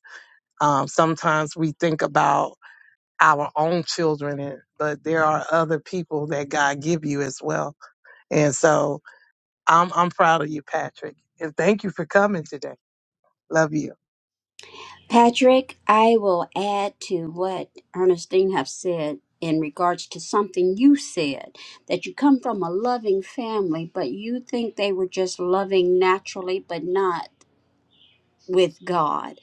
um, sometimes we think about our own children and, but there are other people that god give you as well and so i'm i'm proud of you patrick and thank you for coming today love you Patrick, I will add to what Ernestine have said in regards to something you said that you come from a loving family, but you think they were just loving naturally, but not with God.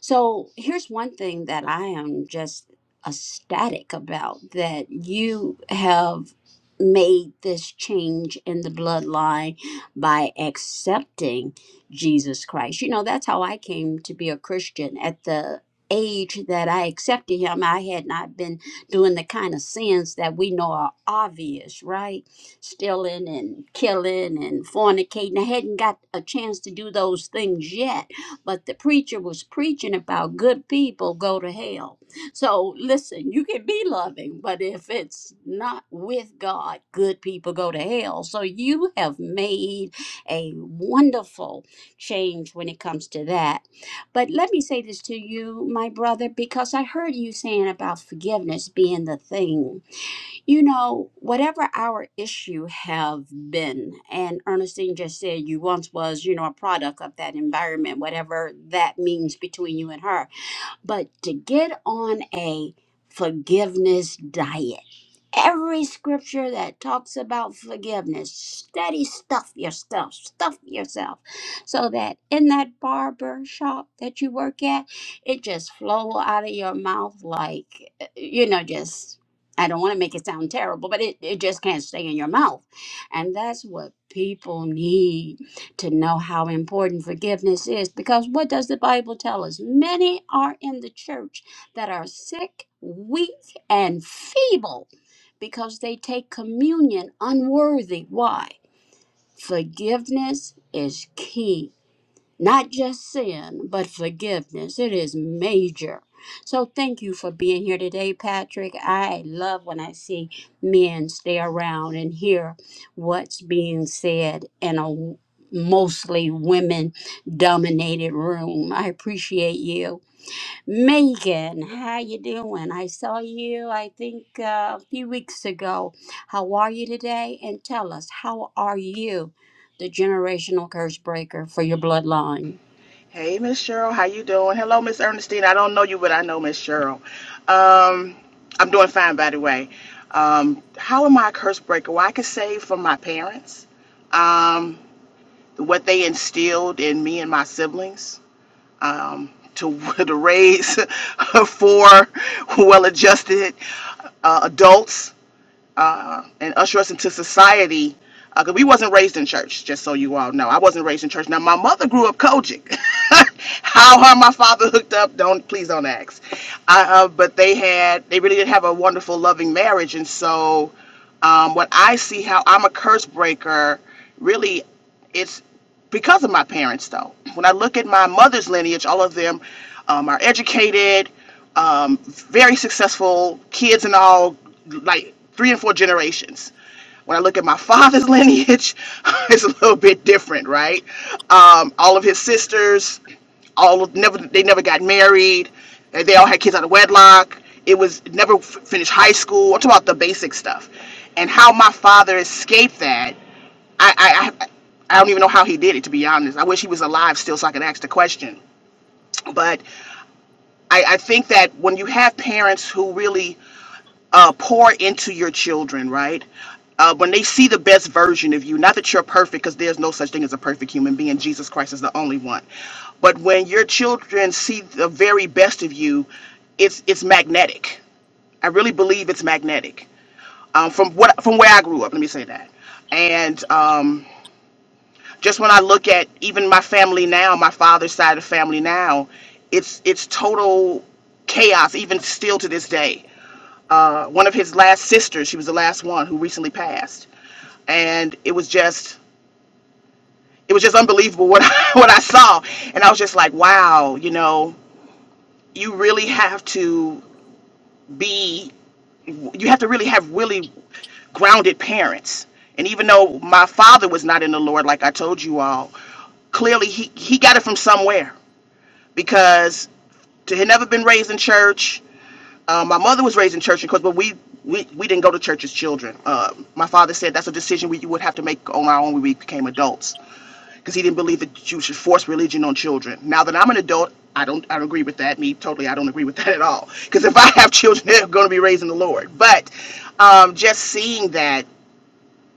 So here's one thing that I am just ecstatic about that you have made this change in the bloodline by accepting Jesus Christ. You know, that's how I came to be a Christian at the age that I accepted him I had not been doing the kind of sins that we know are obvious right stealing and killing and fornicating I hadn't got a chance to do those things yet but the preacher was preaching about good people go to hell. So listen, you can be loving, but if it's not with God, good people go to hell. So you have made a wonderful change when it comes to that. But let me say this to you, my brother, because I heard you saying about forgiveness being the thing. You know, whatever our issue have been, and Ernestine just said you once was, you know, a product of that environment, whatever that means between you and her. But to get on a forgiveness diet every scripture that talks about forgiveness. Steady stuff yourself, stuff yourself, so that in that barber shop that you work at, it just flow out of your mouth like, uh, you know, just. I don't want to make it sound terrible, but it, it just can't stay in your mouth. And that's what people need to know how important forgiveness is. Because what does the Bible tell us? Many are in the church that are sick, weak, and feeble because they take communion unworthy. Why? Forgiveness is key. Not just sin, but forgiveness. It is major. So thank you for being here today, Patrick. I love when I see men stay around and hear what's being said in a mostly women dominated room. I appreciate you. Megan, how you doing? I saw you, I think, uh, a few weeks ago. How are you today? And tell us, how are you, the generational curse breaker for your bloodline? Hey, Miss Cheryl, how you doing? Hello, Miss Ernestine. I don't know you, but I know Miss Cheryl. Um, I'm doing fine, by the way. Um, how am I a curse breaker? Well, I could say from my parents, um, what they instilled in me and my siblings um, to to raise four well-adjusted uh, adults and usher us into society. Because uh, we wasn't raised in church, just so you all know. I wasn't raised in church. Now, my mother grew up Kojic. How her and my father hooked up, don't please don't ask. I, uh, but they had, they really did have a wonderful, loving marriage. And so um, what I see how I'm a curse breaker, really, it's because of my parents though when i look at my mother's lineage all of them um, are educated um, very successful kids and all like three and four generations when i look at my father's lineage it's a little bit different right um, all of his sisters all of, never they never got married and they all had kids out of wedlock it was never f- finished high school i'm talking about the basic stuff and how my father escaped that I, I I don't even know how he did it to be honest. I wish he was alive still so I could ask the question. But I, I think that when you have parents who really uh, pour into your children, right? Uh, when they see the best version of you, not that you're perfect, because there's no such thing as a perfect human being. Jesus Christ is the only one. But when your children see the very best of you, it's it's magnetic. I really believe it's magnetic. Um, from what from where I grew up, let me say that. And um, just when I look at even my family now, my father's side of the family now, it's it's total chaos even still to this day. Uh, one of his last sisters, she was the last one who recently passed, and it was just it was just unbelievable what I, what I saw, and I was just like, wow, you know, you really have to be you have to really have really grounded parents. And even though my father was not in the Lord, like I told you all, clearly he, he got it from somewhere. because to had never been raised in church. Uh, my mother was raised in church because but we, we we didn't go to church as children. Uh, my father said that's a decision we would have to make on our own when we became adults because he didn't believe that you should force religion on children. Now that I'm an adult, I don't I don't agree with that. Me totally, I don't agree with that at all. Because if I have children, they're going to be raised in the Lord. But um, just seeing that,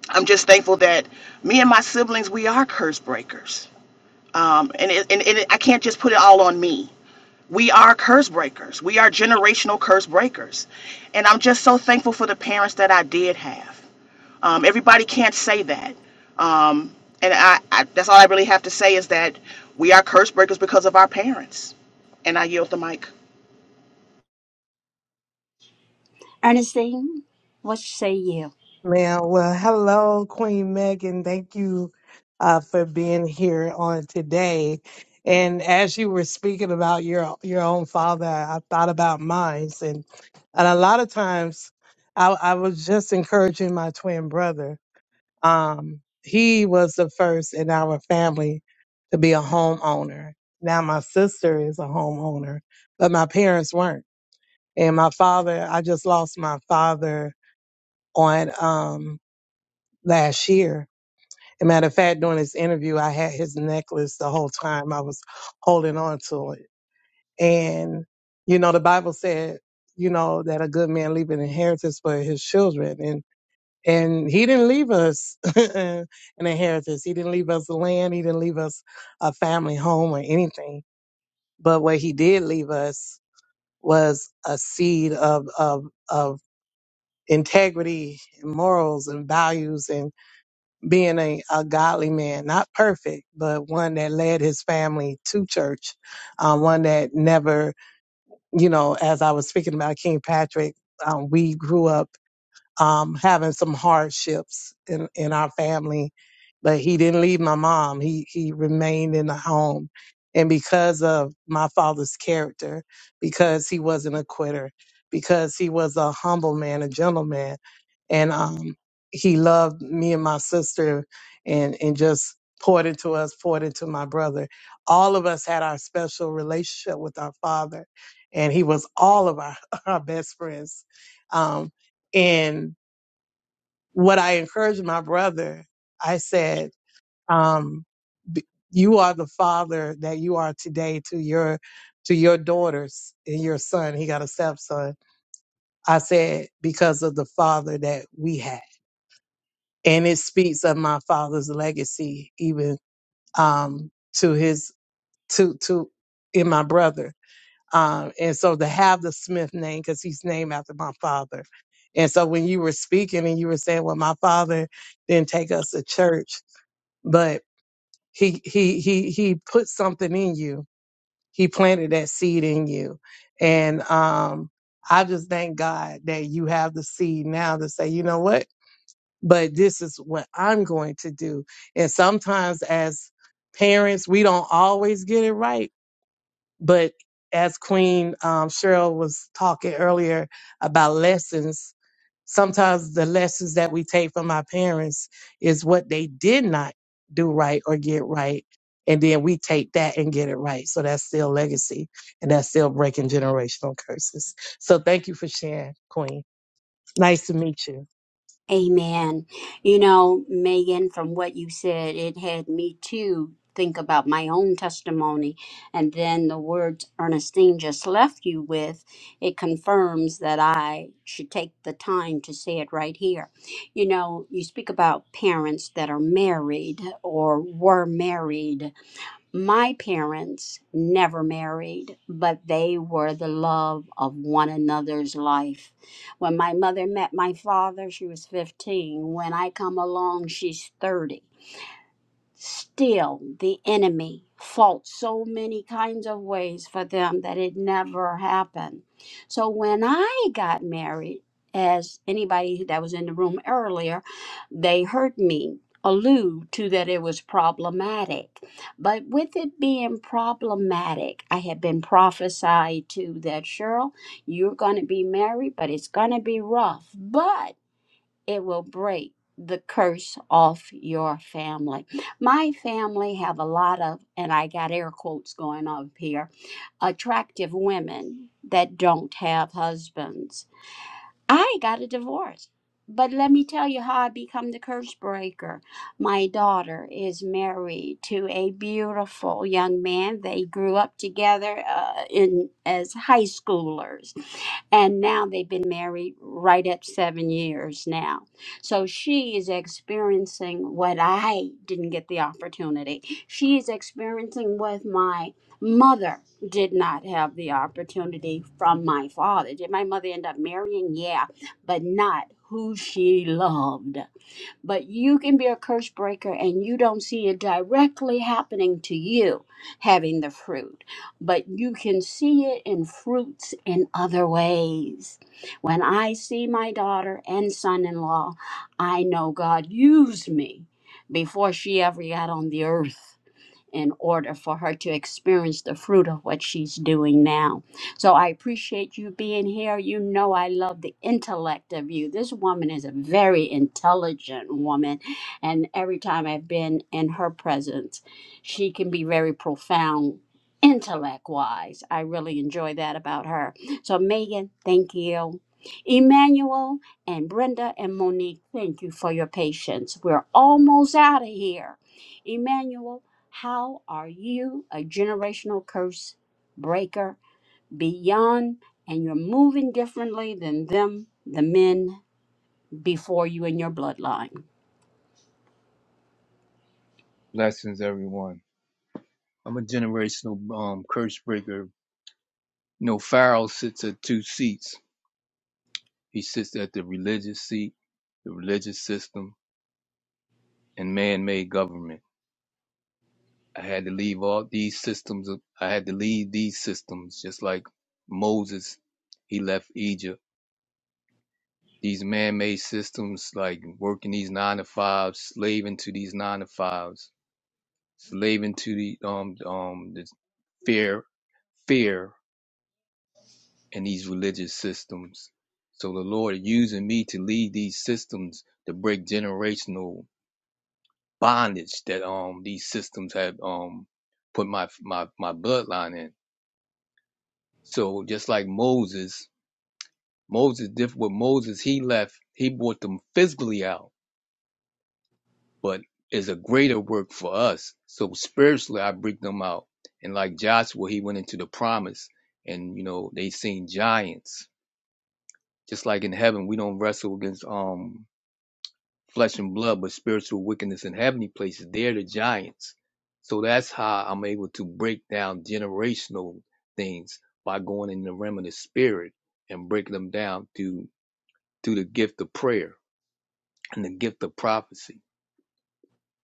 I'm just thankful that me and my siblings we are curse breakers. Um, and, it, and, and it, I can't just put it all on me we are curse breakers. We are generational curse breakers. And I'm just so thankful for the parents that I did have. Um, everybody can't say that. Um, and I, I, that's all I really have to say is that we are curse breakers because of our parents. And I yield the mic. Ernestine, what say you? Man, well, hello, Queen Megan. Thank you uh, for being here on today. And as you were speaking about your your own father, I thought about mine, and and a lot of times, I, I was just encouraging my twin brother. Um, he was the first in our family to be a homeowner. Now my sister is a homeowner, but my parents weren't. And my father, I just lost my father on. um, last year. As a matter of fact, during this interview, I had his necklace the whole time I was holding on to it. And, you know, the Bible said, you know, that a good man leave an inheritance for his children. And, and he didn't leave us an inheritance. He didn't leave us land. He didn't leave us a family home or anything. But what he did leave us was a seed of, of, of integrity and morals and values and. being a, a godly man, not perfect, but one that led his family to church, um, one that never, you know, as I was speaking about King Patrick, um, we grew up um, having some hardships in, in our family, but he didn't leave my mom. He, he remained in the home. And because of my father's character, because he wasn't a quitter, because he was a humble man, a gentleman, and, um, he loved me and my sister and, and just poured into us, poured into my brother. All of us had our special relationship with our father and he was all of our, our best friends. Um, what I encouraged my brother, I said, um, b- you are the father that you are today to your to your daughters and your son. He got a stepson. I said because of the father that we had, and it speaks of my father's legacy, even um, to his to to in my brother. Um, and so to have the Smith name because he's named after my father. And so when you were speaking and you were saying, "Well, my father didn't take us to church," but he he he he put something in you. He planted that seed in you, and um, I just thank God that you have the seed now to say, you know what? But this is what I'm going to do. And sometimes, as parents, we don't always get it right. But as Queen um, Cheryl was talking earlier about lessons, Sometimes the lessons that we take from our parents is what they did not do right or get right. And then we take that and get it right. So that's still legacy and that's still breaking generational curses. So thank you for sharing, Queen. Nice to meet you. Amen. You know, Megan, from what you said, it had me too think about my own testimony. And then the words Ernestine just left you with, it confirms that I should take the time to say it right here. You know, you speak about parents that are married or were married my parents never married, but they were the love of one another's life. When my mother met my father, she was 15. When I come along, she's 30. Still, the enemy fought so many kinds of ways for them that it never happened. So when I got married, as anybody that was in the room earlier, they heard me allude to that it was problematic. But with it being problematic, I had been prophesied to that Cheryl, you're going to be married, but it's going to be rough. But it will break the curse off your family. My family have a lot of, and I got air quotes going up here, attractive women that don't have husbands I got a divorce. But let me tell you how I become the curse breaker. My daughter is married to a beautiful young man. They grew up together uh, in as high schoolers, and now they've been married right at seven years now. So she is experiencing what I didn't get the opportunity. She is experiencing what my mother did not have the opportunity from my father. Did my mother end up marrying? Yeah, but not who she loved. But you can be a curse breaker and you don't see it directly happening to you having the fruit, but you can see it in fruits in other ways. When I see my daughter and son in law, I know God used me before she ever got on the earth in order for her to experience the fruit of what she's doing now. So I appreciate you being here. You know, I love the intellect of you. This woman is a very intelligent woman, and every time I've been in her presence, she can be very profound. Intellect wise, I really enjoy that about her. So, Megan, thank you. Emmanuel and Brenda and Monique, thank you for your patience. We're almost out of here. Emmanuel, how are you a generational curse breaker beyond and you're moving differently than them, the men before you in your bloodline? Blessings, everyone. I'm a generational um, curse breaker. You know, Pharaoh sits at two seats. He sits at the religious seat, the religious system, and man-made government. I had to leave all these systems. I had to leave these systems, just like Moses, he left Egypt. These man-made systems, like working these nine to fives, slaving to these nine to fives, slaving to the um um the fear, fear. and these religious systems. So the Lord using me to lead these systems to break generational bondage that um these systems have um put my my my bloodline in. So just like Moses, Moses diff with Moses he left, he brought them physically out, but is a greater work for us. So spiritually I break them out. And like Joshua, he went into the promise and you know, they seen giants. Just like in heaven, we don't wrestle against um flesh and blood, but spiritual wickedness in heavenly places. They're the giants. So that's how I'm able to break down generational things by going in the realm of the spirit and breaking them down through through the gift of prayer and the gift of prophecy.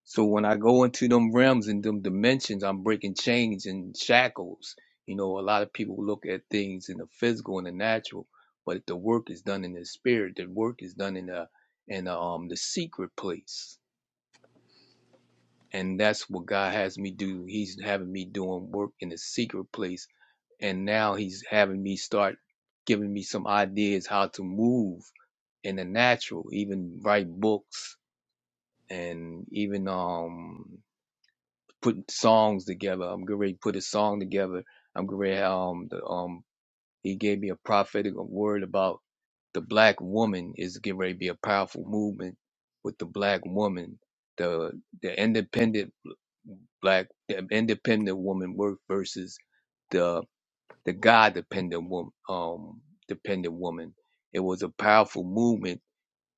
So when I go into them realms and them dimensions, I'm breaking chains and shackles. You know, a lot of people look at things in the physical and the natural, but the work is done in the spirit. The work is done in the in the, um the secret place and that's what God has me do. He's having me doing work in the secret place, and now He's having me start giving me some ideas how to move in the natural, even write books and even um put songs together. I'm getting ready to put a song together. I'm getting ready um the um he gave me a prophetic word about the black woman is getting ready to be a powerful movement with the black woman, the the independent Black independent woman work versus the the God dependent woman um dependent woman. It was a powerful movement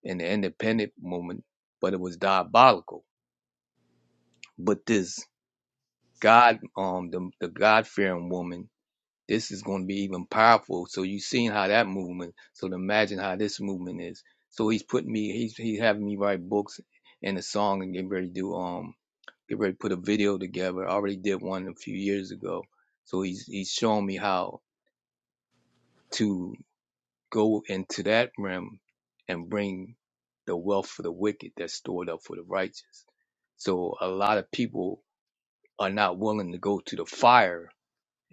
in the independent movement, but it was diabolical. But this God um the the God fearing woman, this is going to be even powerful. So you've seen how that movement. So to imagine how this movement is. So he's putting me. He's he's having me write books and a song and getting ready to do. um. get ready to put a video together. I already did one a few years ago. So he's he's showing me how to go into that realm and bring the wealth for the wicked that's stored up for the righteous. So a lot of people are not willing to go to the fire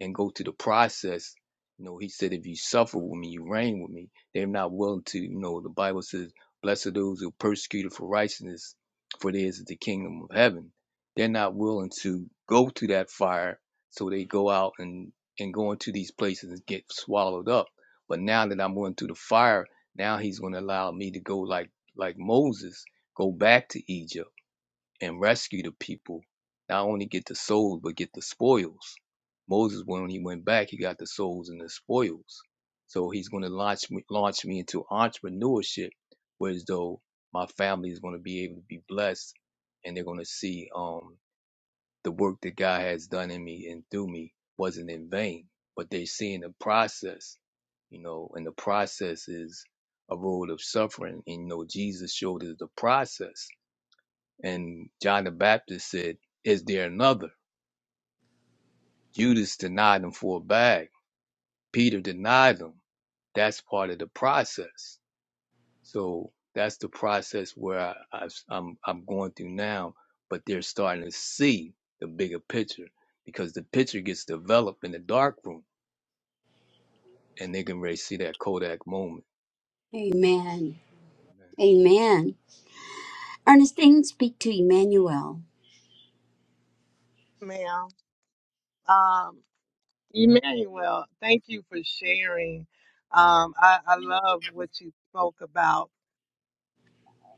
and go to the process. You know, he said, if you suffer with me, you reign with me. They're not willing to, you know, the Bible says, blessed are those who are persecuted for righteousness, for theirs is the kingdom of heaven. They're not willing to go through that fire, so they go out and, and go into these places and get swallowed up. But now that I'm going through the fire, now he's going to allow me to go like like Moses, go back to Egypt and rescue the people, not only get the souls, but get the spoils. Moses, when he went back, he got the souls and the spoils. So he's going to launch me, launch me into entrepreneurship, whereas though my family is going to be able to be blessed, and they're going to see um, the work that God has done in me and through me wasn't in vain, but they're seeing the process, you know, and the process is a road of suffering. And you know, Jesus showed us the process and John the Baptist said, Is there another? Judas denied him for a bag. Peter denied him. That's part of the process. So that's the process where I, I, I'm, I'm going through now, but they're starting to see the bigger picture because the picture gets developed in the dark room and they can really see that Kodak moment. Amen. Amen. Ernestine, speak to Emmanuel. ma'am. Um, Emmanuel, thank you for sharing. Um, I, I love what you spoke about.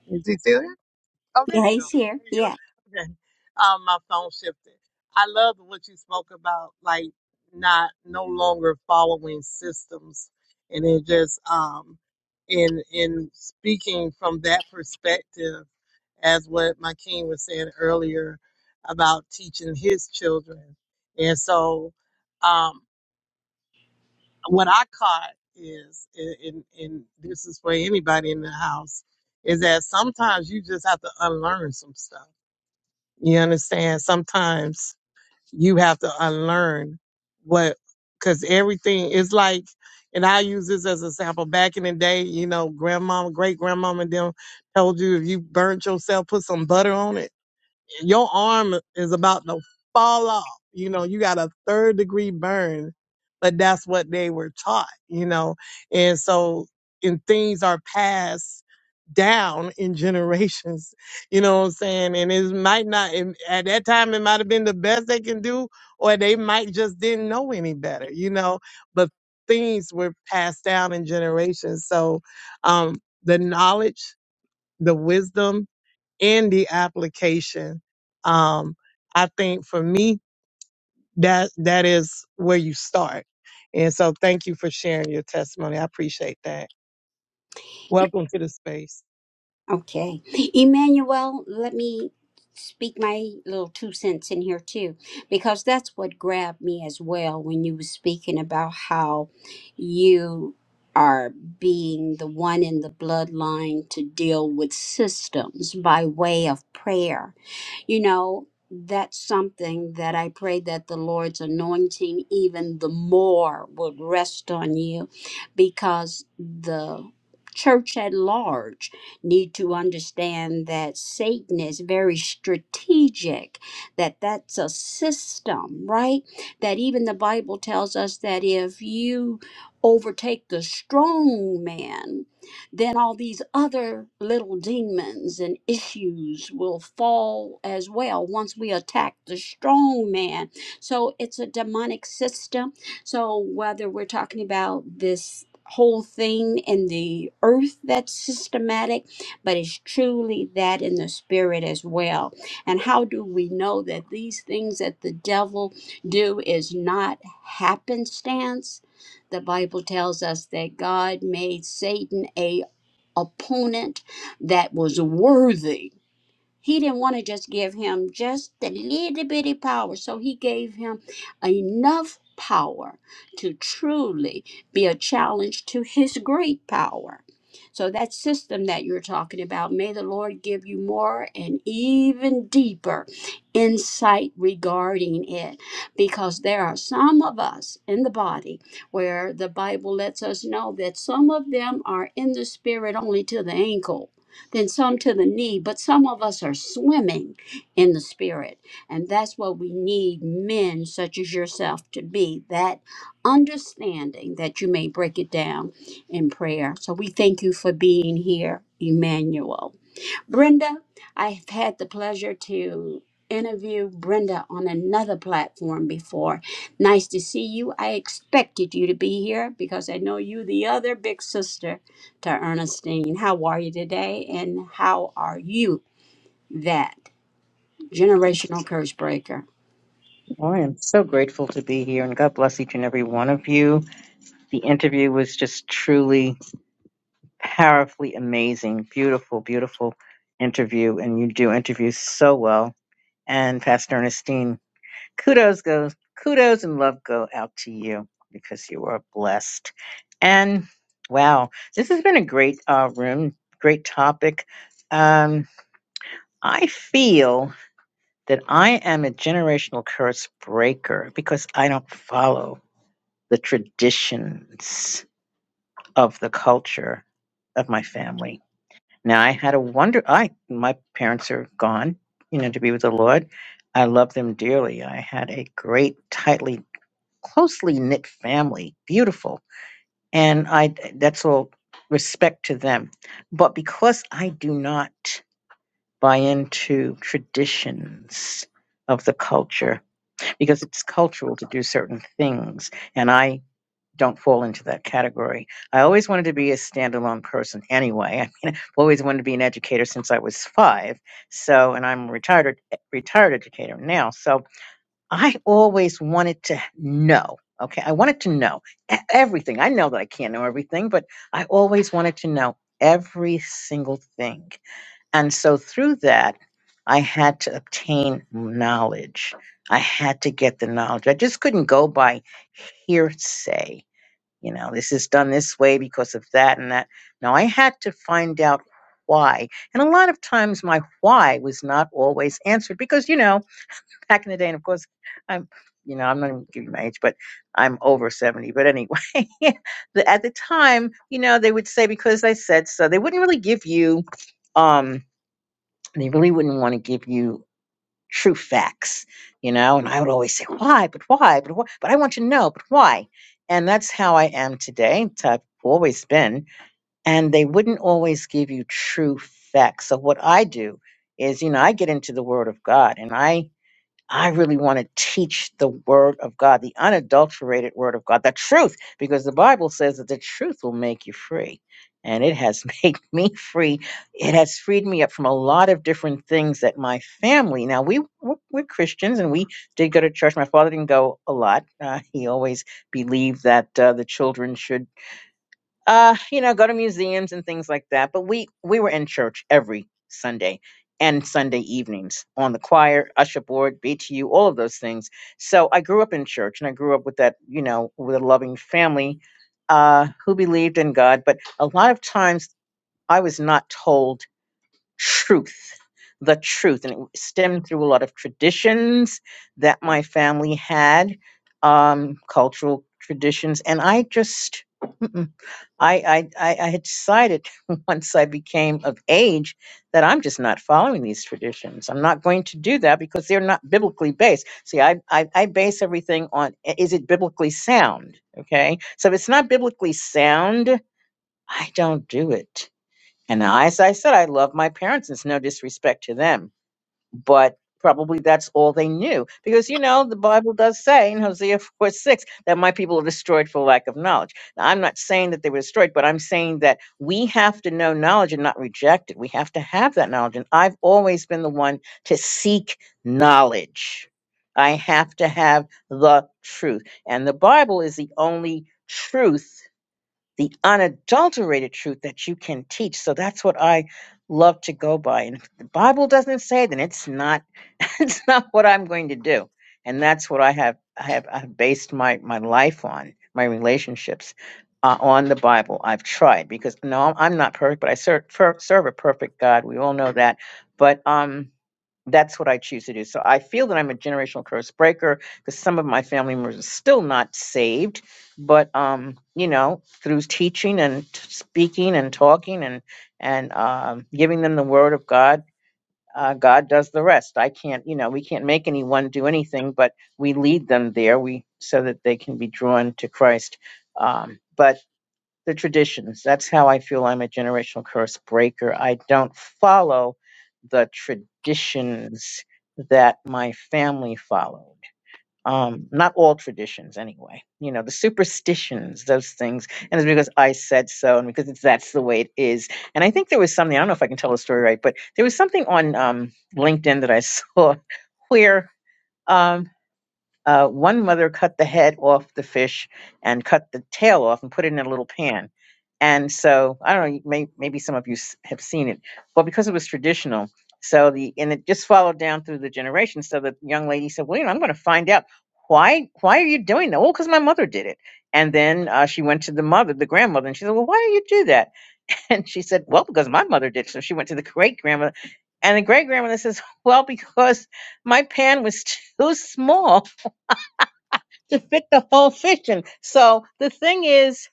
Is he still there? Oh, there Yeah, you go. he's here. There you go. Yeah. Okay. Um, my phone shifted. I love what you spoke about, like not no longer following systems, and it just um, in in speaking from that perspective, as what my king was saying earlier about teaching his children, and so um, what I caught is, and, and and this is for anybody in the house, is that sometimes you just have to unlearn some stuff you understand? Sometimes you have to unlearn what, because everything is like, and I use this as a sample. Back in the day, you know, grandmama, great grandmama, them told you if you burnt yourself, put some butter on it your arm is about to fall off. You know, you got a third degree burn, but that's what they were taught, you know. And so, and things are passed down in generations, you know what I'm saying? And it might not, and at that time, it might have been the best they can do, or they might just didn't know any better, you know, but things were passed down in generations. So, um, the knowledge, the wisdom, in the application. Um, I think for me, that that is where you start. And so thank you for sharing your testimony. I appreciate that. Welcome to the space. Okay. Emmanuel, let me speak my little two cents in here too, because that's what grabbed me as well when you were speaking about how you are being the one in the bloodline to deal with systems by way of prayer you know, that's something that I pray that the Lord's anointing even the more would rest on you because the church at large need to understand that satan is very strategic that that's a system right that even the bible tells us that if you overtake the strong man then all these other little demons and issues will fall as well once we attack the strong man. So it's a demonic system. So whether we're talking about this whole thing in the earth that's systematic, but it's truly that in the spirit as well. And how do we know that these things that the devil do is not happenstance? The Bible tells us that God made Satan a opponent that was worthy he didn't want to just give him just a little bitty power, so he gave him enough power to truly be a challenge to his great power. So, that system that you're talking about, may the Lord give you more and even deeper insight regarding it, because there are some of us in the body where the Bible lets us know that some of them are in the spirit only to the ankle then some to the knee, but some of us are swimming in the Spirit. And that's what we need men such as yourself to be that understanding that you may break it down in prayer. So we thank you for being here, Emmanuel. Brenda, I've had the pleasure to interview Brenda on another platform before. Nice to see you. I expected you to be here because I know you, the other big sister to Ernestine. How are you today? And how are you, that generational curse breaker? Well, I am so grateful to be here, and God bless each and every one of you. The interview was just truly powerfully amazing. Beautiful, beautiful interview, and you do interviews so well. And Pastor Ernestine, kudos goes, kudos and love go out to you because you are blessed. And wow, this has been a great uh, room, great topic. Um, I feel that I am a generational curse breaker because I don't follow. the traditions of the culture of my family. Now I had a wonder I my parents are gone, you know, to be with the Lord. I love them dearly. I had a great, tightly, closely knit family, beautiful. And I that's all respect to them. But because I do not buy into traditions of the culture, because it's cultural to do certain things. And I don't fall into that category. I always wanted to be a standalone person anyway. I mean, I've always wanted to be an educator since I was five. So, and I'm a retired eh, retired educator now. So, I always wanted to know. Okay, I wanted to know e- everything. I know that I can't know everything, but I always wanted to know every single thing. And so, through that, I had to obtain knowledge. I had to get the knowledge. I just couldn't go by hearsay you know this is done this way because of that and that now i had to find out why and a lot of times my why was not always answered because you know back in the day and of course i'm you know i'm not even giving my age but i'm over 70 but anyway the, at the time you know they would say because i said so they wouldn't really give you um they really wouldn't want to give you true facts, you know? And I would always say, why, but why, but why, but I want you to know, but why? And that's how I am today. I've always been. And they wouldn't always give you true facts. So what I do is, you know, I get into the word of God and I I really want to teach the word of God, the unadulterated word of God, the truth, because the Bible says that the truth will make you free. And it has made me free. It has freed me up from a lot of different things that my family. Now we we're, we're Christians, and we did go to church. My father didn't go a lot. Uh, he always believed that uh, the children should uh you know go to museums and things like that but we we were in church every sunday and sunday evenings on the choir usher board btu all of those things so i grew up in church and i grew up with that you know with a loving family uh who believed in god but a lot of times i was not told truth the truth and it stemmed through a lot of traditions that my family had um cultural traditions and i just Mm-mm. I, I, I I had decided once I became of age that I'm just not following these traditions. I'm not going to do that because they're not biblically based. See, I, I, I base everything on i- is it biblically sound? Okay. So if it's not biblically sound, I don't do it. And as I said, I love my parents. It's no disrespect to them but probably that's all they knew because you know the bible does say in hosea 4 6 that my people are destroyed for lack of knowledge now, i'm not saying that they were destroyed but i'm saying that we have to know knowledge and not reject it we have to have that knowledge and i've always been the one to seek knowledge i have to have the truth and the bible is the only truth the unadulterated truth that you can teach so that's what i love to go by and if the bible doesn't say it, then it's not it's not what I'm going to do. And that's what I have I have I've based my my life on, my relationships uh, on the Bible. I've tried because no, I'm not perfect, but I serve, serve a perfect God. We all know that. But um that's what I choose to do. So I feel that I'm a generational curse breaker because some of my family members are still not saved, but um, you know, through teaching and t- speaking and talking and and um, giving them the word of God uh, God does the rest. I can't, you know, we can't make anyone do anything, but we lead them there. We so that they can be drawn to Christ. Um, but the traditions. That's how I feel. I'm a generational curse breaker. I don't follow the traditions that my family follows um not all traditions anyway you know the superstitions those things and it's because i said so and because it's, that's the way it is and i think there was something i don't know if i can tell the story right but there was something on um linkedin that i saw where um uh, one mother cut the head off the fish and cut the tail off and put it in a little pan. And so I don't know, you may, maybe some of you s- have seen it. Well, because it was traditional, so the and it just followed down through the generations. So the young lady said, "Well, you know, I'm going to find out why why are you doing that? Well, because my mother did it." And then uh, she went to the mother, the grandmother, and she said, "Well, why do you do that?" And she said, "Well, because my mother did." So she went to the great grandmother, and the great grandmother says, "Well, because my pan was too small." to fit the whole fiction. So the thing is,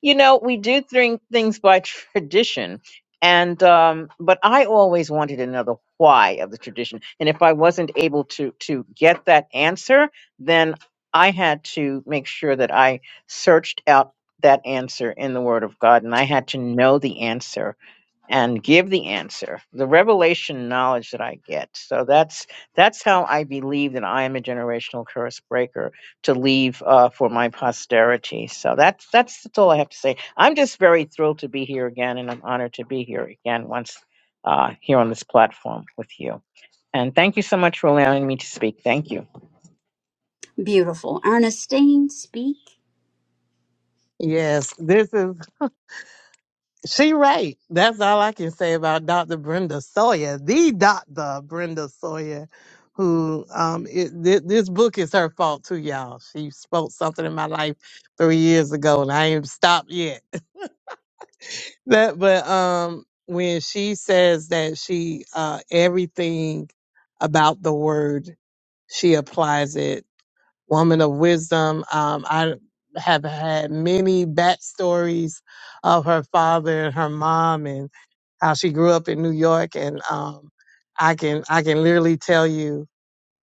you know, we do think things by tradition. And um, but I always wanted another why of the tradition. And if I wasn't able to to get that answer, then I had to make sure that I searched out that answer in the Word of God, and I had to know the answer and give the answer the revelation knowledge that i get so that's that's how i believe that i am a generational curse breaker to leave uh, for my posterity so that's that's that's all i have to say i'm just very thrilled to be here again and i'm honored to be here again once uh, here on this platform with you and thank you so much for allowing me to speak thank you Beautiful. Ernestine, speak. Yes, this is she right. That's all I can say about Dr. Brenda Sawyer, the Dr. Brenda Sawyer, who um it, thi- this book is her fault too, y'all. She spoke something in my life three years ago and I ain't stopped yet That, but um, when she says that she uh, everything about the word, she applies it. Woman of wisdom. Um, I have had many backstories of her father and her mom and how she grew up in New York, and um, I can I can literally tell you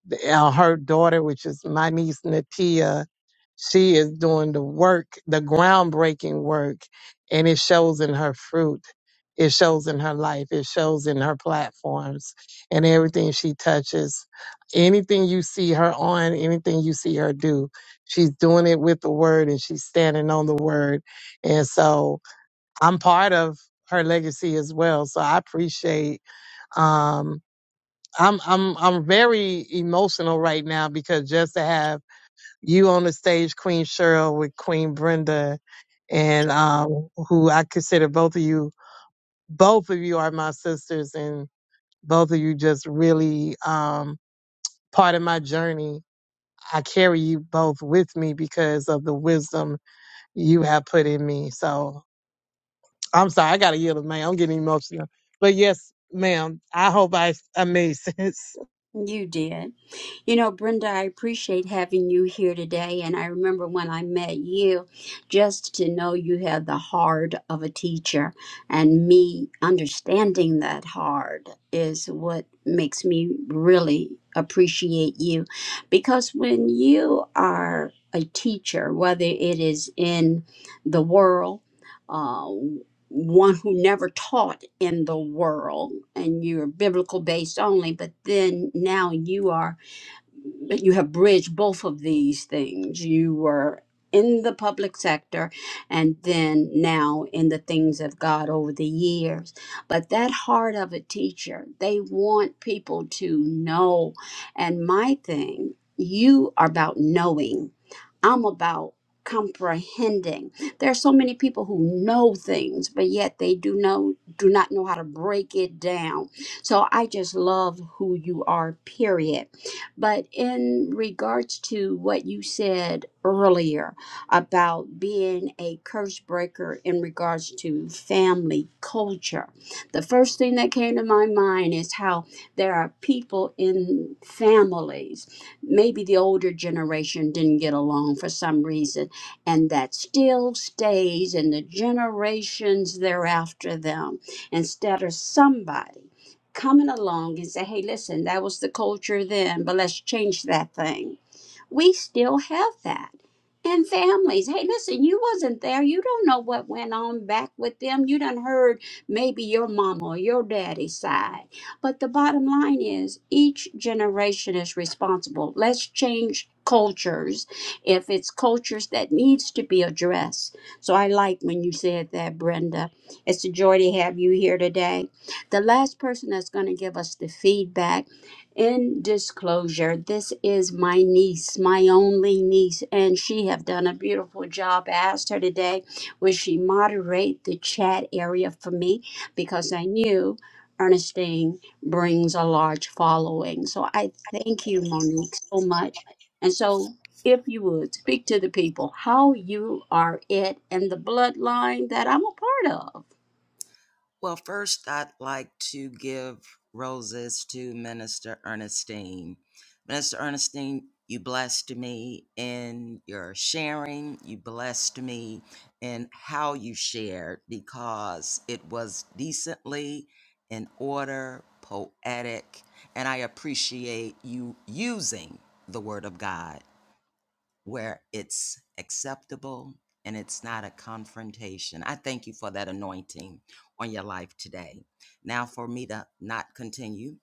the- uh, her daughter, which is my niece Natia, she is doing the work, the groundbreaking work, and it shows in her fruit. It shows in her life. It shows in her platforms and everything she touches. Anything you see her on, anything you see her do, she's doing it with the word and she's standing on the word. And so I'm part of her legacy as well. So I appreciate, um, I'm I'm I'm very emotional right now because just to have you on the stage, Queen Cheryl with Queen Brenda, and um, who I consider both of you, both of you are my sisters, and both of you just really um, part of my journey. I carry you both with me because of the wisdom you have put in me. So I'm sorry, I gotta yield, man. I'm getting emotional, but yes, ma'am. I hope I I made sense. You did. You know, Brenda, I appreciate having you here today. And I remember when I met you, just to know you had the heart of a teacher. And me understanding that heart is what makes me really appreciate you. Because when you are a teacher, whether it is in the world, uh, one who never taught in the world, and you're biblical based only, but then now you are but you have bridged both of these things. You were in the public sector and then now in the things of God over the years. But that heart of a teacher, they want people to know. And my thing, you are about knowing. I'm about comprehending. There are so many people who know things, but yet they do know do not know how to break it down. So I just love who you are, period but in regards to what you said earlier about being a curse breaker in regards to family culture, the first thing that came to my mind is how there are people in families, maybe the older generation didn't get along for some reason, and that still stays in the generations thereafter them instead of somebody coming along and say, hey, listen, that was the culture then, but let's change that thing we still have that and families hey listen you wasn't there you don't know what went on back with them you done heard maybe your mama or your daddy's side but the bottom line is each generation is responsible let's change cultures if it's cultures that needs to be addressed so i like when you said that brenda it's a joy to have you here today the last person that's going to give us the feedback in disclosure this is my niece my only niece and she have done a beautiful job I asked her today would she moderate the chat area for me because i knew ernestine brings a large following so i thank you monique so much and so if you would speak to the people how you are it and the bloodline that i'm a part of Well, first, I'd like to give roses to Minister Ernestine. Minister Ernestine, you blessed me in your sharing, you blessed me in how you shared because it was decently in order, poetic, and I appreciate you using the Word of God. where it's acceptable and it's not a confrontation. I thank you for that anointing on your life today. Now, for me to not continue,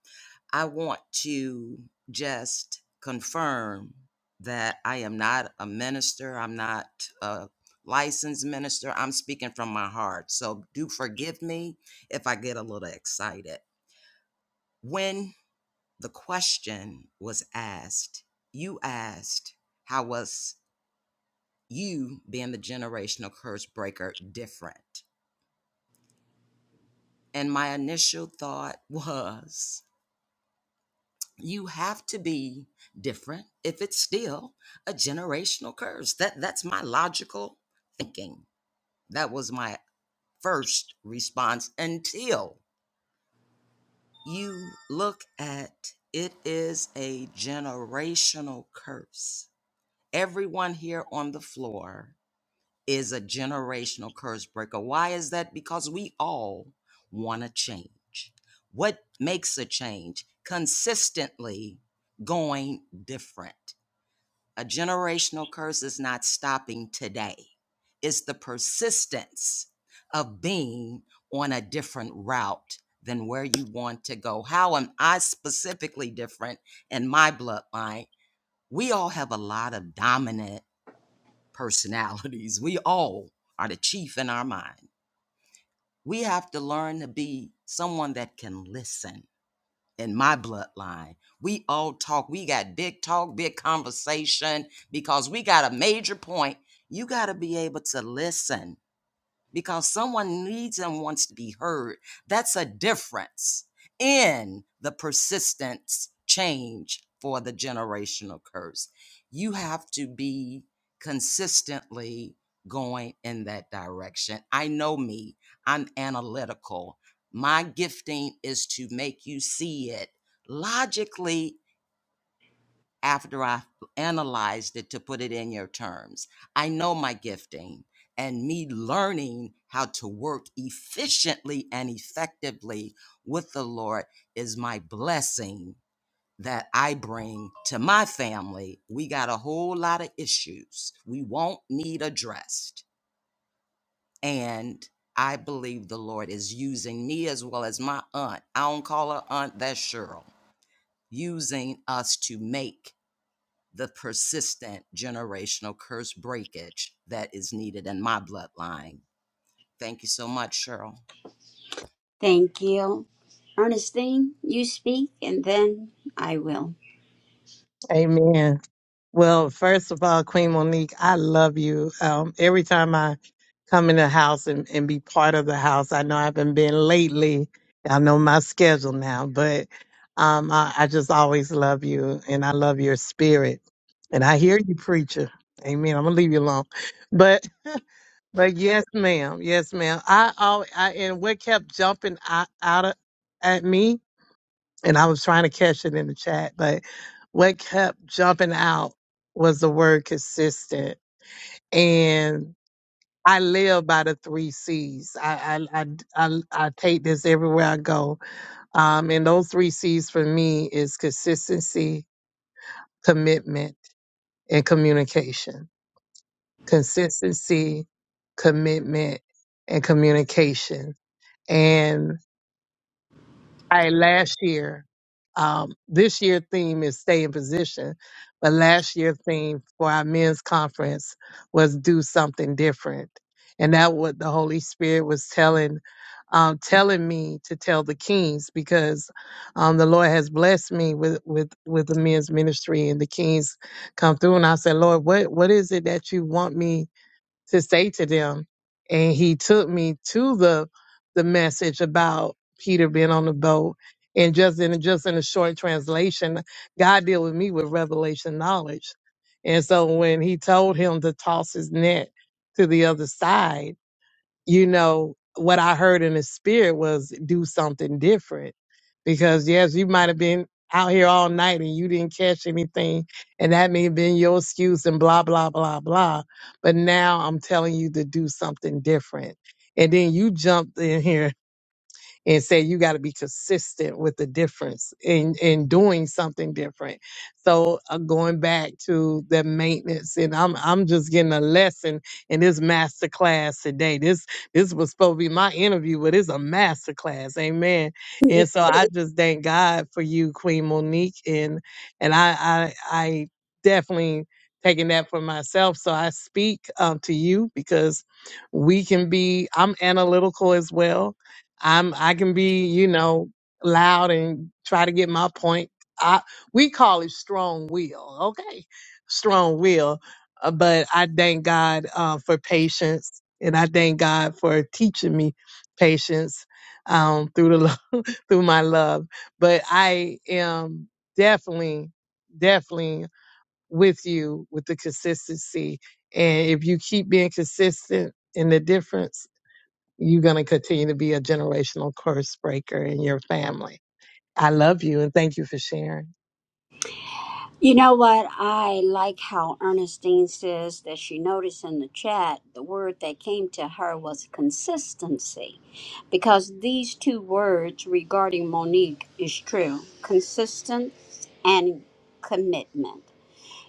I want to just confirm that I am not a minister, I'm not a licensed minister. I'm speaking from my heart. So do forgive me if I get a little excited. When the question was asked, you asked, How was you being the generational curse breaker different. And my initial thought was you have to be different if it's still a generational curse. That that's my logical thinking. That was my first response until you look at it is a generational curse. Everyone here on the floor is a generational curse breaker. Why is that? Because we all want to change. What makes a change? Consistently going different. A generational curse is not stopping today, it's the persistence of being on a different route than where you want to go. How am I specifically different in my bloodline? We all have a lot of dominant personalities. We all are the chief in our mind. We have to learn to be someone that can listen. In my bloodline, we all talk. We got big talk, big conversation because we got a major point. You got to be able to listen because someone needs and wants to be heard. That's a difference in the persistence change for the generational curse. You have to be consistently going in that direction. I know me, I'm analytical. My gifting is to make you see it logically after I've analyzed it to put it in your terms. I know my gifting and me learning how to work efficiently and effectively with the Lord is my blessing that I bring to my family. We got a whole lot of issues we won't need addressed. And I believe the Lord is using me as well as my aunt. I don't call her aunt, that's Cheryl, using us to make the persistent generational curse breakage that is needed in my bloodline. Thank you so much, Cheryl. thank you ernestine you speak and then i will Amen. Well, first of all, Queen Monique, I love you. Um, every time I come in the house and, and be part of the house, I know I haven't been lately. I know my schedule now, but um, I, I just always love you and I love your spirit. And I hear you, preacher. Amen. I'm gonna leave you alone, but but yes, ma'am. Yes, ma'am. I always I, and what kept jumping out, out of, at me, and I was trying to catch it in the chat, but what kept jumping out was the word consistent and i live by the three c's i i i, I, I take this everywhere i go um, and those three c's for me is consistency commitment and communication consistency commitment and communication And I last year. Um, this year theme is stay in position, but last year theme for our men's conference was do something different, and that what the Holy Spirit was telling, um, telling me to tell the kings because um, the Lord has blessed me with with with the men's ministry and the kings come through, and I said, Lord, what what is it that you want me? to say to them. And he took me to the the message about Peter being on the boat. And just in just in a short translation, God deal with me with revelation knowledge. And so when he told him to toss his net to the other side, you know, what I heard in the spirit was do something different. Because yes, you might have been out here all night and you didn't catch anything, and that may have been your excuse and blah, blah, blah, blah. But now I'm telling you to do something different. And then you jumped in here and say you got to be consistent with the difference in in doing something different. So uh, going back to the maintenance, and I'm I'm just getting a lesson in this master class today. This this was supposed to be my interview, but it's a master class, amen. And so I just thank God for you, Queen Monique, and and I I, I definitely taking that for myself. So I speak um, to you because we can be. I'm analytical as well I'm I can be, you know, loud and try to get my point. I we call it strong will, okay? Strong will. Uh, but I thank God uh, for patience, and I thank God for teaching me patience um, through the lo- through my love. But I am definitely, definitely with you with the consistency, and if you keep being consistent in the difference. You're going to continue to be a generational curse breaker in your family. I love you and thank you for sharing. You know what? I like how Ernestine says that she noticed in the chat the word that came to her was consistency because these two words regarding Monique is true consistent and commitment.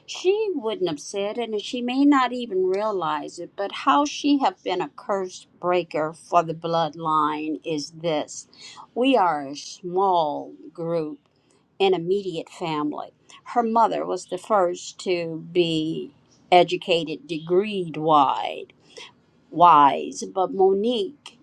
She wouldn't have said it and she may not even realize it, but how she have been a curse breaker for the bloodline is this. We are a small group an immediate family. Her mother was the first to be educated, degreed wide, wise, but Monique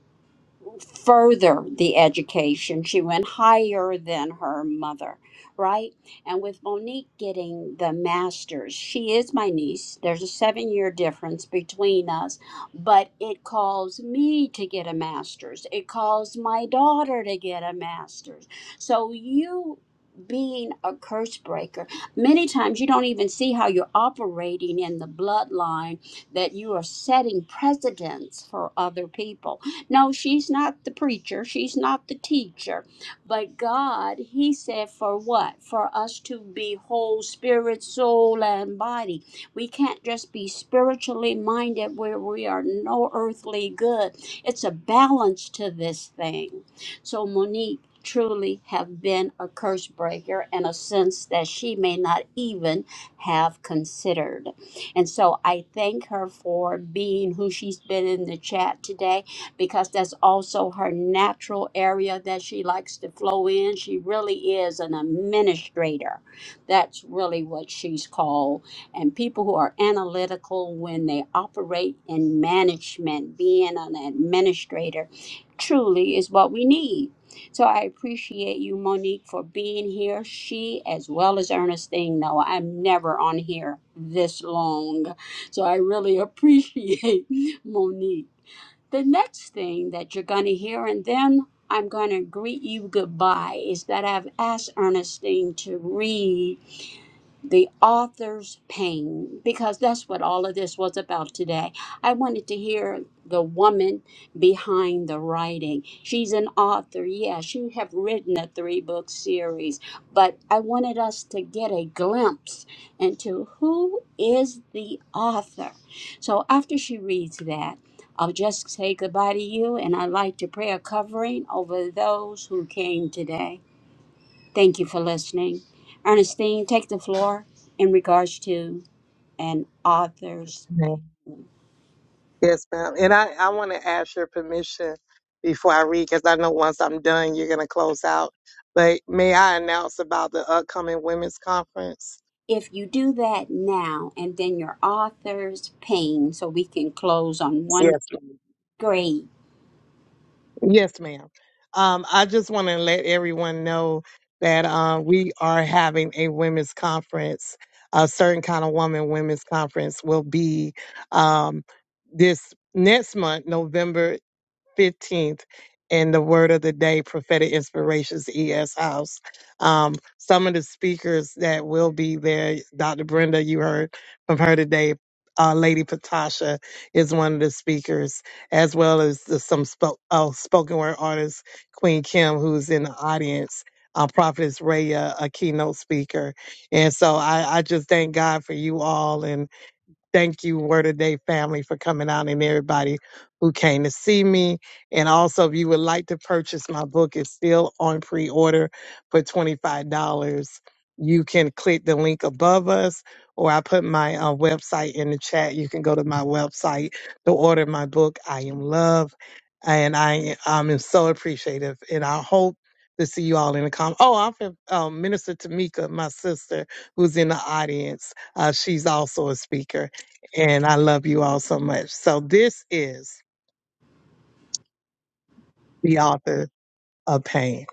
further the education. She went higher than her mother, right? And with Monique getting the master's, she is my niece. There's a seven year difference between us, but it calls me to get a master's. It calls my daughter to get a master's. So you being a curse breaker, many times you don't even see how you're operating in the bloodline that you are setting precedents for other people no, she's not the preacher, she's not the teacher, but God, He said, for what? For us to be whole spirit, soul, and body. We can't just be spiritually minded where we are no earthly good. It's a balance to this thing. So, Monique truly have been a curse breaker in a sense that she may not even have considered. And so I thank her for being who she's been in the chat today because that's also her natural area that she likes to flow in. She really is an administrator. That's really what she's called. And people who are analytical when they operate in management, being an administrator, truly is what we need. So I appreciate you, Monique, for being here. She, as well as Ernestine, know I'm never on here this long. So I really appreciate Monique. The next thing that you're going to hear, and then I'm going to greet you goodbye, is that I've asked Ernestine to read the author's pain because that's what all of this was about today. I wanted to hear the woman behind the writing. She's an author. Yeah, she have written a three-book series, but I wanted us to get a glimpse into who is the author. So after she reads that, I'll just say goodbye to you and I'd like to pray a covering over those who came today. Thank you for listening. Ernestine, take the floor in regards to an author's. Okay. Yes, ma'am. And I, I want to ask your permission before I read, because I know once I'm done, you're going to close out. But may I announce about the upcoming women's conference? If you do that now and then your author's pain, so we can close on one Yes. ma'am. grade. Yes, ma'am. Um, I just want to let everyone know that uh, we are having a women's conference. A certain kind of woman women's conference will be um, this next month, November. 15th in the Word of the Day Prophetic Inspirations ES House. Um, some of the speakers that will be there, Dr. Brenda, you heard from her today. Uh, Lady Patasha is one of the speakers, as well as the, some spo- uh, spoken word artist, Queen Kim, who's in the audience. Uh, Prophetess Raya, a keynote speaker. And so I, I just thank God for you all. and. Thank you, Word of Day family, for coming out and everybody who came to see me. And also, if you would like to purchase my book, it's still on pre order for $25. You can click the link above us, or I put my uh, website in the chat. You can go to my website to order my book, I Am Love. And I um, am so appreciative. And I hope to see you all in the comments. Oh, I'm from um, Minister Tamika, my sister, who's in the audience. Uh, she's also a speaker and I love you all so much. So this is the author of pain.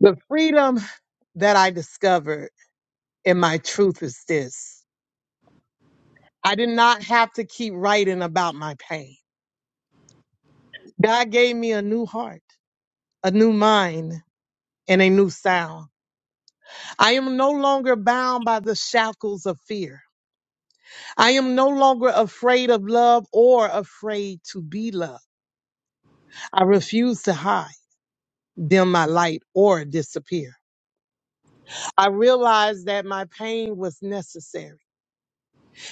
The freedom that I discovered in my truth is this. I did not have to keep writing about my pain. God gave me a new heart, a new mind, and a new sound. I am no longer bound by the shackles of fear. I am no longer afraid of love or afraid to be loved. I refuse to hide, dim my light, or disappear. I realized that my pain was necessary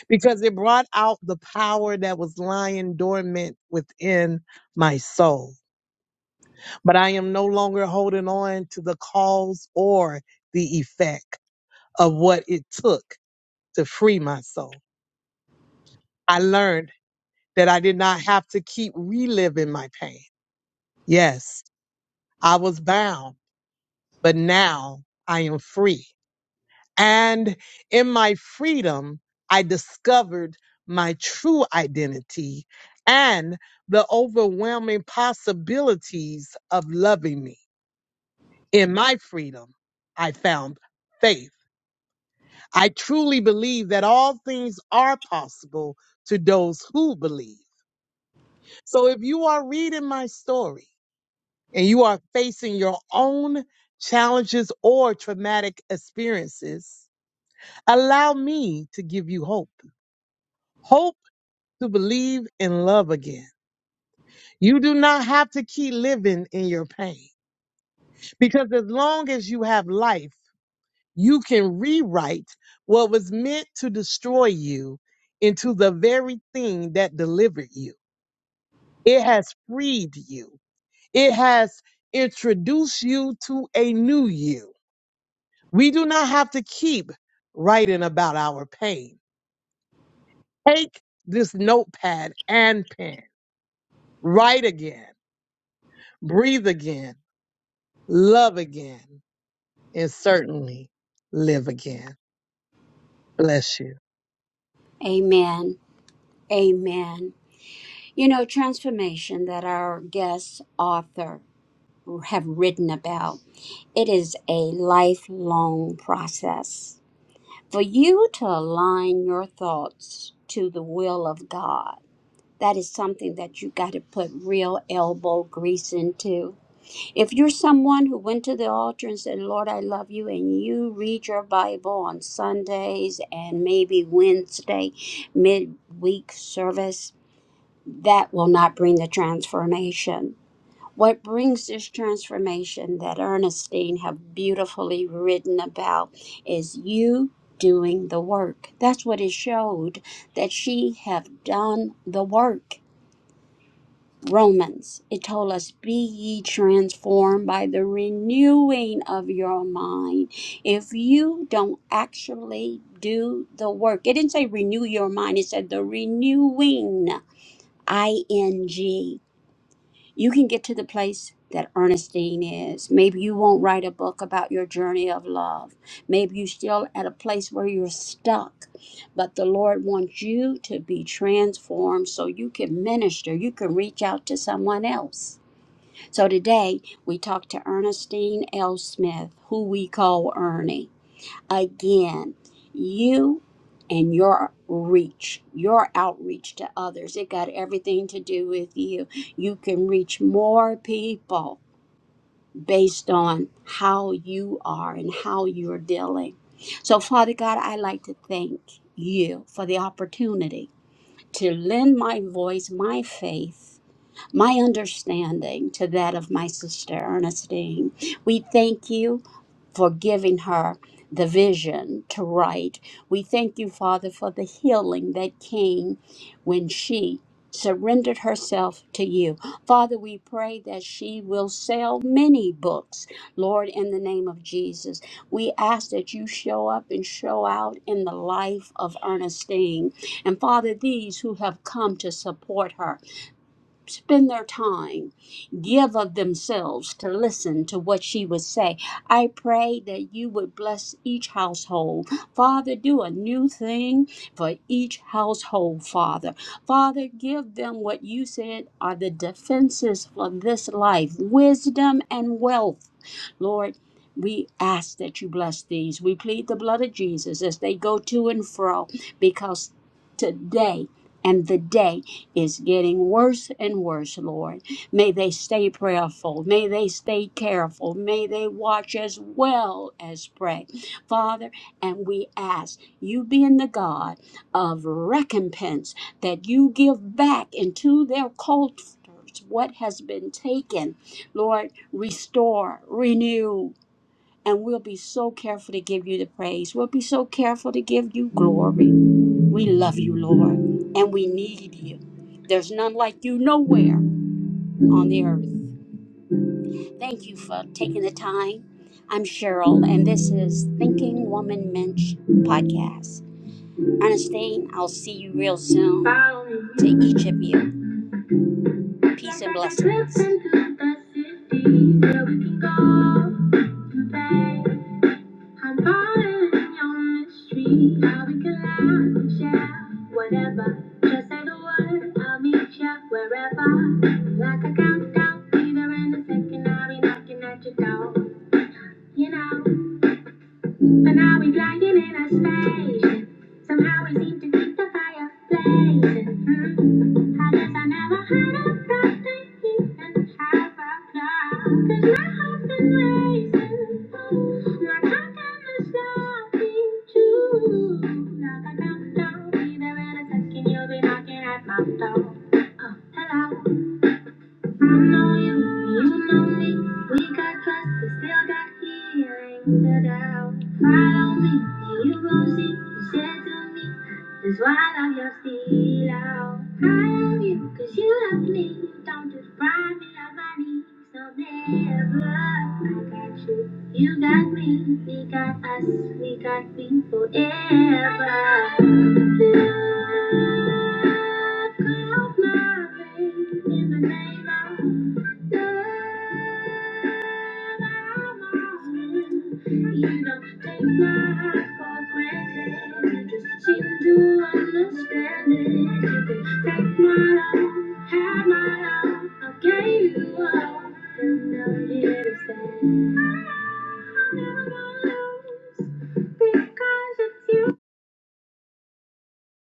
because it brought out the power that was lying dormant within my soul. But I am no longer holding on to the cause or the effect of what it took to free my soul. I learned that I did not have to keep reliving my pain. Yes, I was bound, but now I am free. And in my freedom, I discovered my true identity and the overwhelming possibilities of loving me. In my freedom, I found faith. I truly believe that all things are possible to those who believe. So if you are reading my story and you are facing your own challenges or traumatic experiences, allow me to give you hope. Hope to believe in love again. You do not have to keep living in your pain because as long as you have life, you can rewrite what was meant to destroy you into the very thing that delivered you. It has freed you. It has introduced you to a new you. We do not have to keep writing about our pain. Take this notepad and pen. Write again. Breathe again. Love again. and certainly live again. Bless you. Amen. Amen. You know, transformation that our guest author have written about, it is a lifelong process. For you to align your thoughts to the will of God that is something that you got to put real elbow grease into. If you're someone who went to the altar and said, Lord, I love you, and you read your Bible on Sundays and maybe Wednesday midweek service, that will not bring the transformation. What brings this transformation that Ernestine have beautifully written about is you doing the work. That's what it showed that she have done the work Romans, it told us, Be ye transformed by the renewing of your mind. If you don't actually do the work, it didn't say renew your mind, it said the renewing, ing. You can get to the place that Ernestine is. Maybe you won't write a book about your journey of love. Maybe you're still at a place where you're stuck. But the Lord wants you to be transformed so you can minister, you can reach out to someone else. So today we talked to Ernestine L. Smith, who we call Ernie again you and your reach your outreach to others it got everything to do with you you can reach more people based on how you are and how you're dealing so father god i like to thank you for the opportunity to lend my voice my faith my understanding to that of my sister Ernestine. We thank you for giving her the vision to write. We thank you, Father, for the healing that came when she surrendered herself to you. Father, we pray that she will sell many books, Lord, in the name of Jesus. We ask that you show up and show out in the life of Ernestine. And Father, these who have come to support her, spend their time, give of themselves to listen to what she would say. I pray that you would bless each household. Father, do a new thing for each household, Father. Father, give them what you said are the defenses for this life wisdom and wealth. Lord, we ask that you bless these. We plead the blood of Jesus as they go to and fro because today and the day is getting worse and worse, Lord. May they stay prayerful. May they stay careful. May they watch as well as pray. Father, and we ask you being the God of recompense that you give back into their cultures What has been taken, Lord, restore, renew, and we'll be so careful to give you the praise. We'll be so careful to give you glory. We love you, Lord, and we need you. There's none like you nowhere on the earth. Thank you for taking the time. I'm Cheryl, and this is Thinking Woman Mensch podcast. Ernestine, I'll see you real soon. To each of you, peace and blessings. I'm falling on the street. I'll be glad to share whatever. Just say the word, I'll meet ya wherever. Like a countdown, either in a second, I'll be knocking at your door. You know. But now he's lying in a space. Somehow we seem to keep the fire blazing. Mm. I guess I never had a birthday he didn't have a plan. 'Cause my heart's been racing. Like how can this love be true? Knock, knock, knock, knock. Be there in a second, you'll be knocking at my door. Oh, hello. I know you, you know me. We got trust, we still got healing to doubt. Follow me, and you will see. You said to me, that's why I love your steel. out. I love you, cause you love me. You don't deprive me of my needs, so never. I got you, you got me. We got us, we got me forever. Love love. my my my I'm I you. You You you Don't take take heart for granted. You just seem to to wanna understand it. You can take my love, have my love. I gave you all, and now here to stay. I never want to lose Because it's you.